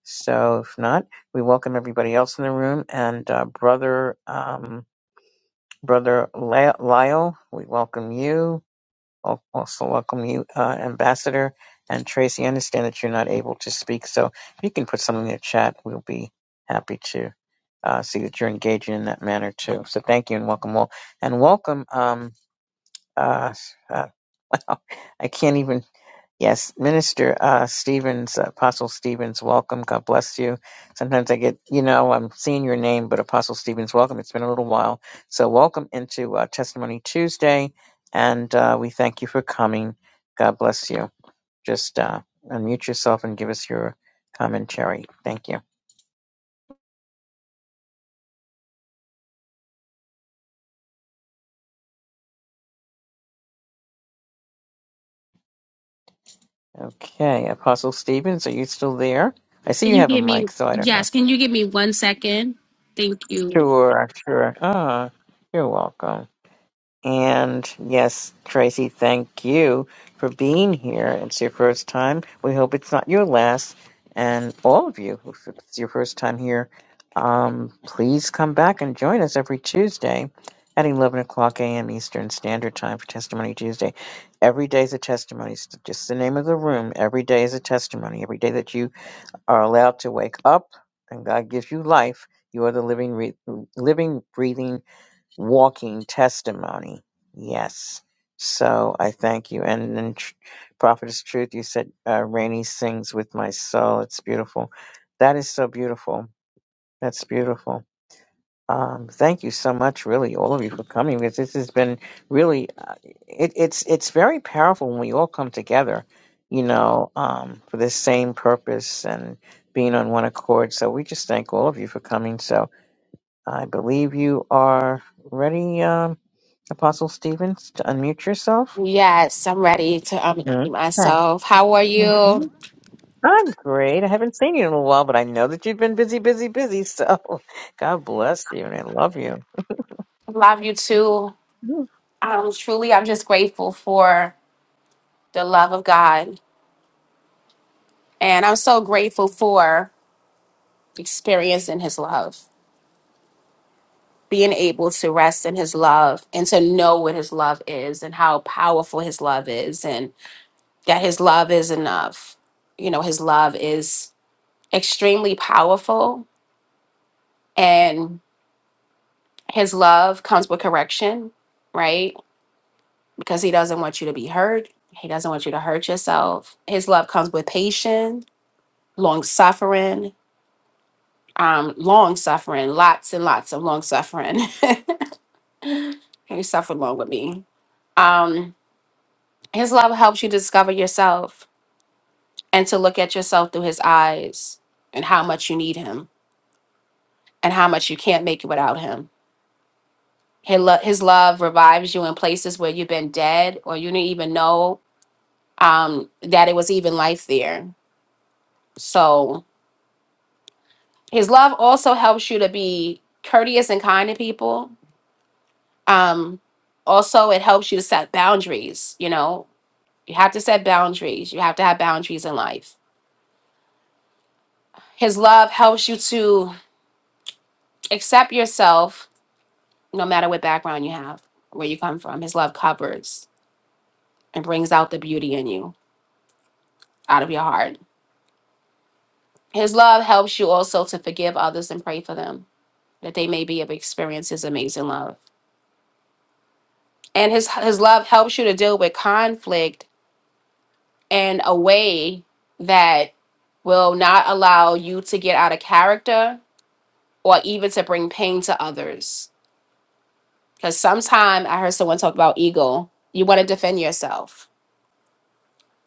A: So if not, we welcome everybody else in the room and uh, brother um, brother Ly- Lyle. We welcome you. Al- Also welcome you, uh, Ambassador and Tracy. I understand that you're not able to speak, so if you can put something in the chat, we'll be happy to uh, see that you're engaging in that manner too. So thank you and welcome all, and welcome. Um, uh, uh, I can't even. Yes, Minister uh, Stevens, Apostle Stevens, welcome. God bless you. Sometimes I get, you know, I'm seeing your name, but Apostle Stevens, welcome. It's been a little while. So, welcome into uh, Testimony Tuesday, and uh, we thank you for coming. God bless you. Just uh, unmute yourself and give us your commentary. Thank you. Okay, Apostle Stevens, are you still there? I see
H: Can
A: you
H: you
A: have a
H: give me,
A: mic, so I don't know.
H: yes, can you give me one second? Thank you.
A: Sure, sure. Ah, you're welcome. And yes, Tracy, thank you for being here. It's your first time. We hope it's not your last. And all of you, if it's your first time here, um, please come back and join us every Tuesday at 11 o'clock a.m. Eastern Standard Time for Testimony Tuesday. Every day is a testimony. It's just the name of the room. Every day is a testimony. Every day that you are allowed to wake up and God gives you life, you are the living, re- living, breathing walking testimony. Yes. So I thank you. And then tr- Prophetess Truth, you said uh, Rainey sings with my soul. It's beautiful. That is so beautiful. That's beautiful. Um, thank you so much, really, all of you for coming because this has been really, uh, it, it's it's very powerful when we all come together, you know, um, for this same purpose and being on one accord. So we just thank all of you for coming. So I believe you are ready. Um, Apostle Stevens, to unmute yourself.
H: Yes, I'm ready to um
A: Hmm?
H: eat
A: Hi.
H: myself. How are you?
A: Mhm. I'm great. I haven't seen you in a while, but I know that you've been busy, busy, busy. So God bless you and I love you.
H: Love you too.
A: Mm.
H: Um, truly, I'm just grateful for the love of God, and I'm so grateful for experiencing His love, being able to rest in His love, and to know what His love is, and how powerful His love is, and that His love is enough. You know, His love is extremely powerful, and. His love comes with correction, right? Because he doesn't want you to be hurt. He doesn't want you to hurt yourself. His love comes with patience, long suffering, um, long suffering, lots and lots of long suffering. You suffered long with me. Um, his love helps you discover yourself and to look at yourself through his eyes and how much you need him and how much you can't make it without him. His, lo- his love revives you in places where you've been dead or you didn't even know um, that it was even life there. So his love also helps you to be courteous and kind to people. Um, also, it helps you to set boundaries. You know, you have to set boundaries. You have to have boundaries in life. His love helps you to accept yourself, no matter what background you have, where you come from. His love covers and brings out the beauty in you out of your heart. His love helps you also to forgive others and pray for them that they may be able to experience his amazing love and his his love helps you to deal with conflict in a way that will not allow you to get out of character or even to bring pain to others because sometimes i heard someone talk about ego you want to defend yourself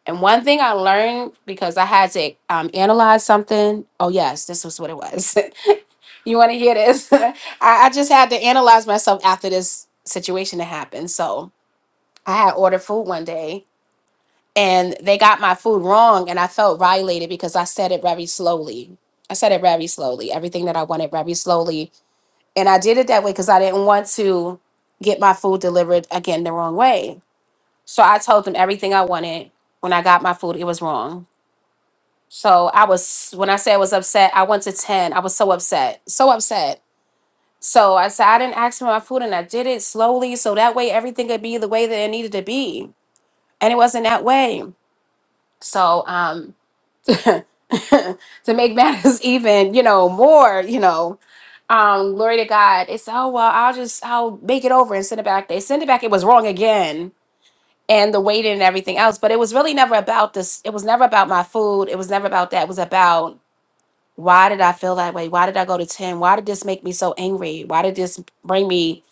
H: and one thing i learned because i had to um, analyze something oh yes this was what it was you want to hear this I, I just had to analyze myself after this situation that happened so i had ordered food one day and they got my food wrong and i felt violated because i said it very slowly i said it very slowly everything that i wanted very slowly and i did it that way because i didn't want to get my food delivered again the wrong way so i told them everything i wanted when i got my food it was wrong so i was when i said i was upset i went to 10 i was so upset so upset so i said i didn't ask for my food and i did it slowly so that way everything could be the way that it needed to be and it wasn't that way so um to make matters even, you know, more, you know, um, glory to God. It's oh well, I'll just I'll make it over and send it back. They send it back, it was wrong again and the waiting and everything else. But it was really never about this, it was never about my food. It was never about that. It was about why did I feel that way? Why did I go to 10? Why did this make me so angry? Why did this bring me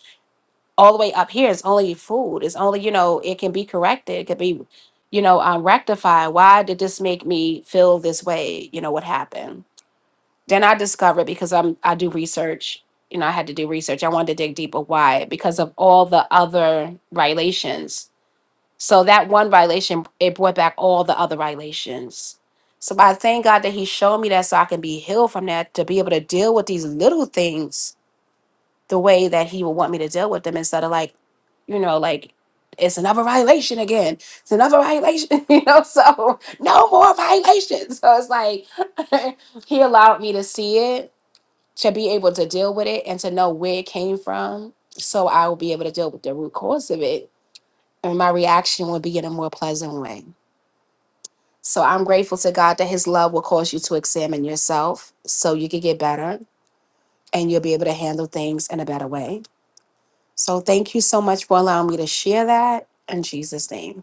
H: all the way up here? It's only food. It's only, you know, it can be corrected. It could be, you know, um, rectified. Why did this make me feel this way? You know, what happened? Then I discovered because I'm I do research, you know, I had to do research. I wanted to dig deeper why because of all the other violations. So that one violation it brought back all the other violations. So I thank God that He showed me that so I can be healed from that to be able to deal with these little things the way that He would want me to deal with them instead of like, you know, like it's another violation again. It's another violation, you know. So no more violations. So it's like he allowed me to see it to be able to deal with it and to know where it came from so I will be able to deal with the root cause of it and my reaction will be in a more pleasant way. So I'm grateful to God that his love will cause you to examine yourself so you can get better and you'll be able to handle things in a better way. So thank you so much for allowing me to share that in Jesus name.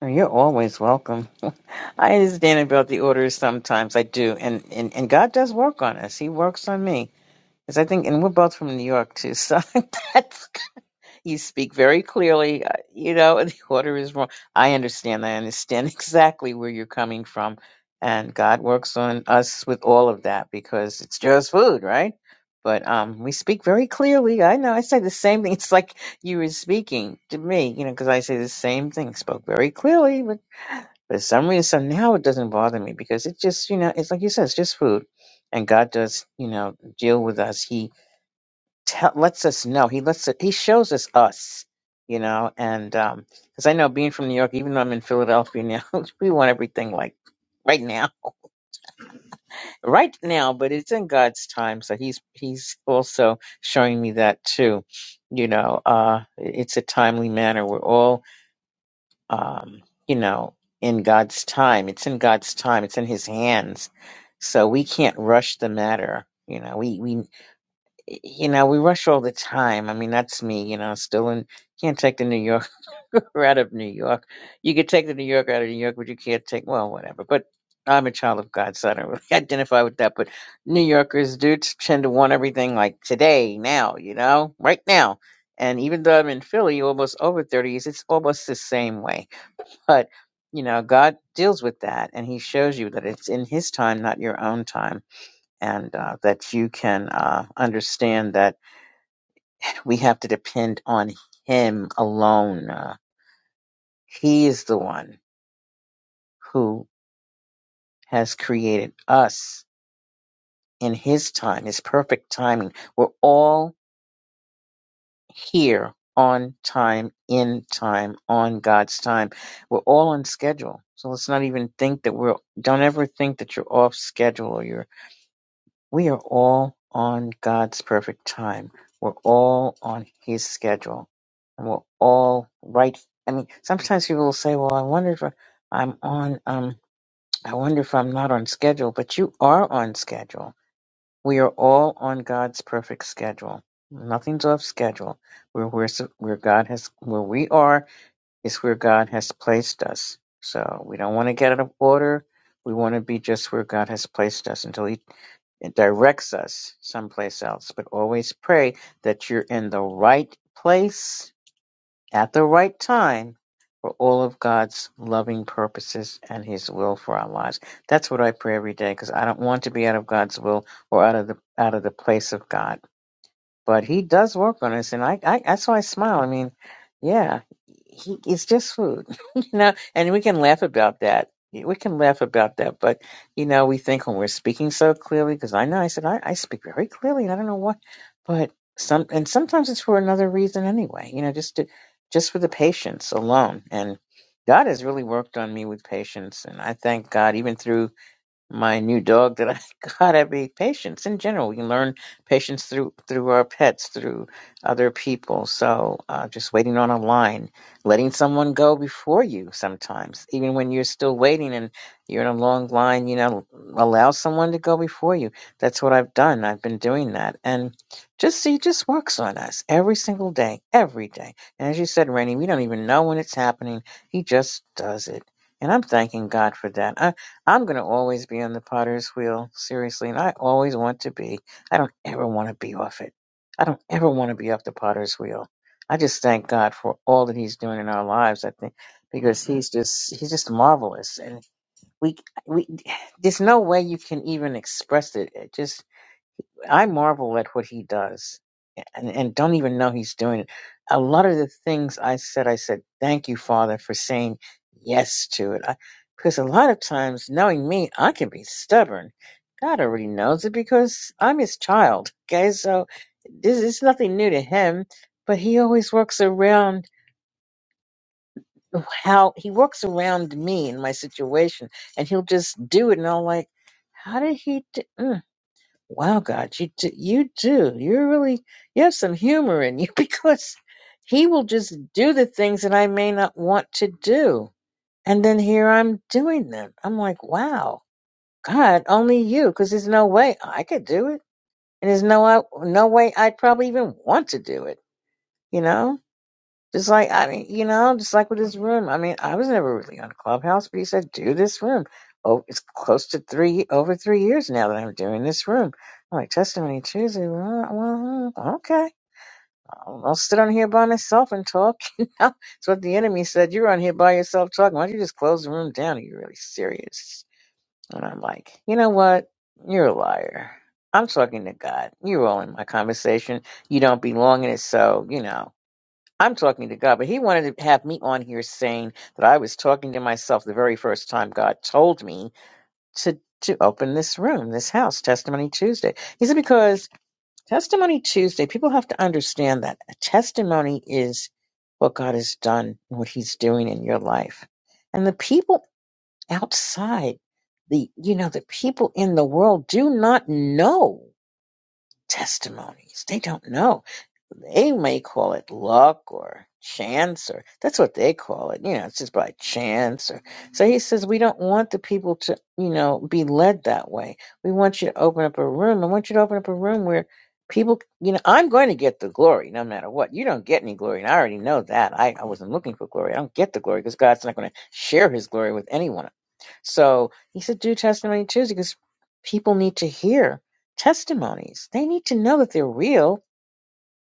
A: Oh, You're always welcome. I understand about the orders sometimes. I do, and and and God does work on us. He works on me, because I think, and we're both from New York too. So that's you speak very clearly. uh, You know, the order is wrong. I understand. I understand exactly where you're coming from, and God works on us with all of that because it's just food, right? But um, we speak very clearly. I know. I say the same thing. It's like you were speaking to me, you know, because I say the same thing. Spoke very clearly. But for some reason now it doesn't bother me because it just, you know, it's like you said, it's just food. And God does, you know, deal with us. He tell, lets us know. He lets it, he shows us us, you know. And um, because I know being from New York, even though I'm in Philadelphia now, we want everything like right now, right now. But it's in God's time, so he's he's also showing me that too. You know, uh, it's a timely manner. We're all um, you know, in God's time. It's in God's time. It's in His hands. So we can't rush the matter. You know, we we you know we rush all the time. I mean, that's me. You know, still in can't take the New Yorker out of New York. You could take the New Yorker out of New York, but you can't take well, whatever. But I'm a child of God, so I don't really identify with that. But New Yorkers do t- tend to want everything like today, now, you know, right now. And even though I'm in Philly, almost over 30 years, it's almost the same way but, you know, God deals with that and He shows you that it's in His time, not your own time, and uh, that you can uh, understand that we have to depend on Him alone. Uh, he is the one who has created us in His time, His perfect timing. We're all here on time, in time, on God's time. We're all on schedule. So let's not even think that we're, don't ever think that you're off schedule or you're. We are all on God's perfect time. We're all on His schedule. And we're all right. I mean, sometimes people will say, well, I wonder if I'm on, um, I wonder if I'm not on schedule, but you are on schedule. We are all on God's perfect schedule. Nothing's off schedule. Where, where, where God has, where we are is where God has placed us. So we don't want to get out of order. We want to be just where God has placed us until He it directs us someplace else. But always pray that you're in the right place at the right time for all of God's loving purposes and His will for our lives. That's what I pray every day because I don't want to be out of God's will or out of the out of the place of God but he does work on us, and I, I that's why I smile. I mean, yeah, he it's just food, you know, and we can laugh about that. We can laugh about that, but you know, we think when we're speaking so clearly, because I know I said I, I speak very clearly, and I don't know what, but some and sometimes it's for another reason anyway, you know, just to, just for the patience alone. And God has really worked on me with patience, and I thank God even through my new dog that I got at be patience in general. You learn patience through through our pets, through other people. So uh, just waiting on a line, letting someone go before you sometimes, even when you're still waiting and you're in a long line, you know, allow someone to go before you. That's what I've done. I've been doing that, and just see, just works on us every single day, every day. And as you said, Rainey, we don't even know when it's happening. He just does it. And I'm thanking God for that. I'm going to always be on the potter's wheel, seriously, and I always want to be. I don't ever want to be off it. I don't ever want to be off the potter's wheel. I just thank God for all that he's doing in our lives, I think, because he's just he's just marvelous and we we there's no way you can even express it. It just I marvel at what he does and, and don't even know he's doing it. A lot of the things I said, I said, thank you, Father, for saying yes to it. I, because a lot of times, knowing me, I can be stubborn. God already knows it because I'm his child. Okay, so this is nothing new to him, but he always works around how he works around me in my situation, and he'll just do it. And I'm like, how did he do? mm, Wow, God, you do, you do. You're really you have some humor in you because he will just do the things that I may not want to do, and then here I'm doing them. I'm like, wow, God, only you, because there's no way I could do it, and there's no uh, no way I'd probably even want to do it. You know? Just like I mean, you know, just like with this room. I mean, I was never really on Clubhouse, but he said, "Do this room." Oh, it's close to three, over three years now that I'm doing this room. I'm like testimony Tuesday. Well, well, okay, I'll I'll sit on here by myself and talk. You know, it's what the enemy said. You're on here by yourself talking. Why don't you just close the room down? Are you really serious? And I'm like, you know what? You're a liar. I'm talking to God. You're all in my conversation. You don't belong in it, so you know. I'm talking to God, but he wanted to have me on here saying that I was talking to myself the very first time God told me to to open this room, this house, Testimony Tuesday. He said because Testimony Tuesday, people have to understand that a testimony is what God has done and what he's doing in your life. And the people outside the you know, the people in the world do not know testimonies. They don't know. They may call it luck or chance, or that's what they call it. You know, it's just by chance. Or so he says, we don't want the people to, you know, be led that way. We want you to open up a room. I want you to open up a room where people, you know, I'm going to get the glory no matter what. You don't get any glory, and I already know that. I, I wasn't looking for glory. I don't get the glory because God's not going to share His glory with anyone. So he said, do testimony Tuesday because people need to hear testimonies. They need to know that they're real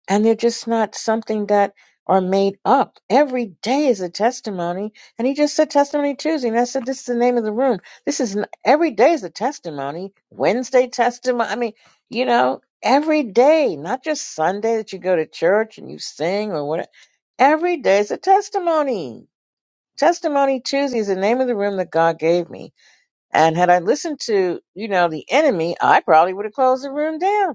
A: and they're just not something that are made up. Every day is a testimony, and he just said testimony Tuesday, and I said this is the name of the room. This is n- every day is a testimony. Wednesday testimony. I mean, you know, every day, not just Sunday that you go to church and you sing or whatever. Every day is a testimony. Testimony Tuesday is the name of the room that God gave me. And had I listened to, you know, the enemy, I probably would have closed the room down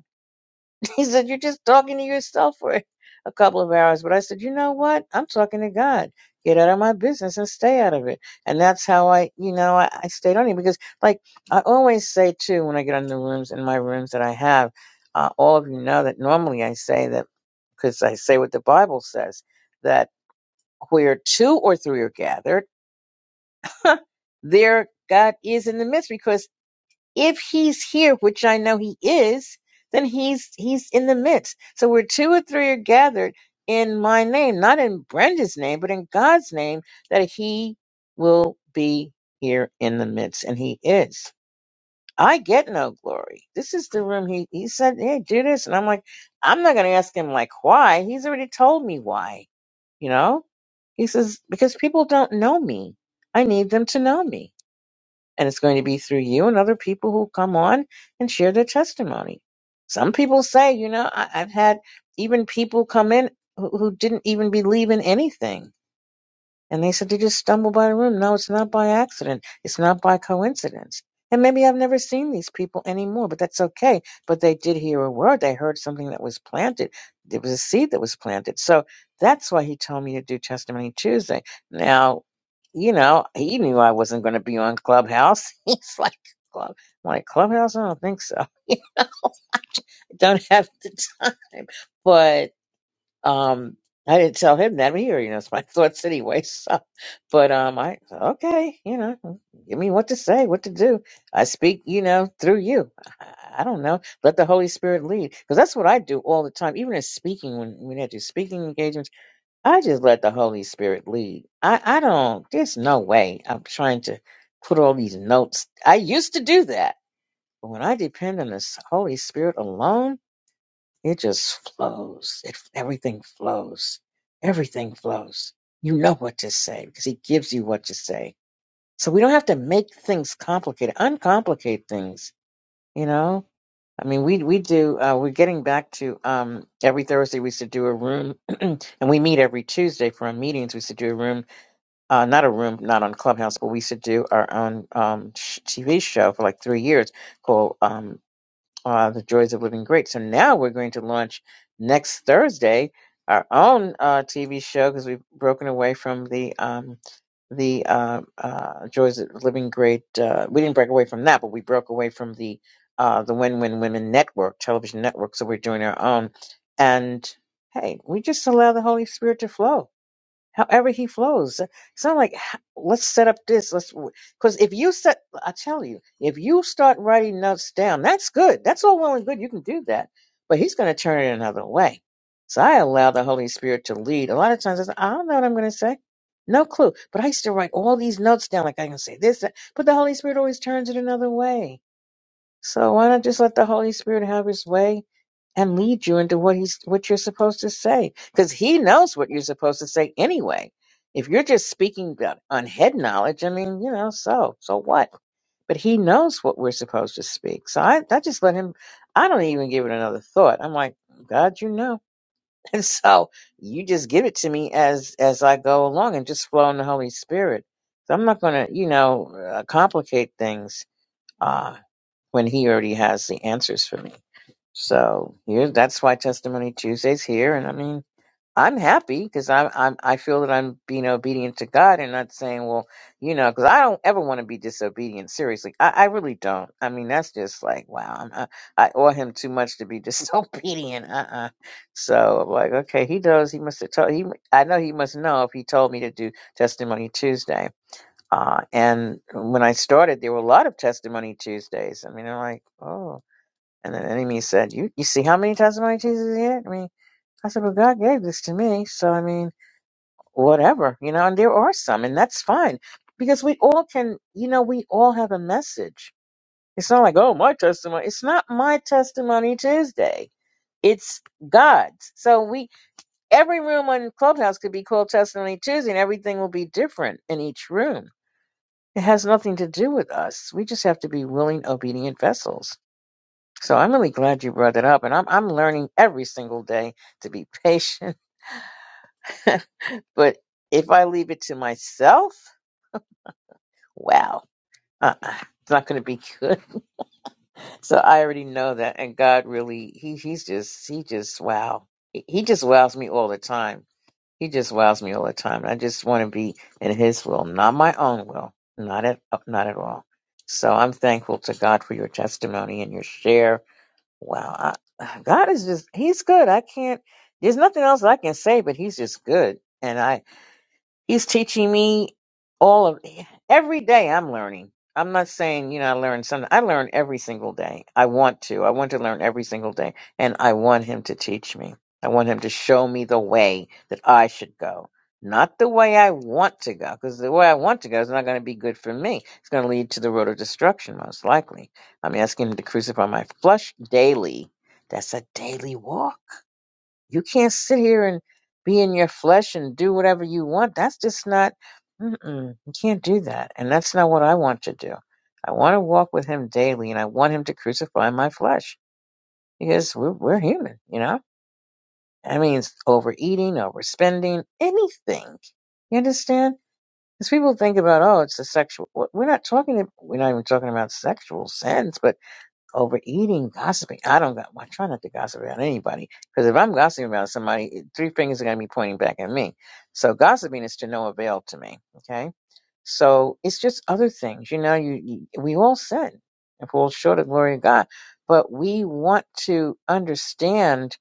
A: he said, You're just talking to yourself for a couple of hours. But I said, You know what? I'm talking to God. Get out of my business and stay out of it. And that's how I, you know, I, I stayed on it because, like, I always say, too, when I get on the rooms, in my rooms that I have, uh, all of you know that normally I say that because I say what the Bible says that where two or three are gathered, there God is in the midst Because if he's here, which I know he is, then he's he's in the midst. So where two or three are gathered in my name, not in Brenda's name, but in God's name, that he will be here in the midst, and he is. I get no glory. This is the room he he said, Hey, do this. And I'm like, I'm not gonna ask him like why. He's already told me why, you know? He says, Because people don't know me. I need them to know me and it's going to be through you and other people who come on and share their testimony. Some people say, you know, I, I've had even people come in who, who didn't even believe in anything and they said, they just stumbled by the room. No, it's not by accident. It's not by coincidence. And maybe I've never seen these people anymore, but that's okay. But they did hear a word. They heard something that was planted. There was a seed that was planted. So that's why he told me to do Testimony Tuesday. Now, you know, he knew I wasn't going to be on Clubhouse. He's like, Club, I'm like Clubhouse? I don't think so. don't have the time. But um, I didn't tell him that. He already knows my thoughts anyway. So, but um, I okay, you know, give me what to say, what to do. I speak, you know, through you. I I don't know. Let the Holy Spirit lead, because that's what I do all the time. Even in speaking, when when I do speaking engagements, I just let the Holy Spirit lead. I I don't. There's no way I'm trying to put all these notes. I used to do that, but when I depend on the Holy Spirit alone it just flows. It everything flows. Everything flows. You know what to say because he gives you what to say. So we don't have to make things complicated. Uncomplicate things, you know? I mean, we we do uh we're getting back to um every Thursday we used to do a room and we meet every Tuesday for our meetings. We used to do a room, uh not a room, not on Clubhouse, but we used to do our own um sh- TV show for like 3 years called um uh, the joys of living great. So now we're going to launch next Thursday our own uh, TV show because we've broken away from the um, the uh, uh, joys of living great. Uh, we didn't break away from that, but we broke away from the uh, the Win Win Women Network television network. So we're doing our own, and hey, we just allow the Holy Spirit to flow however he flows. It's not like "Ha- let's set up this. Let's because if you set, I tell you, if you start writing notes down, that's good. That's all well and good. You can do that, but he's going to turn it another way. So I allow the Holy Spirit to lead. A lot of times I say, I don't know what I'm going to say. No clue. But I used to write all these notes down, like I can say this, that. but the Holy Spirit always turns it another way. So why not just let the Holy Spirit have his way and lead you into what he's what you're supposed to say because he knows what you're supposed to say anyway if you're just speaking about, on head knowledge i mean you know so so what but he knows what we're supposed to speak so i, I just let him i don't even give it another thought i'm like god you know and so you just give it to me as as i go along and just flow in the holy spirit so i'm not going to you know uh, complicate things uh when he already has the answers for me so here, that's why Testimony Tuesday's here, and I mean, I'm happy because I'm, I'm I feel that I'm being obedient to God and not saying, well, you know, because I don't ever want to be disobedient. Seriously, I, I really don't. I mean, that's just like wow, I'm, I, I owe him too much to be disobedient. Uh-uh. So I'm like, okay, he knows. He must have told. He, I know he must know if he told me to do Testimony Tuesday. Uh, and when I started, there were a lot of Testimony Tuesdays. I mean, I'm like, oh. And the enemy said, You you see how many testimony Jesus had? I mean, I said, Well, God gave this to me. So I mean, whatever, you know, and there are some, and that's fine. Because we all can, you know, we all have a message. It's not like, oh, my testimony. It's not my testimony Tuesday. It's God's. So we every room on Clubhouse could be called Testimony Tuesday and everything will be different in each room. It has nothing to do with us. We just have to be willing, obedient vessels So I'm really glad you brought it up, and I'm I'm learning every single day to be patient. but if I leave it to myself, wow, uh-uh, it's not going to be good. So I already know that, and God really, he he's just he just wow, he, he just wows me all the time. He just wows me all the time, and I just want to be in His will, not my own will, not at not at all. So I'm thankful to God for your testimony and your share Wow. I, God is just, he's good. I can't, there's nothing else I can say, but he's just good. And I, He's teaching me all of every day I'm learning. I'm not saying, you know, I learn something. I learn every single day. I want to. I want to learn every single day. And I want him to teach me. I want him to show me the way that I should go. Not the way I want to go, because the way I want to go is not going to be good for me. It's going to lead to the road of destruction, most likely. I'm asking him to crucify my flesh daily. That's a daily walk. You can't sit here and be in your flesh and do whatever you want. That's just not, mm-mm, you can't do that. And that's not what I want to do. I want to walk with him daily and I want him to crucify my flesh because we're, we're human, you know? That means overeating, overspending, anything. You understand? Because people think about, oh, it's the sexual. We're not talking, we're not even talking about sexual sins, but overeating, gossiping. I don't got. I try not to gossip about anybody because if I'm gossiping about somebody, it- three fingers are going to be pointing back at me. So gossiping is to no avail to me. Okay. So it's just other things, you know. You, you we all sin and fall short of the glory of God, but we want to understand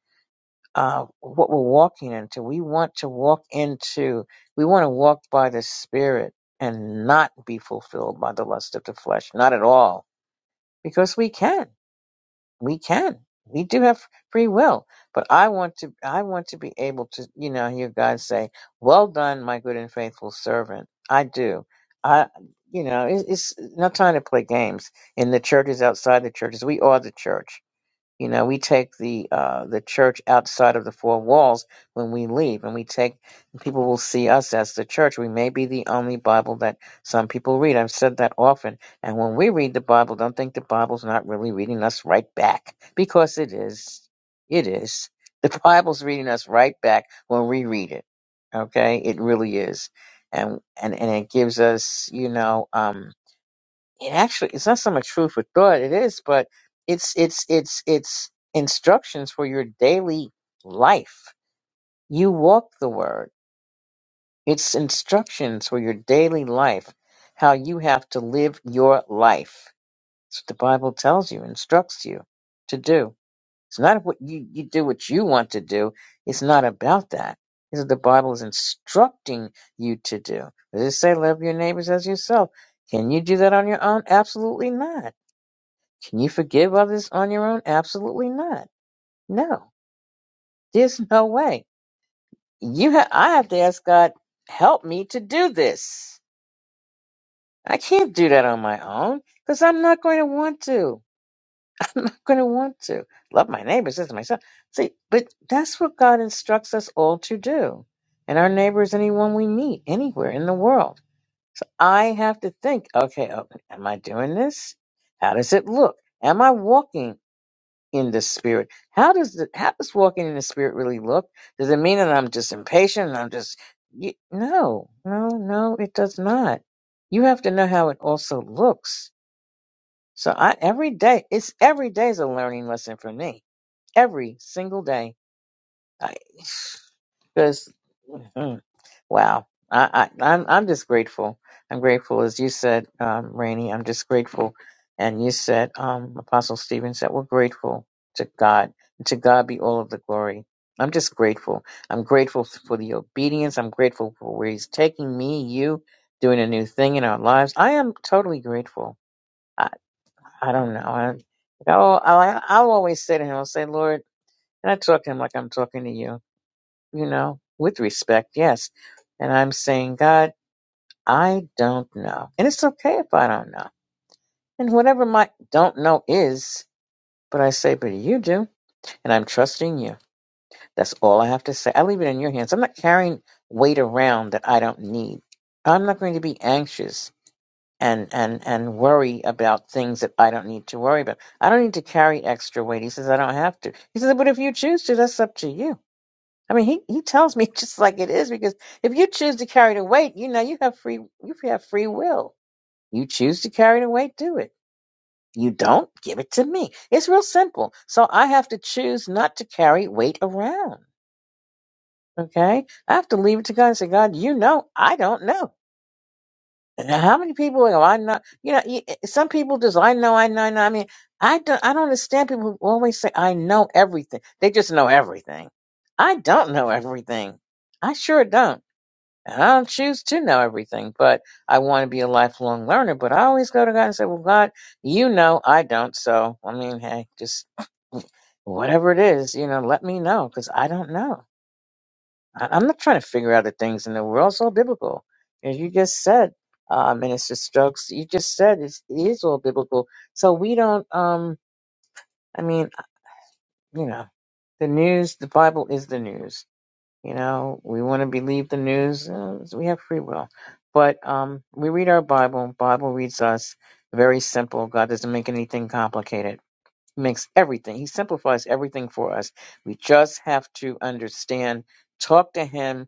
A: uh, what we're walking into. We want to walk into. We want to walk by the Spirit and not be fulfilled by the lust of the flesh, not at all, because we can we can we do have free will but i want to i want to be able to you know hear god say well done my good and faithful servant i do i you know it, it's not time to play games in the churches outside the churches we are the church you know, we take the uh, the church outside of the four walls when we leave, and we take people will see us as the church. We may be the only Bible that some people read. I've said that often. And when we read the Bible, don't think the Bible's not really reading us right back because it is. It is. The Bible's reading us right back when we read it. Okay, it really is, and and and it gives us, you know. um it actually it's not so much food for thought it is but it's it's it's it's instructions for your daily life you walk the word it's instructions for your daily life how you have to live your life it's what the bible tells you instructs you to do it's not what you, you do what you want to do it's not about that it's what the bible is instructing you to do does it say love your neighbors as yourself can you do that on your own absolutely not can you forgive others on your own? Absolutely not. No, there's no way. You ha- I have to ask God, help me to do this. I can't do that on my own because I'm not going to want to. I'm going to want to love my neighbors as myself. See, but that's what God instructs us all to do. And our neighbor is anyone we meet anywhere in the world. So I have to think, okay, oh, am I doing this? How does it look? Am I walking? in the spirit. How does the, how does walking in the spirit really look? Does it mean that I'm just impatient and I'm just y no, no, no, it does not. You have to know how it also looks. So I every day it's every day is a learning lesson for me. Every single day. I because Wow. I, I, I'm, I'm just grateful. I'm grateful, as you said, um, Rainey, I'm just grateful. And you said, um, Apostle Stephen said, we're grateful to God. And to God be all of the glory. I'm just grateful. I'm grateful for the obedience. I'm grateful for where he's taking me, you, doing a new thing in our lives. I am totally grateful. I, I don't know. I, I'll, I'll, I'll always say to him, I'll say, Lord, and I talk to him like I'm talking to you, you know, with respect, yes. And I'm saying, God, I don't know. And it's okay if I don't know. And whatever my don't know is, but I say, but you do. And I'm trusting you. That's all I have to say. I leave it in your hands. I'm not carrying weight around that I don't need. I'm not going to be anxious and, and, and worry about things that I don't need to worry about. I don't need to carry extra weight. He says, I don't have to. He says, but if you choose to, that's up to you. I mean, he, he tells me just like it is because if you choose to carry the weight, you know, you have free, you have free will You choose to carry the weight, do it. You don't, give it to me. It's real simple. So I have to choose not to carry weight around. Okay? I have to leave it to God and say, God, you know, I don't know. And How many people go? I know. You know, you- some people just, I know, I know, I know. I mean, I don't, I don't understand people who always say, I know everything. They just know everything. I don't know everything. I sure don't. And I don't choose to know everything, but I want to be a lifelong learner. But I always go to God and say, Well, God, you know I don't. So, I mean, hey, just whatever it is, you know, let me know because I don't know. I- I'm not trying to figure out the things in the world. It's all biblical. As you just said, uh, Minister Stokes, you just said it's, it is all biblical. So we don't, um, I mean, you know, the news, the Bible is the news. You know, we want to believe the news. uh, so we have free will, but um, we read our Bible. Bible reads us. Very simple. God doesn't make anything complicated. He makes everything. He simplifies everything for us. We just have to understand. Talk to Him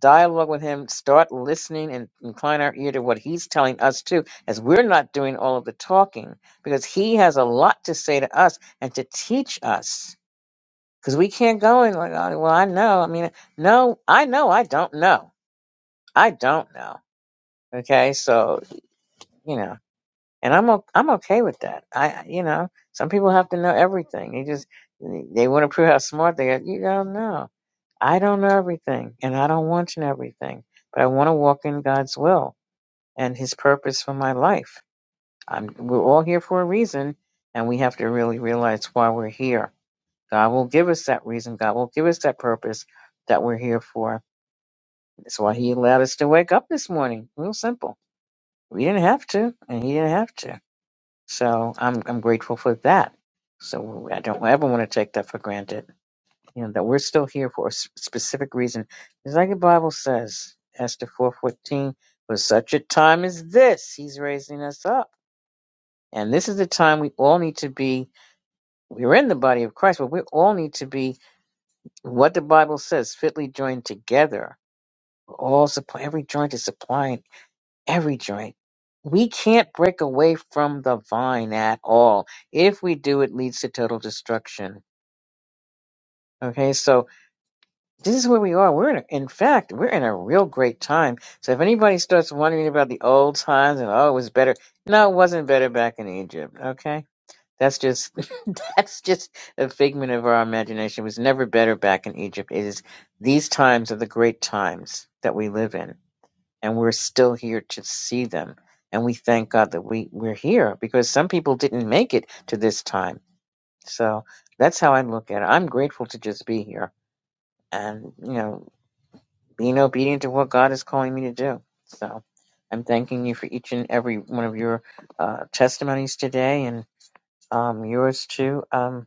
A: dialogue with him, start listening and incline our ear to what he's telling us too, as we're not doing all of the talking, because he has a lot to say to us and to teach us because we can't go in like, oh, well, I know. I mean, no, I know. I don't know. I don't know. Okay, so you know, and I'm o- I'm okay with that. I you know, some people have to know everything. They just they want to prove how smart they are. You don't know. I don't know everything, and I don't want to know everything, but I want to walk in God's will and His purpose for my life. I'm we're all here for a reason, and we have to really realize why we're here. God will give us that reason. God will give us that purpose that we're here for That's why he allowed us to wake up this morning. Real simple. We didn't have to, and he didn't have to. So I'm I'm grateful for that. So I don't ever want to take that for granted. You know that we're still here for a s- specific reason. It's like the Bible says, Esther four fourteen. For such a time as this, he's raising us up, and this is the time we all need to be. We're in the body of Christ, but we all need to be what the Bible says, fitly joined together. All supply every joint is supplying every joint. We can't break away from the vine at all. If we do, it leads to total destruction. Okay, so this is where we are. We're in, a, in fact, we're in a real great time. So if anybody starts wondering about the old times and oh, it was better, no, it wasn't better back in Egypt. Okay, that's just that's just a figment of our imagination. It was never better back in Egypt. It is these times are the great times that we live in. and we're still here to see them. And we thank God that we, we're here because some people didn't make it to this time. So that's how I look at it. I'm grateful to just be here and, you know, being obedient to what God is calling me to do. So I'm thanking you for each and every one of your uh, testimonies today and um, yours too. Um,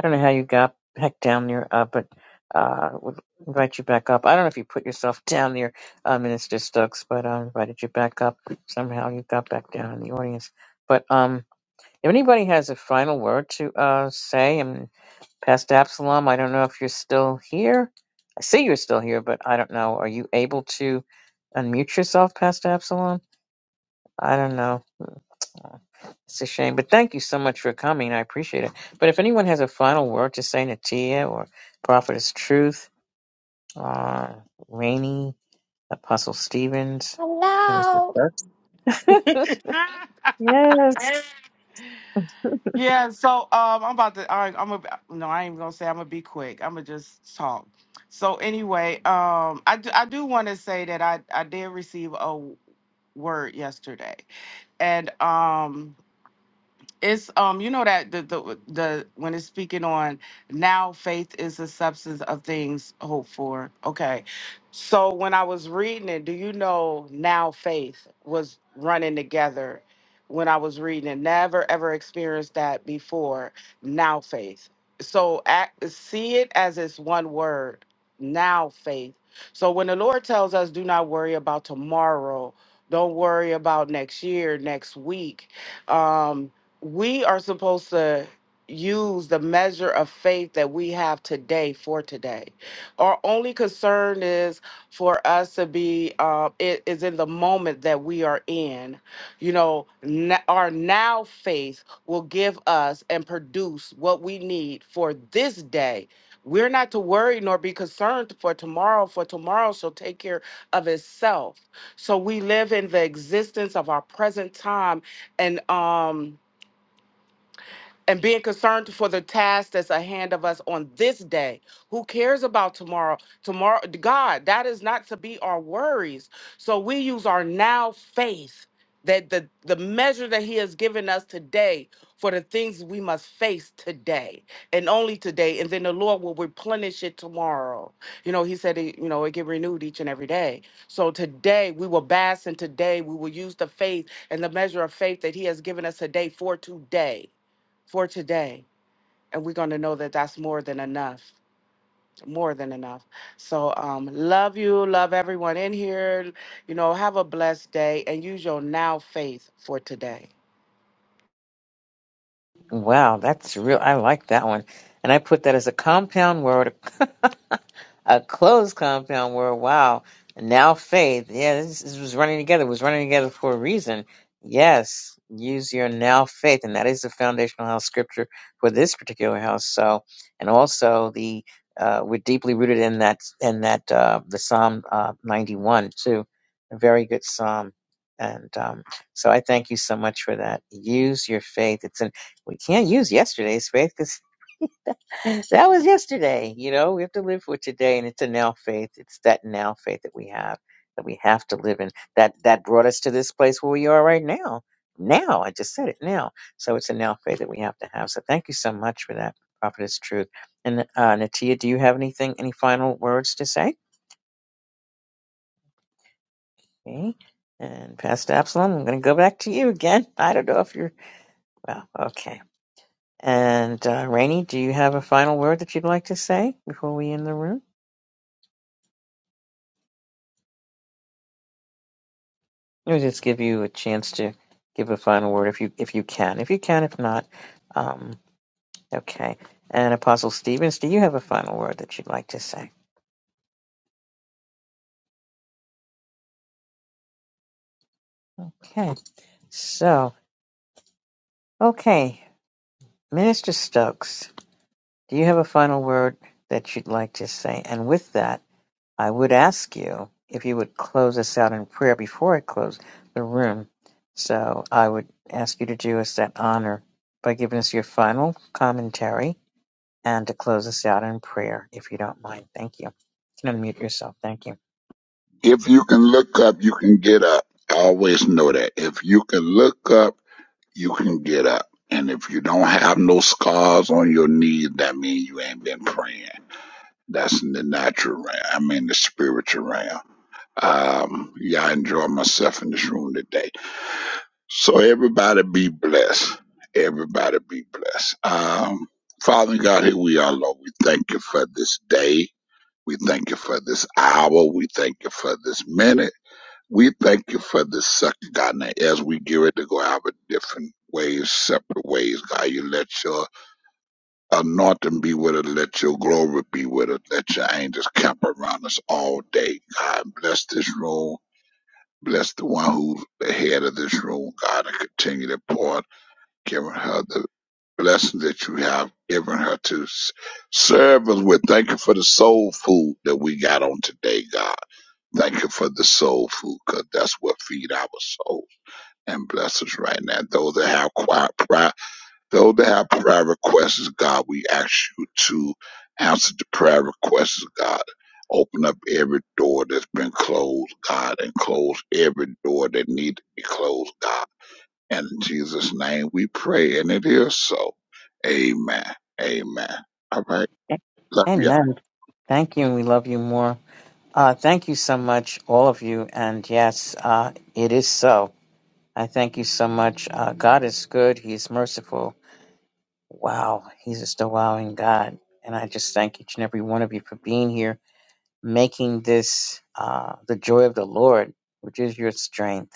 A: I don't know how you got heck down there, uh, but uh, would invite you back up. I don't know if you put yourself down there, uh, Minister Stokes, but I invited you back up. Somehow you got back down in the audience. But um, if anybody has a final word to uh, say, and Pastor Absalom, I don't know if you're still here. I see you're still here, but I don't know. Are you able to unmute yourself, Pastor Absalom? I don't know. Uh, It's a shame, but thank you so much for coming. I appreciate it. But if anyone has a final word to say, Natia or Prophetess Truth, uh, Rainey, Apostle Stevens, Minister
C: Hello.
A: Kirk. yes.
C: Yeah, so um, I'm about to. I, I'm a, no, I ain't gonna say. I'm gonna be quick. I'm gonna just talk. So anyway, um, I do, I do want to say that I I did receive a word yesterday, and um, it's um, you know that the the the when it's speaking on now faith is the substance of things hoped for. Okay. So when I was reading it, do you know now faith was running together when I was reading it. Never ever experienced that before. Now faith. So act, see it as it's one word. Now faith. So when the Lord tells us do not worry about tomorrow, don't worry about next year, next week. Um we are supposed to use the measure of faith that we have today for today. Our only concern is for us to be, uh, it is in the moment that we are in. You know, n- our now faith will give us and produce what we need for this day. We're not to worry nor be concerned for tomorrow, for tomorrow shall take care of itself. So we live in the existence of our present time and um and being concerned for the task that's ahead of us on this day. Who cares about tomorrow? Tomorrow, God, that is not to be our worries. So we use our now faith that the, the measure that He has given us today for the things we must face today and only today. And then the Lord will replenish it tomorrow. You know, He said, it, you know, it get renewed each and every day. So today we will bask and today we will use the faith and the measure of faith that He has given us today for today for today. And we're going to know that that's more than enough. More than enough. So, um, love you. Love everyone in here. You know, have a blessed day and use your now faith for today.
A: Wow, that's real. I like that one. And I put that as a compound word a closed compound word. Wow. Now faith. Yeah, this, this was running together. It was running together for a reason. Yes, use your now faith. And that is the foundational house scripture for this particular house. So, and also the, uh, we're deeply rooted in that, in that, uh, the Psalm, uh, 91 too. A very good Psalm. And, um, so I thank you so much for that. Use your faith. It's an, we can't use yesterday's faith So that was yesterday. You know, we have to live for today, and it's a now faith. It's that now faith that we have that we have to live in. That that brought us to this place where we are right now. Now, I just said it now. So it's a now faith that we have to have. So thank you so much for that, Prophetess Truth. And uh, Natia, do you have anything, any final words to say? Okay. And Pastor Absalom, I'm going to go back to you again. I don't know if you're well. Okay. And uh, Rainey, do you have a final word that you'd like to say before we end the room? Let me just give you a chance to give a final word if you if you can. If you can, if not, um, okay. And Apostle Stevens, do you have a final word that you'd like to say? Okay. So, okay, Minister Stokes, do you have a final word that you'd like to say? And with that, I would ask you if you would close us out in prayer before I close the room. So I would ask you to do us that honor by giving us your final commentary and to close us out in prayer, if you don't mind. Thank you. You can unmute yourself. Thank you.
D: If you can look up, you can get up. Always know that. If you can look up, you can get up. And if you don't have no scars on your knees, that means you ain't been praying. That's in the natural realm. I mean, the spiritual realm. Um, yeah, I enjoy myself in this room today. So everybody be blessed. Everybody be blessed. Um, Father God, here we are, Lord. We thank you for this day. We thank you for this hour. We thank you for this minute. We thank you for this second, God, and as we get ready to go our different ways, separate ways, God, you let your anointing be with us, let your glory be with us, let your angels camp around us all day, God. Bless this room. Bless the one who's the head of this room, God, and continue to pour, out, giving her the blessings that you have given her to s- serve us with. Thank you for the soul food that we got on today, God. Thank you for the soul food, 'cause that's what feed our soul and bless us right now. Those that have quiet prayer, those that have prayer requests, God, we ask you to answer the prayer requests, God. Open up every door that's been closed, God, and close every door that need to be closed, God. And in Jesus' name we pray, and it is so. Amen. Amen. All right. Love y'all.
A: Amen. Thank you, and we love you more. Uh, thank you so much, all of you. And yes, uh, it is so. I thank you so much. Uh, God is good. He is merciful. Wow, He's just a wowing God. And I just thank each and every one of you for being here, making this uh, the joy of the Lord, which is your strength.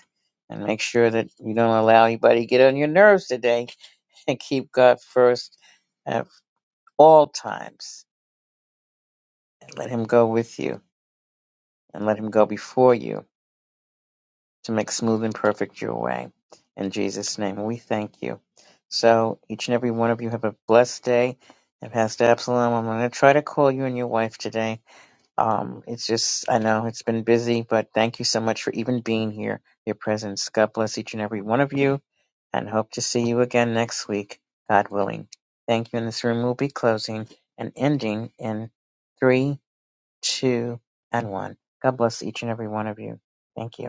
A: And make sure that you don't allow anybody to get on your nerves today and keep God first at all times and let Him go with you and let Him go before you to make smooth and perfect your way. In Jesus' name, we thank you. So, each and every one of you have a blessed day. And Pastor Absalom, I'm going to try to call you and your wife today. Um, it's just, I know it's been busy, but thank you so much for even being here, your presence. God bless each and every one of you, and hope to see you again next week, God willing. Thank you. And this room will be closing and ending in three, two, and one. God bless each and every one of you. Thank you.